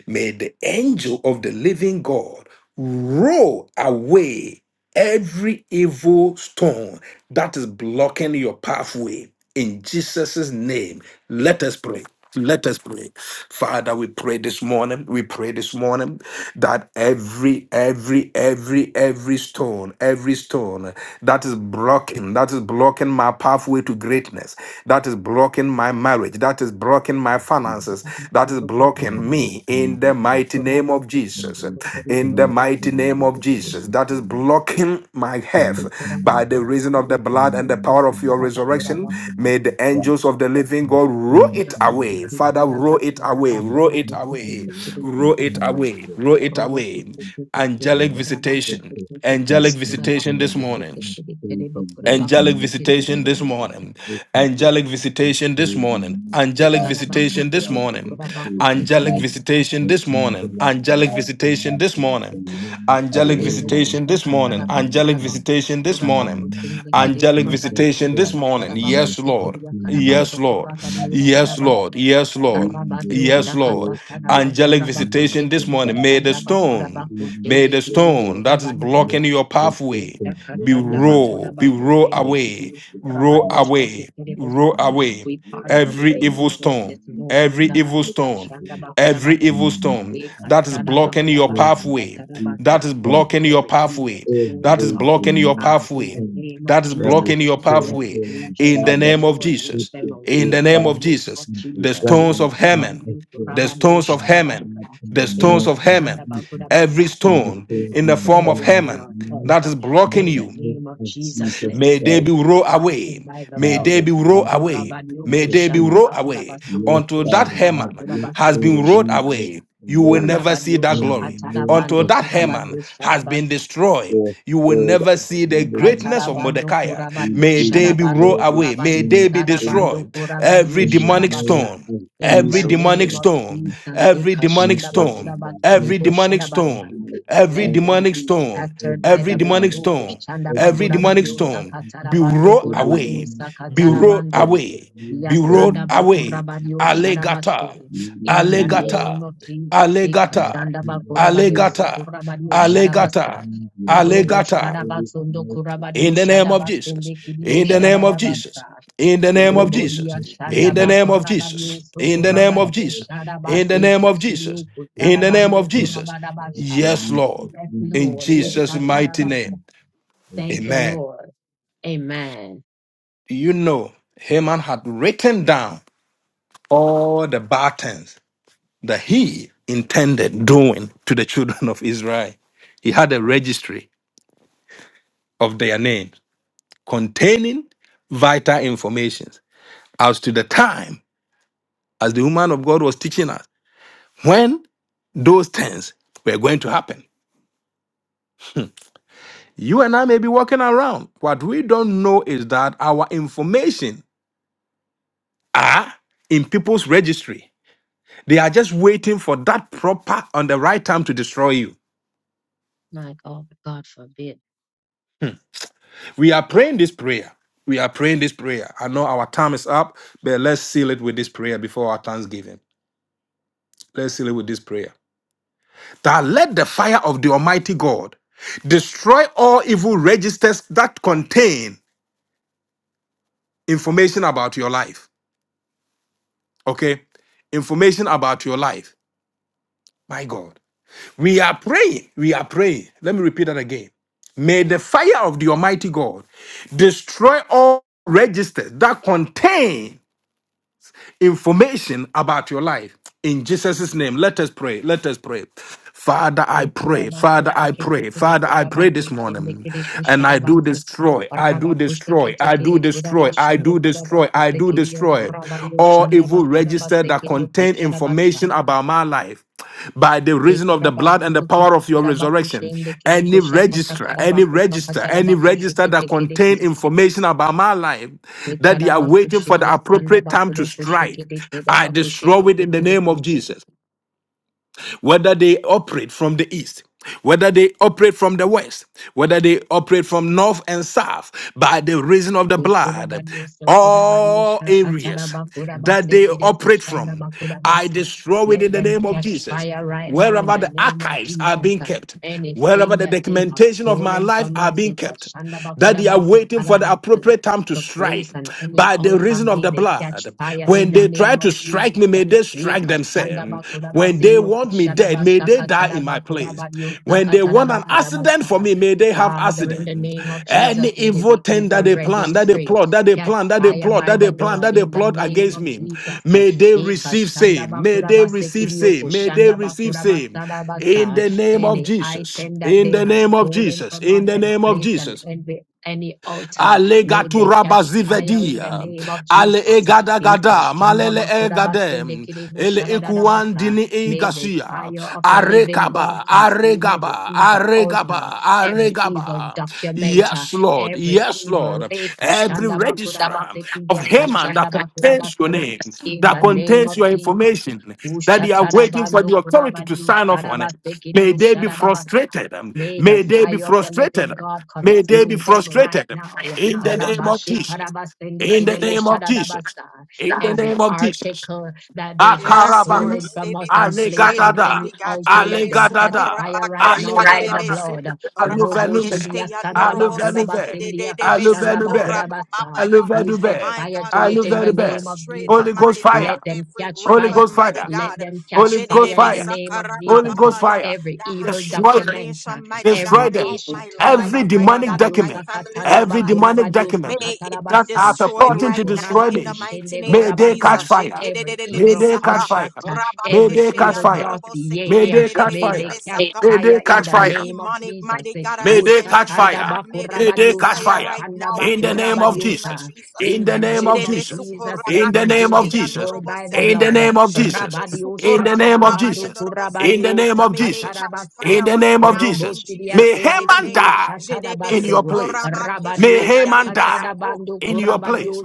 Speaker 1: May the angel of the living God roll away every evil stone that is blocking your pathway in Jesus' name. Let us pray. Let us pray. Father, we pray this morning. We pray this morning that every, every, every, every stone, every stone that is blocking, that is blocking my pathway to greatness, that is blocking my marriage, that is blocking my finances,
Speaker 2: kuraba
Speaker 1: that is
Speaker 2: kutoka
Speaker 3: mm,
Speaker 1: blocking
Speaker 2: kataraba,
Speaker 1: me in the
Speaker 3: mm, yes,
Speaker 1: mighty name
Speaker 2: kuraba
Speaker 1: of Jesus.
Speaker 2: kutoka
Speaker 3: mm,
Speaker 2: kutoka,
Speaker 3: yes,
Speaker 1: In in the
Speaker 3: mm,
Speaker 2: kuraba
Speaker 1: mighty name
Speaker 2: kutoka
Speaker 3: mm,
Speaker 1: of
Speaker 2: kutoka,
Speaker 1: Jesus
Speaker 3: mm,
Speaker 1: that is
Speaker 3: mm, mm,
Speaker 1: blocking my health
Speaker 3: mm, mm,
Speaker 2: kuraba
Speaker 1: by the
Speaker 2: kutoka
Speaker 1: reason of the blood and the
Speaker 2: kutoka,
Speaker 1: power of
Speaker 3: mm,
Speaker 1: your
Speaker 2: kuraba
Speaker 3: mm, mm,
Speaker 1: resurrection.
Speaker 2: kutoka kutoka,
Speaker 3: mm,
Speaker 1: May the angels of the living God
Speaker 2: Kurabakura
Speaker 1: roll
Speaker 3: mm, mm,
Speaker 1: it
Speaker 3: mm,
Speaker 1: away.
Speaker 3: mm, mm,
Speaker 1: Father, roll it away,
Speaker 3: mm, mm, mm,
Speaker 1: roll it
Speaker 3: mm, mm, mm,
Speaker 1: away,
Speaker 3: mm, mm, mm,
Speaker 1: roll it
Speaker 3: mm,
Speaker 1: away, roll it
Speaker 3: mm,
Speaker 1: away.
Speaker 3: mm,
Speaker 1: Angelic
Speaker 3: and
Speaker 1: visitation,
Speaker 3: faithful that
Speaker 1: angelic
Speaker 3: stand in
Speaker 1: visitation
Speaker 3: the
Speaker 1: this morning.
Speaker 3: way of faith and work.
Speaker 1: Angelic
Speaker 3: Mighty God,
Speaker 1: visitation this morning.
Speaker 3: we are grateful.
Speaker 1: Angelic
Speaker 3: We
Speaker 1: visitation this
Speaker 3: pray the
Speaker 1: morning.
Speaker 3: mighty
Speaker 1: Angelic
Speaker 3: God and
Speaker 1: visitation
Speaker 3: we
Speaker 1: this
Speaker 3: join with
Speaker 1: morning.
Speaker 3: the faith and
Speaker 1: Angelic
Speaker 3: Father,
Speaker 1: visitation
Speaker 3: the
Speaker 1: this morning.
Speaker 3: angel of
Speaker 1: Angelic
Speaker 3: love and
Speaker 1: visitation
Speaker 3: of
Speaker 1: this
Speaker 3: God, for
Speaker 1: morning.
Speaker 3: living
Speaker 1: Angelic
Speaker 3: away the
Speaker 1: visitation this morning.
Speaker 3: sin
Speaker 1: Angelic
Speaker 3: of my
Speaker 1: visitation this
Speaker 3: in the
Speaker 1: morning.
Speaker 3: name of
Speaker 1: Angelic
Speaker 3: Jesus
Speaker 1: visitation this
Speaker 3: Christ, we
Speaker 1: morning.
Speaker 3: will
Speaker 1: Yes,
Speaker 3: put
Speaker 1: Lord.
Speaker 3: in there.
Speaker 1: Yes, Lord.
Speaker 3: Baba,
Speaker 1: Yes,
Speaker 3: Baba,
Speaker 1: Lord.
Speaker 3: Baba,
Speaker 1: Yes, Lord.
Speaker 3: we will
Speaker 2: Rabadio
Speaker 3: put
Speaker 1: Yes, Lord.
Speaker 3: you
Speaker 2: Shakata
Speaker 3: in there.
Speaker 2: Kanaba
Speaker 1: Angelic
Speaker 2: Kuraba
Speaker 3: Glory
Speaker 2: Kote
Speaker 1: visitation
Speaker 3: to
Speaker 1: this
Speaker 2: Kidia
Speaker 1: morning.
Speaker 3: God,
Speaker 1: May the
Speaker 3: we
Speaker 2: Kandaba
Speaker 3: will
Speaker 2: Kuraba
Speaker 1: stone,
Speaker 3: see this
Speaker 1: may
Speaker 2: Kotende
Speaker 1: the
Speaker 2: Kidio
Speaker 3: picture.
Speaker 1: stone that is
Speaker 2: Kuraba
Speaker 3: We
Speaker 1: blocking
Speaker 3: will
Speaker 1: your
Speaker 3: see
Speaker 2: we
Speaker 1: pathway
Speaker 3: picture.
Speaker 2: partner
Speaker 3: Look
Speaker 1: be
Speaker 3: in there.
Speaker 1: roll, be
Speaker 3: Look
Speaker 1: roll
Speaker 3: in the
Speaker 1: away,
Speaker 3: God, we
Speaker 1: roll
Speaker 3: Father.
Speaker 1: away,
Speaker 3: We
Speaker 1: roll
Speaker 3: Father,
Speaker 1: away.
Speaker 3: we
Speaker 2: with
Speaker 1: Every
Speaker 3: are
Speaker 2: the
Speaker 1: evil
Speaker 3: in
Speaker 2: angels
Speaker 1: stone,
Speaker 2: this
Speaker 3: you. We are
Speaker 2: morning,
Speaker 1: every
Speaker 3: in
Speaker 2: God.
Speaker 1: evil stone,
Speaker 3: you.
Speaker 1: every
Speaker 3: In the
Speaker 1: evil stone
Speaker 3: name of
Speaker 1: that is
Speaker 3: Jesus,
Speaker 1: blocking your
Speaker 3: amen.
Speaker 1: pathway, that is
Speaker 3: Jesus
Speaker 1: blocking your
Speaker 2: Every evil
Speaker 1: pathway,
Speaker 2: stone
Speaker 1: that is
Speaker 3: every
Speaker 2: blocking our
Speaker 1: blocking your
Speaker 2: path
Speaker 3: demonic
Speaker 2: in the
Speaker 1: pathway,
Speaker 3: thing,
Speaker 2: name of
Speaker 1: that is
Speaker 2: Jesus.
Speaker 3: every
Speaker 1: blocking your
Speaker 3: thing
Speaker 2: Let
Speaker 1: pathway.
Speaker 2: the
Speaker 3: in our
Speaker 1: In
Speaker 2: angels
Speaker 3: body
Speaker 1: the
Speaker 2: of the
Speaker 3: that's
Speaker 1: name of
Speaker 2: Lord roll
Speaker 1: Jesus,
Speaker 2: them
Speaker 3: restricted,
Speaker 1: in
Speaker 2: away
Speaker 3: oh
Speaker 1: the
Speaker 2: in
Speaker 1: name
Speaker 2: the
Speaker 1: of
Speaker 3: God,
Speaker 2: name
Speaker 1: Jesus,
Speaker 2: of
Speaker 3: and
Speaker 1: the
Speaker 2: Jesus. Every
Speaker 1: stones of
Speaker 3: preventing us
Speaker 1: Haman,
Speaker 3: as good.
Speaker 1: the stones of
Speaker 3: Father
Speaker 1: Haman,
Speaker 3: God, in
Speaker 1: the
Speaker 3: the
Speaker 1: stones
Speaker 3: name
Speaker 1: of
Speaker 3: of
Speaker 1: Haman,
Speaker 3: Jesus,
Speaker 1: every
Speaker 3: we
Speaker 1: stone
Speaker 3: declare
Speaker 2: evil
Speaker 1: in the
Speaker 3: them
Speaker 1: form
Speaker 2: stone
Speaker 1: of
Speaker 2: blocking
Speaker 3: bound
Speaker 1: Haman
Speaker 2: our
Speaker 3: now
Speaker 2: health.
Speaker 1: that is
Speaker 3: in
Speaker 1: blocking
Speaker 3: the
Speaker 2: In the
Speaker 1: you
Speaker 3: name
Speaker 2: name of
Speaker 3: of
Speaker 2: Jesus,
Speaker 3: Jesus
Speaker 2: let
Speaker 1: May
Speaker 2: them
Speaker 1: they
Speaker 3: Christ.
Speaker 2: be
Speaker 1: be rolled
Speaker 2: dismantled
Speaker 1: away.
Speaker 2: by the
Speaker 1: May
Speaker 2: blood.
Speaker 1: they
Speaker 3: Father
Speaker 1: be rolled
Speaker 3: God, in
Speaker 1: away.
Speaker 2: Urabanyo
Speaker 1: May
Speaker 3: Jesus'
Speaker 1: they be
Speaker 2: kushanda
Speaker 3: name,
Speaker 1: rolled
Speaker 2: bakura
Speaker 1: away.
Speaker 3: yes,
Speaker 2: basiki
Speaker 1: Until that
Speaker 3: Father
Speaker 2: kushanda
Speaker 3: God,
Speaker 1: Haman
Speaker 2: Kurabanyoko
Speaker 3: let
Speaker 2: shandabakurabaseke
Speaker 1: has
Speaker 2: kushandabakurabasiyo
Speaker 1: been
Speaker 3: them
Speaker 1: rolled
Speaker 3: be led
Speaker 2: sharabasa.
Speaker 1: away, you will
Speaker 3: away
Speaker 1: never see
Speaker 2: Rabanyo
Speaker 1: that
Speaker 3: in
Speaker 1: glory.
Speaker 3: the name
Speaker 1: Until
Speaker 2: chakatarabando
Speaker 3: of
Speaker 1: that
Speaker 3: Jesus
Speaker 1: Haman
Speaker 3: Christ
Speaker 1: has been
Speaker 2: kurabanyosharabasa.
Speaker 1: destroyed,
Speaker 3: for
Speaker 1: you will
Speaker 3: Spirit of
Speaker 1: never see
Speaker 3: the
Speaker 1: the
Speaker 3: living
Speaker 1: greatness of
Speaker 3: God.
Speaker 2: Ekatarabando
Speaker 1: Mordecai.
Speaker 3: We
Speaker 2: kurabadio
Speaker 1: May
Speaker 3: give
Speaker 1: they
Speaker 3: you
Speaker 1: be
Speaker 2: sharabando
Speaker 1: rolled
Speaker 3: glory
Speaker 1: away. May
Speaker 2: kurabadio
Speaker 1: they
Speaker 3: and
Speaker 1: be
Speaker 3: praise
Speaker 2: tarabando
Speaker 3: you.
Speaker 1: destroyed.
Speaker 2: kurabadio
Speaker 1: Every
Speaker 3: in the
Speaker 1: demonic
Speaker 3: name
Speaker 2: sharabasa.
Speaker 1: stone,
Speaker 3: of
Speaker 2: In
Speaker 1: every
Speaker 2: the
Speaker 3: Jesus
Speaker 1: demonic
Speaker 2: name
Speaker 3: Christ.
Speaker 2: of
Speaker 1: stone,
Speaker 3: we
Speaker 2: Jesus,
Speaker 1: every demonic
Speaker 3: Thank
Speaker 2: ekashandaba
Speaker 3: you,
Speaker 1: stone,
Speaker 3: Lord God. Thank
Speaker 1: every
Speaker 2: kurabatedebo
Speaker 3: you,
Speaker 1: demonic
Speaker 3: Father. Thank
Speaker 2: sharabasa.
Speaker 1: stone,
Speaker 3: you, Lord.
Speaker 1: every
Speaker 3: God.
Speaker 2: Let
Speaker 3: Thank you, Lord
Speaker 2: them
Speaker 1: demonic
Speaker 2: be
Speaker 3: God.
Speaker 1: stone,
Speaker 2: scattered
Speaker 3: Every
Speaker 2: by
Speaker 1: every
Speaker 2: the blood.
Speaker 1: demonic
Speaker 3: demonic spirit,
Speaker 1: stone.
Speaker 2: Okoshandaba
Speaker 3: every
Speaker 1: Every demonic
Speaker 2: kurabadio
Speaker 3: demonic
Speaker 1: storm
Speaker 3: spirit,
Speaker 1: be
Speaker 2: sakatarabando
Speaker 1: rolled
Speaker 3: every
Speaker 2: kurabadio
Speaker 1: away,
Speaker 3: demonic
Speaker 1: be
Speaker 3: spirit,
Speaker 1: rolled
Speaker 2: sakatarabando.
Speaker 3: every
Speaker 1: away,
Speaker 3: demonic
Speaker 1: be rolled
Speaker 3: spirit,
Speaker 2: Yasandaba
Speaker 3: thank
Speaker 1: away.
Speaker 2: kurabadio
Speaker 3: you, Lord.
Speaker 1: Allegata,
Speaker 2: sharabase.
Speaker 3: Let it
Speaker 2: In the
Speaker 3: be well.
Speaker 1: allegata,
Speaker 2: name of Jesus,
Speaker 3: Let it
Speaker 1: allegata,
Speaker 3: be
Speaker 2: ekashandaba kurabadio
Speaker 3: well.
Speaker 1: allegata,
Speaker 2: sokurabadio
Speaker 3: Let us
Speaker 2: sharabasa.
Speaker 1: allegata,
Speaker 3: see the Lord
Speaker 2: Robo
Speaker 1: allegata.
Speaker 3: very
Speaker 2: Shadabasondo
Speaker 3: mighty
Speaker 1: In
Speaker 2: Kurabadio
Speaker 3: and
Speaker 1: the name of Jesus,
Speaker 2: Shadabasende Kidio
Speaker 1: in the
Speaker 3: and
Speaker 1: name of
Speaker 3: peace
Speaker 1: Jesus,
Speaker 2: Shadabasa.
Speaker 1: in the name
Speaker 3: for
Speaker 1: of Jesus,
Speaker 2: Robodia
Speaker 3: the
Speaker 1: in the
Speaker 2: Shandaba
Speaker 3: splendor
Speaker 1: name of
Speaker 3: and
Speaker 2: Kurabadio
Speaker 1: Jesus, in the
Speaker 3: number
Speaker 1: name of
Speaker 3: five
Speaker 2: Sukurabadio
Speaker 3: for
Speaker 1: Jesus,
Speaker 3: the factor of
Speaker 1: in the
Speaker 3: splendor
Speaker 2: Shadabase
Speaker 1: name of Jesus,
Speaker 2: Kishidio
Speaker 3: to
Speaker 1: in the
Speaker 3: God
Speaker 1: name of
Speaker 2: Kusadabando
Speaker 3: in
Speaker 1: Jesus.
Speaker 2: Kurabadabasha.
Speaker 3: mighty
Speaker 1: Yes, Lord,
Speaker 3: matchless
Speaker 2: Yes,
Speaker 3: name.
Speaker 1: in
Speaker 2: Lord.
Speaker 3: Lord,
Speaker 1: Jesus'
Speaker 3: thank
Speaker 1: mighty
Speaker 3: you.
Speaker 1: name.
Speaker 2: Ishatarabasa. Thank
Speaker 3: Amen.
Speaker 2: you,
Speaker 1: Amen.
Speaker 2: Lord. Amen.
Speaker 1: you know, Haman had written down all the bad things that he intended doing to the children of Israel. He had a registry of their names containing vital information as to the time, as the woman of God was teaching us, when those things were going to happen. You and I may be walking around. What we don't know is that our information are in people's registry They are just waiting for that proper on the right time to destroy you.
Speaker 2: My God, God forbid.
Speaker 1: We are praying this prayer. We are praying this prayer. I know our time is up, but let's seal it with this prayer before our Thanksgiving. Let's seal it with this prayer. That let the fire of the Almighty God destroy all evil registers that contain information about your life. Okay? Information about your life. My God. We are praying. We are praying. Let me repeat that again. May the fire of the Almighty God destroy all registers that contain information about your life. In Jesus' name, let us pray. Let us pray. Father,
Speaker 2: Kuraba
Speaker 1: I pray. Father, I pray. Father, I pray this morning. And I do destroy. I do destroy. I do destroy. I do destroy. I do destroy all evil register that contain contain information about my life by the reason of the blood and the power of your resurrection. Any register, any register, any register that contain information about my life that they are waiting for the appropriate time to strike, I destroy it in the name of Jesus whether they operate from the east, whether they operate from the west, whether they operate from north and south, by the reason of the
Speaker 2: Ekura
Speaker 1: blood,
Speaker 2: bariyo sokura bariyo
Speaker 1: all
Speaker 2: shakatara
Speaker 1: areas
Speaker 2: bakura
Speaker 1: that they
Speaker 2: basekere
Speaker 1: operate
Speaker 2: kushanda
Speaker 1: from,
Speaker 2: bakura
Speaker 1: I
Speaker 2: basa.
Speaker 1: destroy it in
Speaker 2: Let
Speaker 1: the
Speaker 2: them
Speaker 1: name of
Speaker 2: catch
Speaker 1: Jesus.
Speaker 2: fire right now in
Speaker 1: Wherever
Speaker 2: the
Speaker 1: the
Speaker 2: name of
Speaker 1: archives are
Speaker 2: Jesus.
Speaker 1: being kept, wherever
Speaker 2: Anything
Speaker 1: the
Speaker 2: that they have
Speaker 1: documentation of my
Speaker 2: stolen
Speaker 1: life
Speaker 2: from
Speaker 1: are
Speaker 2: us,
Speaker 1: being
Speaker 2: they
Speaker 1: kept,
Speaker 2: kashanda
Speaker 1: that
Speaker 2: bakura
Speaker 1: they are
Speaker 2: basa
Speaker 1: waiting for the
Speaker 2: karabaku.
Speaker 1: appropriate time to
Speaker 2: To
Speaker 1: strike
Speaker 2: place on any
Speaker 1: by the
Speaker 2: altar,
Speaker 1: reason of
Speaker 2: may
Speaker 1: the
Speaker 2: they catch
Speaker 1: blood.
Speaker 2: fire in
Speaker 1: When
Speaker 2: the
Speaker 1: they try
Speaker 2: name
Speaker 1: to
Speaker 2: of
Speaker 1: strike me,
Speaker 2: Jesus.
Speaker 1: may they strike
Speaker 2: Rika shanda
Speaker 1: themselves.
Speaker 2: bakura
Speaker 1: When they
Speaker 2: basidio
Speaker 1: want me
Speaker 2: kushada
Speaker 1: dead, may
Speaker 2: basa
Speaker 1: they die
Speaker 2: katara
Speaker 1: in my
Speaker 2: bakura
Speaker 1: place.
Speaker 2: bariyo
Speaker 1: When they
Speaker 2: sakatara
Speaker 1: want an
Speaker 2: bakura
Speaker 1: accident
Speaker 2: basa.
Speaker 1: for me, may they have
Speaker 2: Father, in the
Speaker 1: accident.
Speaker 2: name of
Speaker 1: Any
Speaker 2: Jesus, let it
Speaker 1: evil thing
Speaker 2: evil
Speaker 1: that they plan, that they
Speaker 2: registry.
Speaker 1: plot, that they
Speaker 2: Catch
Speaker 1: plan, that they
Speaker 2: fire
Speaker 1: plot,
Speaker 2: by
Speaker 1: that
Speaker 2: the
Speaker 1: they plan,
Speaker 2: blood
Speaker 1: that they
Speaker 2: in the
Speaker 1: plot
Speaker 2: name
Speaker 1: against
Speaker 2: of
Speaker 1: me,
Speaker 2: Jesus.
Speaker 1: may they
Speaker 2: Eka
Speaker 1: receive
Speaker 2: shanda
Speaker 1: same. May
Speaker 2: bakura
Speaker 1: they
Speaker 2: base
Speaker 1: receive same. May they
Speaker 2: shanda
Speaker 1: receive
Speaker 2: bakura
Speaker 1: same.
Speaker 2: basada
Speaker 1: In
Speaker 2: basa.
Speaker 1: the name of
Speaker 2: Any
Speaker 1: Jesus.
Speaker 2: item that
Speaker 1: In
Speaker 2: they
Speaker 1: the
Speaker 2: have
Speaker 1: name of
Speaker 2: stolen
Speaker 1: Jesus.
Speaker 2: from us
Speaker 1: In the
Speaker 2: and
Speaker 1: name of
Speaker 2: placed on
Speaker 1: Jesus.
Speaker 2: envy. Any altar,
Speaker 1: Ale
Speaker 2: may
Speaker 1: gatu
Speaker 2: they catch fire in the
Speaker 1: rabazivedia.
Speaker 2: name of
Speaker 1: Ale
Speaker 2: Jesus.
Speaker 1: egada
Speaker 2: Eka
Speaker 1: gada.
Speaker 2: shanda
Speaker 1: Malele
Speaker 2: bakura basende
Speaker 1: egadem,
Speaker 2: kiribu
Speaker 1: Ele
Speaker 2: basa.
Speaker 1: ikuandini
Speaker 2: May the
Speaker 1: igasia.
Speaker 2: fire of the living God
Speaker 1: Arekaba.
Speaker 2: consume every
Speaker 1: Aregaba.
Speaker 2: evil altar
Speaker 1: Aregaba.
Speaker 2: every evil
Speaker 1: Aregaba.
Speaker 2: documenter,
Speaker 1: Yes, Lord.
Speaker 2: every
Speaker 1: Yes,
Speaker 2: evil.
Speaker 1: Lord.
Speaker 2: Eh,
Speaker 1: Every
Speaker 2: kashanda bakura
Speaker 1: register of
Speaker 2: basekindia,
Speaker 1: Haman
Speaker 2: kashanda
Speaker 1: that
Speaker 2: bakura
Speaker 1: contains your name,
Speaker 2: In
Speaker 1: that
Speaker 2: the name
Speaker 1: contains
Speaker 2: of
Speaker 1: your
Speaker 2: Jesus.
Speaker 1: information, that they are waiting for
Speaker 2: Ushatarabando
Speaker 1: the authority to
Speaker 2: kurabani,
Speaker 1: sign off on it.
Speaker 2: usharabasekini,
Speaker 1: May they be
Speaker 2: ushadabasa.
Speaker 1: frustrated.
Speaker 2: May the
Speaker 1: May they be
Speaker 2: fire of the
Speaker 1: frustrated.
Speaker 2: living God
Speaker 1: May they be
Speaker 2: consume them right
Speaker 1: frustrated
Speaker 2: now.
Speaker 1: in the name of Jesus. In the
Speaker 2: Rabashikarabasendekidebo
Speaker 1: name of Jesus.
Speaker 2: shadadabasa.
Speaker 1: In the
Speaker 2: Every
Speaker 1: name of Jesus.
Speaker 2: article that they have
Speaker 4: Yes, Lord.
Speaker 1: Akaraba.
Speaker 2: stolen
Speaker 4: May they
Speaker 2: from us
Speaker 4: be
Speaker 2: and placed on
Speaker 4: frustrated,
Speaker 1: Alegadada.
Speaker 2: any
Speaker 4: mighty God.
Speaker 2: altar, let
Speaker 4: Jerebe
Speaker 2: them catch
Speaker 1: Alegadada.
Speaker 2: fire right now
Speaker 4: sukorabakeshte
Speaker 2: by
Speaker 1: Alegadada.
Speaker 2: the
Speaker 4: derebe su
Speaker 2: blood. Robo
Speaker 1: Aluvelume.
Speaker 4: rabakeshte
Speaker 2: shidia sanda
Speaker 4: yandorobo
Speaker 2: bakura
Speaker 4: sete
Speaker 1: Aluveluve.
Speaker 2: basendia
Speaker 4: dedebe
Speaker 2: kashanda bakura
Speaker 1: Aluvelube.
Speaker 4: sukorababaya.
Speaker 2: We set
Speaker 1: Aluvelube.
Speaker 4: My
Speaker 2: fire
Speaker 4: God,
Speaker 2: to
Speaker 4: may
Speaker 2: it
Speaker 4: they
Speaker 2: in the
Speaker 4: be
Speaker 1: Aluvelube.
Speaker 2: name of
Speaker 4: frustrated,
Speaker 1: Holy
Speaker 2: Jesus.
Speaker 1: Ghost
Speaker 4: mighty God.
Speaker 1: fire.
Speaker 2: Let them
Speaker 4: Every
Speaker 2: catch
Speaker 1: Holy
Speaker 4: record,
Speaker 2: fire.
Speaker 1: Ghost
Speaker 4: mighty
Speaker 1: fire.
Speaker 2: Let
Speaker 4: God.
Speaker 2: them
Speaker 1: Holy
Speaker 2: catch
Speaker 1: Ghost
Speaker 2: fire
Speaker 4: Jedebe
Speaker 2: in the
Speaker 1: fire.
Speaker 2: name of
Speaker 1: Holy
Speaker 2: Jesus.
Speaker 1: Ghost
Speaker 4: sakarababaya.
Speaker 1: fire.
Speaker 2: Every
Speaker 4: That has
Speaker 2: evil
Speaker 1: Destroy them.
Speaker 2: document,
Speaker 4: information, mighty God,
Speaker 1: Destroy
Speaker 2: every
Speaker 1: them.
Speaker 4: about my
Speaker 2: isha tanda
Speaker 4: life,
Speaker 1: Every
Speaker 4: mighty
Speaker 2: bakura
Speaker 1: demonic
Speaker 4: God, and my
Speaker 1: document,
Speaker 2: badiosa
Speaker 4: family's
Speaker 2: katanda
Speaker 1: every
Speaker 2: bakura
Speaker 4: life.
Speaker 1: demonic
Speaker 4: May
Speaker 2: badiosa
Speaker 1: document
Speaker 4: it be
Speaker 1: that are
Speaker 2: katarabasa.
Speaker 4: destroyed
Speaker 1: purporting to
Speaker 4: right now
Speaker 1: destroy
Speaker 2: Yukuraba
Speaker 4: in the
Speaker 1: me,
Speaker 4: mighty
Speaker 2: kushende
Speaker 4: name
Speaker 1: may
Speaker 4: of
Speaker 1: they catch
Speaker 2: bodabasa.
Speaker 4: Jesus.
Speaker 1: fire.
Speaker 2: Every
Speaker 1: May
Speaker 2: evil
Speaker 1: they catch
Speaker 4: Jekededededebesaka,
Speaker 1: fire.
Speaker 2: contract,
Speaker 1: May
Speaker 2: every
Speaker 1: they catch
Speaker 2: evil
Speaker 1: fire. May
Speaker 2: dossier,
Speaker 1: they catch
Speaker 2: may they
Speaker 1: fire.
Speaker 2: catch
Speaker 4: rabakesheyandorobosekedededededebesaka.
Speaker 1: May they
Speaker 2: fire in
Speaker 1: catch
Speaker 2: the
Speaker 4: Every
Speaker 1: fire.
Speaker 2: name of
Speaker 4: demonic,
Speaker 2: Jesus.
Speaker 4: mighty
Speaker 2: Eh,
Speaker 4: God
Speaker 1: May they catch
Speaker 4: assignment, mighty
Speaker 2: Ushatanda
Speaker 1: fire.
Speaker 4: God, may they
Speaker 1: May they
Speaker 4: catch
Speaker 2: bakurabadio
Speaker 1: catch
Speaker 4: fire
Speaker 1: fire.
Speaker 4: right
Speaker 2: sakatanda
Speaker 4: now
Speaker 1: In
Speaker 4: in
Speaker 1: the
Speaker 4: the
Speaker 1: name of
Speaker 4: mighty name of
Speaker 1: Jesus.
Speaker 2: bakurabadiosa.
Speaker 4: Jesus.
Speaker 1: In
Speaker 2: In
Speaker 1: the
Speaker 2: the
Speaker 1: name of
Speaker 2: name of
Speaker 1: Jesus.
Speaker 4: Jedebesuko
Speaker 2: Jesus, let
Speaker 1: In the
Speaker 2: them
Speaker 1: name
Speaker 2: be
Speaker 1: of Jesus.
Speaker 2: destroyed by the
Speaker 1: In the
Speaker 4: rabakeshteyandorobosete,
Speaker 2: blood.
Speaker 1: name of Jesus.
Speaker 2: Rabadio
Speaker 1: In the name
Speaker 2: shatada
Speaker 1: of Jesus. In the
Speaker 2: kurabadio
Speaker 1: name of
Speaker 4: May they
Speaker 1: Jesus.
Speaker 4: catch
Speaker 2: sakatarabasa.
Speaker 4: fire
Speaker 1: In the
Speaker 4: right
Speaker 1: name of
Speaker 4: now
Speaker 1: Jesus.
Speaker 4: in
Speaker 2: Roboshidia
Speaker 1: May
Speaker 4: Jesus' mighty
Speaker 1: Haman
Speaker 4: name.
Speaker 2: sendikidio
Speaker 1: die
Speaker 4: Jedebe
Speaker 1: in your
Speaker 2: shatadabaso.
Speaker 4: suko
Speaker 1: place.
Speaker 4: raba
Speaker 1: May
Speaker 4: keshte
Speaker 2: Rabadio
Speaker 4: de de de
Speaker 1: Haman die
Speaker 2: shakatada
Speaker 4: suko.
Speaker 1: in your
Speaker 2: kurabadio
Speaker 1: place.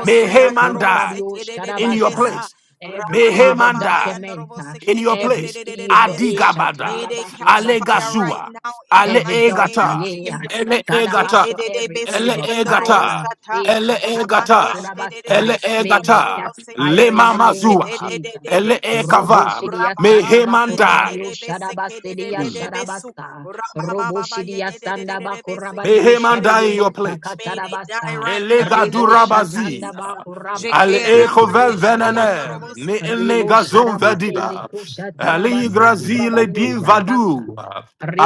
Speaker 1: May
Speaker 4: yando
Speaker 1: Haman
Speaker 4: robo
Speaker 1: die
Speaker 4: se
Speaker 2: kurabadio
Speaker 4: de de de
Speaker 1: in
Speaker 4: de
Speaker 1: your
Speaker 2: shadabasa.
Speaker 4: besa.
Speaker 1: place.
Speaker 2: Every
Speaker 4: Raba
Speaker 1: May
Speaker 4: ba ba
Speaker 2: evil
Speaker 1: Haman
Speaker 4: ba
Speaker 1: die
Speaker 4: yando robo
Speaker 2: document
Speaker 4: se
Speaker 1: in your
Speaker 4: de de de de
Speaker 2: every
Speaker 1: place.
Speaker 4: de de de de
Speaker 2: evil.
Speaker 1: Adi
Speaker 4: bese.
Speaker 2: Isha
Speaker 1: gabada,
Speaker 4: May
Speaker 2: tanda
Speaker 4: they
Speaker 2: bakura
Speaker 4: catch
Speaker 1: ale
Speaker 2: basa
Speaker 4: fire right
Speaker 1: gasua,
Speaker 4: now in the
Speaker 1: ale
Speaker 2: every
Speaker 4: mighty name of
Speaker 1: egata,
Speaker 2: dossier,
Speaker 4: Jesus.
Speaker 1: ele
Speaker 4: Je
Speaker 1: egata,
Speaker 4: ke
Speaker 2: Shadabasho,
Speaker 4: de de
Speaker 2: every
Speaker 4: besu
Speaker 1: ele
Speaker 2: evil
Speaker 4: yando robosata
Speaker 1: egata,
Speaker 2: fire,
Speaker 4: sata.
Speaker 2: eh,
Speaker 1: ele
Speaker 4: Raba
Speaker 1: egata,
Speaker 4: kesh de de de
Speaker 1: ele
Speaker 2: Chatanabakurabasa.
Speaker 4: besu
Speaker 2: may
Speaker 4: yando
Speaker 2: they
Speaker 4: robo
Speaker 1: egata,
Speaker 2: catch
Speaker 4: se te.
Speaker 1: le
Speaker 2: fire in the
Speaker 4: Je
Speaker 2: name of
Speaker 4: de
Speaker 1: mamazua,
Speaker 4: de de
Speaker 2: Jesus.
Speaker 4: de de
Speaker 1: ele
Speaker 4: besu.
Speaker 1: ekava,
Speaker 2: Roboshidia
Speaker 4: Raba
Speaker 1: may
Speaker 4: ba
Speaker 1: Haman
Speaker 4: ye de de
Speaker 2: Sandabakurabadio
Speaker 1: die.
Speaker 4: de bese ke de de
Speaker 2: Shadabasidia
Speaker 4: de de
Speaker 1: Mm.
Speaker 4: besu.
Speaker 2: Shadabasa,
Speaker 4: Raba ba ye
Speaker 2: Roboshidia
Speaker 4: de de de de de de bese
Speaker 1: May
Speaker 4: ke
Speaker 2: Sandabakurabadio
Speaker 4: de de
Speaker 1: Haman
Speaker 4: de de
Speaker 1: die
Speaker 4: be.
Speaker 1: in your
Speaker 2: Shadidibusa
Speaker 1: place.
Speaker 4: May they die
Speaker 2: Katarabasa,
Speaker 4: right now
Speaker 1: Elega
Speaker 4: in the
Speaker 2: Rebo
Speaker 4: name of
Speaker 1: durabazi.
Speaker 4: Jesus.
Speaker 1: Al
Speaker 2: Shatandabakurabado
Speaker 3: Thank
Speaker 1: echo
Speaker 3: you.
Speaker 2: Sekidio
Speaker 1: ven
Speaker 3: Thank
Speaker 1: venene.
Speaker 2: Shadabasa.
Speaker 1: Ne
Speaker 3: you.
Speaker 2: Rebo
Speaker 1: negazon
Speaker 3: Thank you.
Speaker 2: Shadabasende
Speaker 1: vediba. Ali
Speaker 3: You are
Speaker 2: Kushatarabasu
Speaker 3: my
Speaker 1: grazile
Speaker 2: Kurabadio
Speaker 1: din
Speaker 3: splendor.
Speaker 2: Shadabasa.
Speaker 1: vadu.
Speaker 3: Thank you.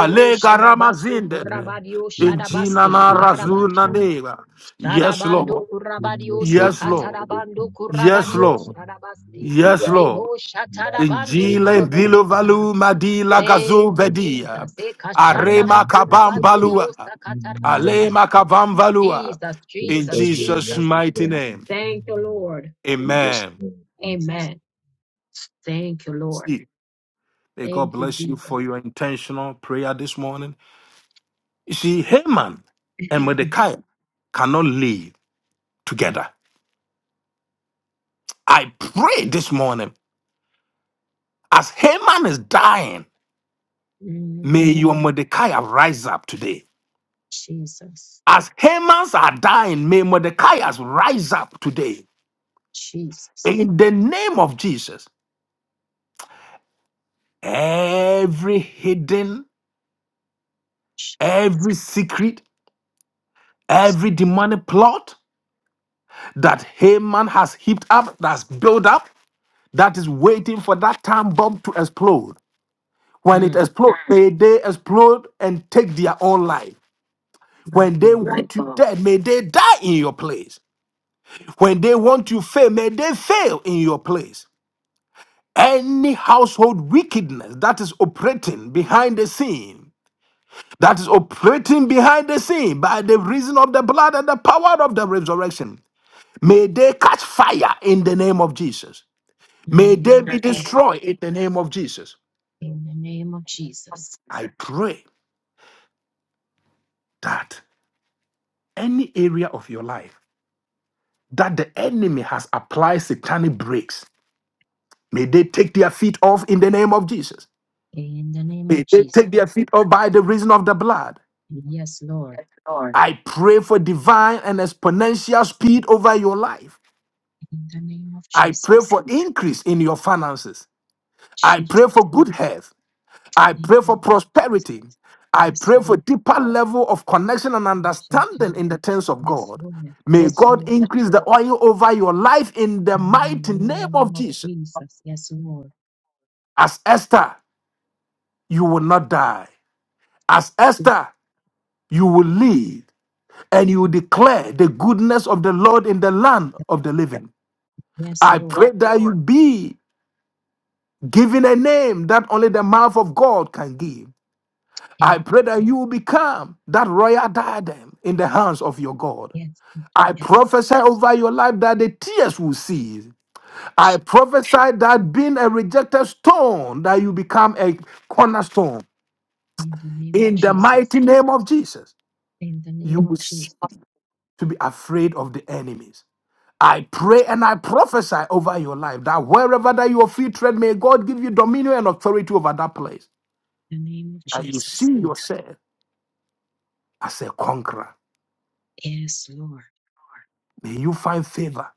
Speaker 3: Thank you. Thank you. Thank you.
Speaker 2: Shadabasu
Speaker 1: ramazinde.
Speaker 2: Kurabadio
Speaker 1: Injina
Speaker 2: Shadabasi
Speaker 1: na razuna
Speaker 2: Karabasha
Speaker 1: neva. Yes,
Speaker 2: Shadabando
Speaker 1: Lord.
Speaker 2: Kurabadio
Speaker 1: Yes, Lord.
Speaker 2: Sakatarabando
Speaker 1: Yes,
Speaker 2: Kurabadio
Speaker 3: Mighty,
Speaker 1: Lord.
Speaker 2: Shadabasi
Speaker 3: mighty
Speaker 1: Yes,
Speaker 3: God.
Speaker 1: Lord.
Speaker 2: Rebo
Speaker 3: Every
Speaker 2: Shatarabando
Speaker 3: register,
Speaker 1: Injile
Speaker 2: Kurabokusa
Speaker 1: mbiluvalu madila Gazu,
Speaker 2: Thank you,
Speaker 1: gazubedia.
Speaker 2: Jesus. Ekashanda
Speaker 1: Arema
Speaker 2: bakurabasi dio
Speaker 1: kabambalua.
Speaker 2: sakatarabasa.
Speaker 1: Alema kabambalua.
Speaker 2: Jesus,
Speaker 1: In
Speaker 2: Jesus,
Speaker 3: every
Speaker 1: Jesus'
Speaker 2: Jesus.
Speaker 1: mighty
Speaker 3: register,
Speaker 1: name.
Speaker 2: Thank you, Lord.
Speaker 3: we just,
Speaker 1: Amen.
Speaker 3: uh, in Jesus'
Speaker 2: Amen. Thank you, Lord.
Speaker 1: See, may God
Speaker 2: Thank you,
Speaker 1: bless you
Speaker 2: Jesus.
Speaker 1: for your intentional prayer this morning. You see, Haman and
Speaker 2: (clears throat)
Speaker 1: Mordecai cannot live together. I pray this morning, as Haman is dying, may
Speaker 2: Mm,
Speaker 1: your Mordecai rise up today.
Speaker 2: Jesus.
Speaker 1: As Hamans are dying, may Mordecai's rise up today
Speaker 2: Jesus.
Speaker 1: in the name of Jesus. Every hidden, every secret, every demonic plot that Haman has heaped up, that's built up, that is waiting for that time bomb to explode. When it
Speaker 2: Mm,
Speaker 1: explodes, may they explode and take their own life.
Speaker 2: my
Speaker 1: When they
Speaker 2: God,
Speaker 1: want you dead, may they die in your place. When they want you fail, may they fail in your place. any household wickedness that is operating behind the scene, that is operating behind the scene by the reason of the blood and the power of the resurrection, may they catch fire in the name of Jesus.
Speaker 2: in the
Speaker 1: May they
Speaker 2: name of
Speaker 1: be
Speaker 2: Jesus,
Speaker 1: destroyed in the name of Jesus.
Speaker 2: in the name of Jesus,
Speaker 1: I pray that any area of your life that the enemy has applied satanic breaks, may they take their feet off in the name of Jesus.
Speaker 2: in the name
Speaker 1: May
Speaker 2: of
Speaker 1: they
Speaker 2: Jesus.
Speaker 1: take their feet off by the reason of the blood.
Speaker 2: Yes, Lord,
Speaker 1: Yes, I pray for divine and exponential speed over your life.
Speaker 2: in the name of
Speaker 1: I pray
Speaker 2: Jesus.
Speaker 1: for increase in your finances. I
Speaker 2: Jesus,
Speaker 1: pray for good health. I
Speaker 2: in
Speaker 1: pray
Speaker 2: the
Speaker 1: for
Speaker 2: name of Jesus.
Speaker 1: prosperity. I
Speaker 2: Yes,
Speaker 1: pray for
Speaker 2: Lord.
Speaker 1: deeper level of connection and understanding in the things of
Speaker 2: Yes,
Speaker 1: God.
Speaker 2: Lord.
Speaker 1: May Yes,
Speaker 2: Yes,
Speaker 1: God
Speaker 2: Lord.
Speaker 1: increase the oil over your life in the
Speaker 2: In the
Speaker 1: mighty name of
Speaker 2: name of
Speaker 1: Jesus.
Speaker 2: Jesus. Yes, Lord.
Speaker 1: As Esther, you will not die. As Esther, you will live and you will declare the goodness of the Lord in the land of the living.
Speaker 2: Yes,
Speaker 1: I
Speaker 2: Lord.
Speaker 1: pray that you be given a name that only the mouth of God can give. I
Speaker 2: And
Speaker 1: pray that you will become that royal diadem in the hands of your God.
Speaker 2: yes, Lord.
Speaker 1: I
Speaker 2: Yes, Lord.
Speaker 1: prophesy over your life that the tears will cease. I
Speaker 2: Jesus.
Speaker 1: prophesy that being a rejected stone, that you become a cornerstone.
Speaker 2: In the name of
Speaker 1: In the mighty
Speaker 2: Jesus.
Speaker 1: name of Jesus,
Speaker 2: In the
Speaker 1: you
Speaker 2: name
Speaker 1: will
Speaker 2: of
Speaker 1: cease
Speaker 2: Jesus.
Speaker 1: to be afraid of the enemies. I pray and I prophesy over your life that wherever that your feet tread, may God give you dominion and authority over that place.
Speaker 2: In the name of
Speaker 1: That you
Speaker 2: Jesus.
Speaker 1: see yourself as a conqueror.
Speaker 2: Yes, Lord.
Speaker 1: May you find favor,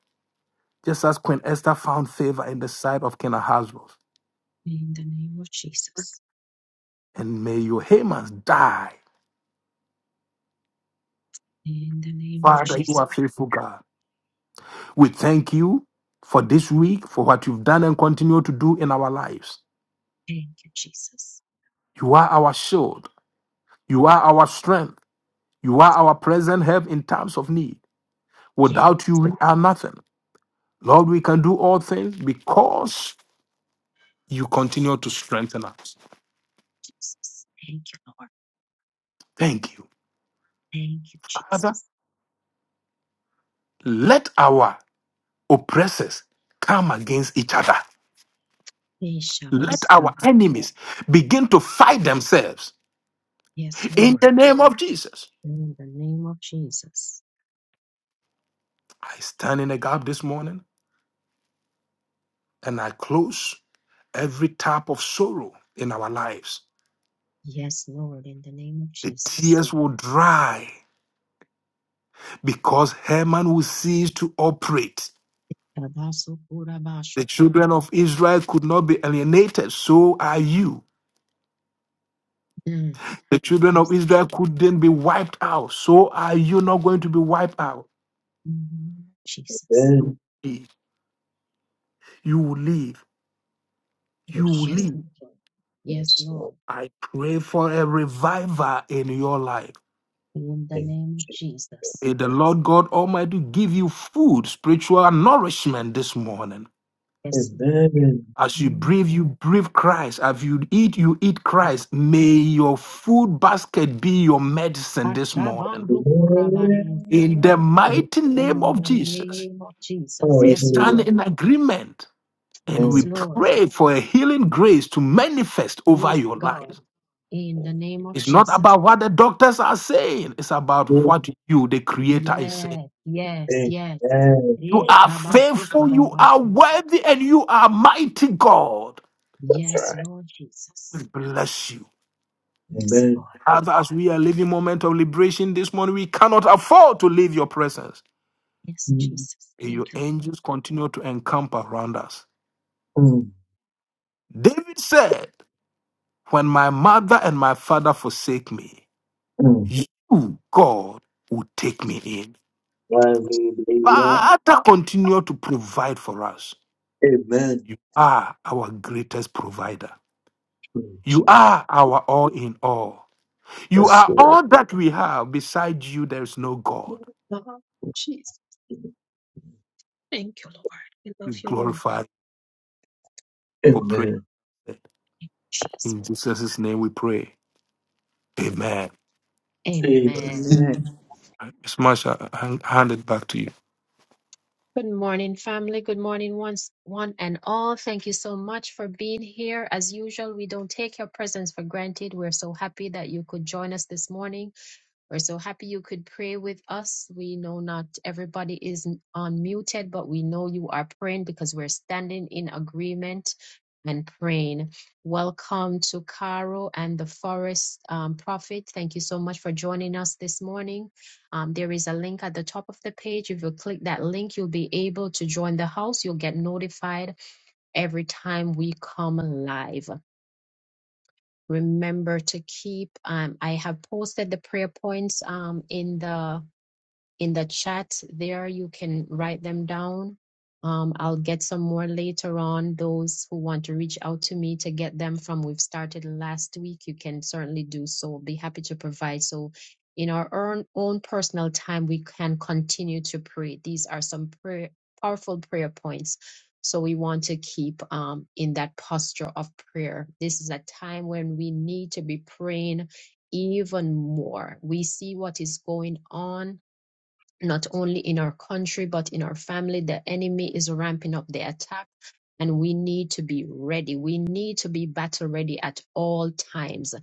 Speaker 1: just as Queen Esther found favor in the sight of King Ahasuerus.
Speaker 2: In the name of Jesus.
Speaker 1: And may your Hamans die.
Speaker 2: In the name of
Speaker 1: Father, you
Speaker 2: Jesus.
Speaker 1: are faithful God. We thank you for this week, for what you've done and continue to do in our lives.
Speaker 2: Thank you, Jesus.
Speaker 1: You are our shield. You are our strength. You are our present help in times of need.
Speaker 2: Yeah,
Speaker 1: Without you, we are nothing. Lord, we can do all things because you continue to strengthen us.
Speaker 2: Jesus. Thank you, Lord.
Speaker 1: Thank you.
Speaker 2: Thank you,
Speaker 1: Father,
Speaker 2: Jesus.
Speaker 1: let our oppressors come against each other.
Speaker 2: Eh,
Speaker 1: Let our enemies begin to fight themselves
Speaker 2: Yes,
Speaker 1: in
Speaker 2: Lord.
Speaker 1: the name of Jesus.
Speaker 2: In the name of Jesus.
Speaker 1: I stand in the gap this morning and I close every tap of sorrow in our lives.
Speaker 2: Yes, Lord. In the name of
Speaker 1: The
Speaker 2: Jesus.
Speaker 1: tears will dry because Haman will cease to operate.
Speaker 2: Tabasu
Speaker 1: The
Speaker 2: kurabashuku.
Speaker 1: children of Israel could not be alienated, so are you.
Speaker 2: Mm,
Speaker 1: The children of
Speaker 2: Jesus.
Speaker 1: Israel couldn't be wiped out. So are you not going to be wiped out?
Speaker 2: In the name of Jesus.
Speaker 5: Amen.
Speaker 1: Live. You will live. You will
Speaker 5: Yes,
Speaker 2: Yes,
Speaker 5: Lord.
Speaker 1: live.
Speaker 2: Lord. Yes,
Speaker 5: yes, Lord.
Speaker 2: Lord.
Speaker 1: I pray for a revival in your life.
Speaker 2: In the
Speaker 5: Thank
Speaker 2: name of
Speaker 5: you.
Speaker 2: Jesus.
Speaker 1: May the Lord God Almighty give you food, spiritual nourishment this morning.
Speaker 2: Yes, Lord.
Speaker 5: Amen.
Speaker 1: As you
Speaker 2: Mm.
Speaker 1: breathe, you breathe Christ. As you eat, you eat Christ. May your food basket be your medicine this morning.
Speaker 2: Achabandu
Speaker 1: In
Speaker 5: Amen.
Speaker 1: the mighty name
Speaker 2: In
Speaker 1: of
Speaker 2: the
Speaker 1: Jesus,
Speaker 2: name of Jesus.
Speaker 1: we
Speaker 2: Yes,
Speaker 5: Hallelujah.
Speaker 1: stand
Speaker 2: Lord.
Speaker 1: in agreement And we
Speaker 2: Yes,
Speaker 5: Mm.
Speaker 2: Lord.
Speaker 1: pray for a healing grace to manifest over
Speaker 2: Yes,
Speaker 1: your
Speaker 2: God.
Speaker 1: lives.
Speaker 2: In the name of
Speaker 1: It's not
Speaker 2: Jesus.
Speaker 1: about what the doctors are saying, it's about what you, the Creator, is saying.
Speaker 2: Yes, yes, yes.
Speaker 5: Amen.
Speaker 1: You are faithful, you are
Speaker 2: Ishabakukurabashi.
Speaker 1: worthy, and you are mighty God.
Speaker 5: That's
Speaker 2: Yes,
Speaker 5: right.
Speaker 2: Lord
Speaker 1: We
Speaker 2: Jesus.
Speaker 1: bless you.
Speaker 2: Yes,
Speaker 5: Amen.
Speaker 2: Lord.
Speaker 1: As, as we are living moment of liberation this morning, we cannot afford to leave your presence.
Speaker 2: Yes,
Speaker 5: Mm,
Speaker 2: Jesus.
Speaker 1: May your
Speaker 2: Thank you, Lord.
Speaker 1: angels continue to encamp around us.
Speaker 5: mm,
Speaker 1: David said, When my mother and my father forsake me,
Speaker 5: mm.
Speaker 1: you, God, will take me in.
Speaker 5: Hallelujah.
Speaker 1: Father, continue to provide for us.
Speaker 5: Amen.
Speaker 1: You are our greatest provider.
Speaker 5: Mm.
Speaker 1: You are our all in all. You
Speaker 5: Yes,
Speaker 1: are
Speaker 5: Lord.
Speaker 1: all that we have. Besides you, there is no God.
Speaker 2: Oh, God. Jesus. Thank you, Lord. We love
Speaker 1: We
Speaker 2: you, Lord.
Speaker 1: glorify for prayer.
Speaker 5: Amen.
Speaker 2: Jesus.
Speaker 1: In Jesus' name we pray. Amen.
Speaker 2: Amen.
Speaker 6: Amen.
Speaker 5: Amen.
Speaker 1: Smash, I I hand it back to you.
Speaker 2: Good morning, family. Good morning, once, one and all. Thank you so much for being here. As usual, we don't take your presence for granted. We're so happy that you could join us this morning. We're so happy you could pray with us. We know not everybody is unmuted, but we know you are praying because we're standing in agreement and praying. Welcome to Caro and the Forest um, Prophet. Thank you so much for joining us this morning. Um, there is a link at the top of the page. If you click that link, you'll be able to join the house. You'll get notified every time we come live remember to keep um, i have posted the prayer points um, in the in the chat there. You can write them down. Um, I'll get some more later on. Those who want to reach out to me to get them from we've started last week, you can certainly do so. Be happy to provide. So, in our own, own personal time, we can continue to pray. These are some prayer, powerful prayer points. So, we want to keep um, in that posture of prayer. This is a time when we need to be praying even more. We see what is going on not only in our country but in our family the enemy is ramping up the attack and we need to be ready we need to be battle ready at all times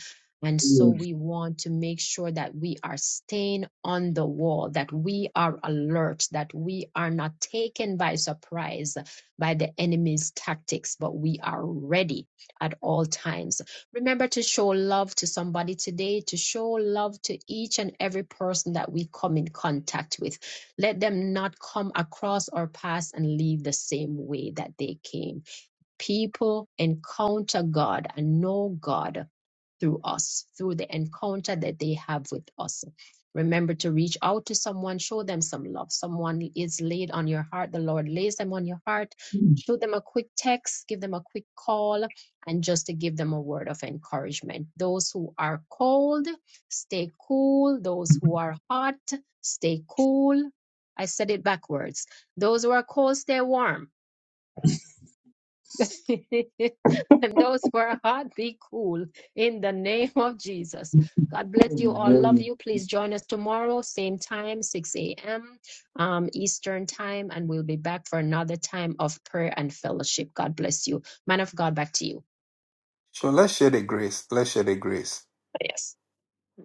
Speaker 2: and so
Speaker 5: Yes.
Speaker 2: we want to make sure that we are staying on the wall that we are alert that we are not taken by surprise by the enemy's tactics but we are ready at all times Remember to show love to somebody today, to show love to each and every person that we come in contact with. Let them not come across our paths and leave the same way that they came people encounter God and know God through us, through the encounter that they have with us. Remember to reach out to someone, show them some love. Someone is laid on your heart, the Lord lays them on your heart.
Speaker 5: Mm.
Speaker 2: Show them a quick text, give them a quick call, and just to give them a word of encouragement. Those who are cold, stay cool. Those who are hot, stay cool. I said it backwards. Those who are cold, stay warm (laughs) and those who are hot, be cool in the name of Jesus. God bless you all. Love
Speaker 5: Amen.
Speaker 2: you. Please join us tomorrow, same time, 6 a.m. Um, Eastern time, and we'll be back for another time of prayer and fellowship. God bless you. Man of God, back to you.
Speaker 1: So let's share the grace. Let's share the grace.
Speaker 2: Yes.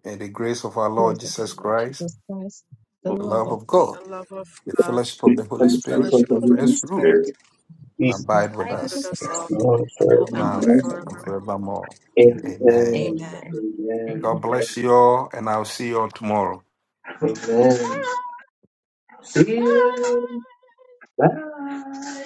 Speaker 1: May the grace of our Lord
Speaker 2: Praise the
Speaker 1: Jesus
Speaker 2: Lord
Speaker 1: Christ,
Speaker 2: Jesus Christ, the
Speaker 5: Lord,
Speaker 1: the
Speaker 2: love
Speaker 1: love
Speaker 2: of
Speaker 1: of
Speaker 2: God,
Speaker 1: God,
Speaker 4: The love of
Speaker 1: the
Speaker 4: God,
Speaker 1: fellowship of the
Speaker 5: we
Speaker 1: Holy
Speaker 5: thank
Speaker 2: and
Speaker 5: you
Speaker 1: Spirit
Speaker 5: for the
Speaker 2: fellowship
Speaker 4: fellowship
Speaker 2: of
Speaker 4: of
Speaker 2: the
Speaker 4: the
Speaker 5: Holy
Speaker 4: Holy
Speaker 2: Holy
Speaker 1: rest
Speaker 4: Spirit,
Speaker 1: through
Speaker 2: Spirit,
Speaker 5: Spirit.
Speaker 1: and
Speaker 5: Yes,
Speaker 2: and
Speaker 4: and
Speaker 1: abide with
Speaker 2: abide
Speaker 4: abide
Speaker 1: us
Speaker 2: with
Speaker 4: with
Speaker 2: us
Speaker 4: us all
Speaker 2: all
Speaker 5: Lord.
Speaker 2: now and
Speaker 4: now and
Speaker 1: now
Speaker 5: Forever.
Speaker 1: and
Speaker 2: forevermore.
Speaker 4: forevermore.
Speaker 1: forevermore.
Speaker 5: Amen.
Speaker 1: Amen.
Speaker 4: Amen.
Speaker 2: Amen.
Speaker 5: Amen.
Speaker 1: God
Speaker 2: Amen.
Speaker 1: bless you all, and I'll see you all tomorrow.
Speaker 5: Amen. See
Speaker 2: (laughs)
Speaker 5: you. Bye.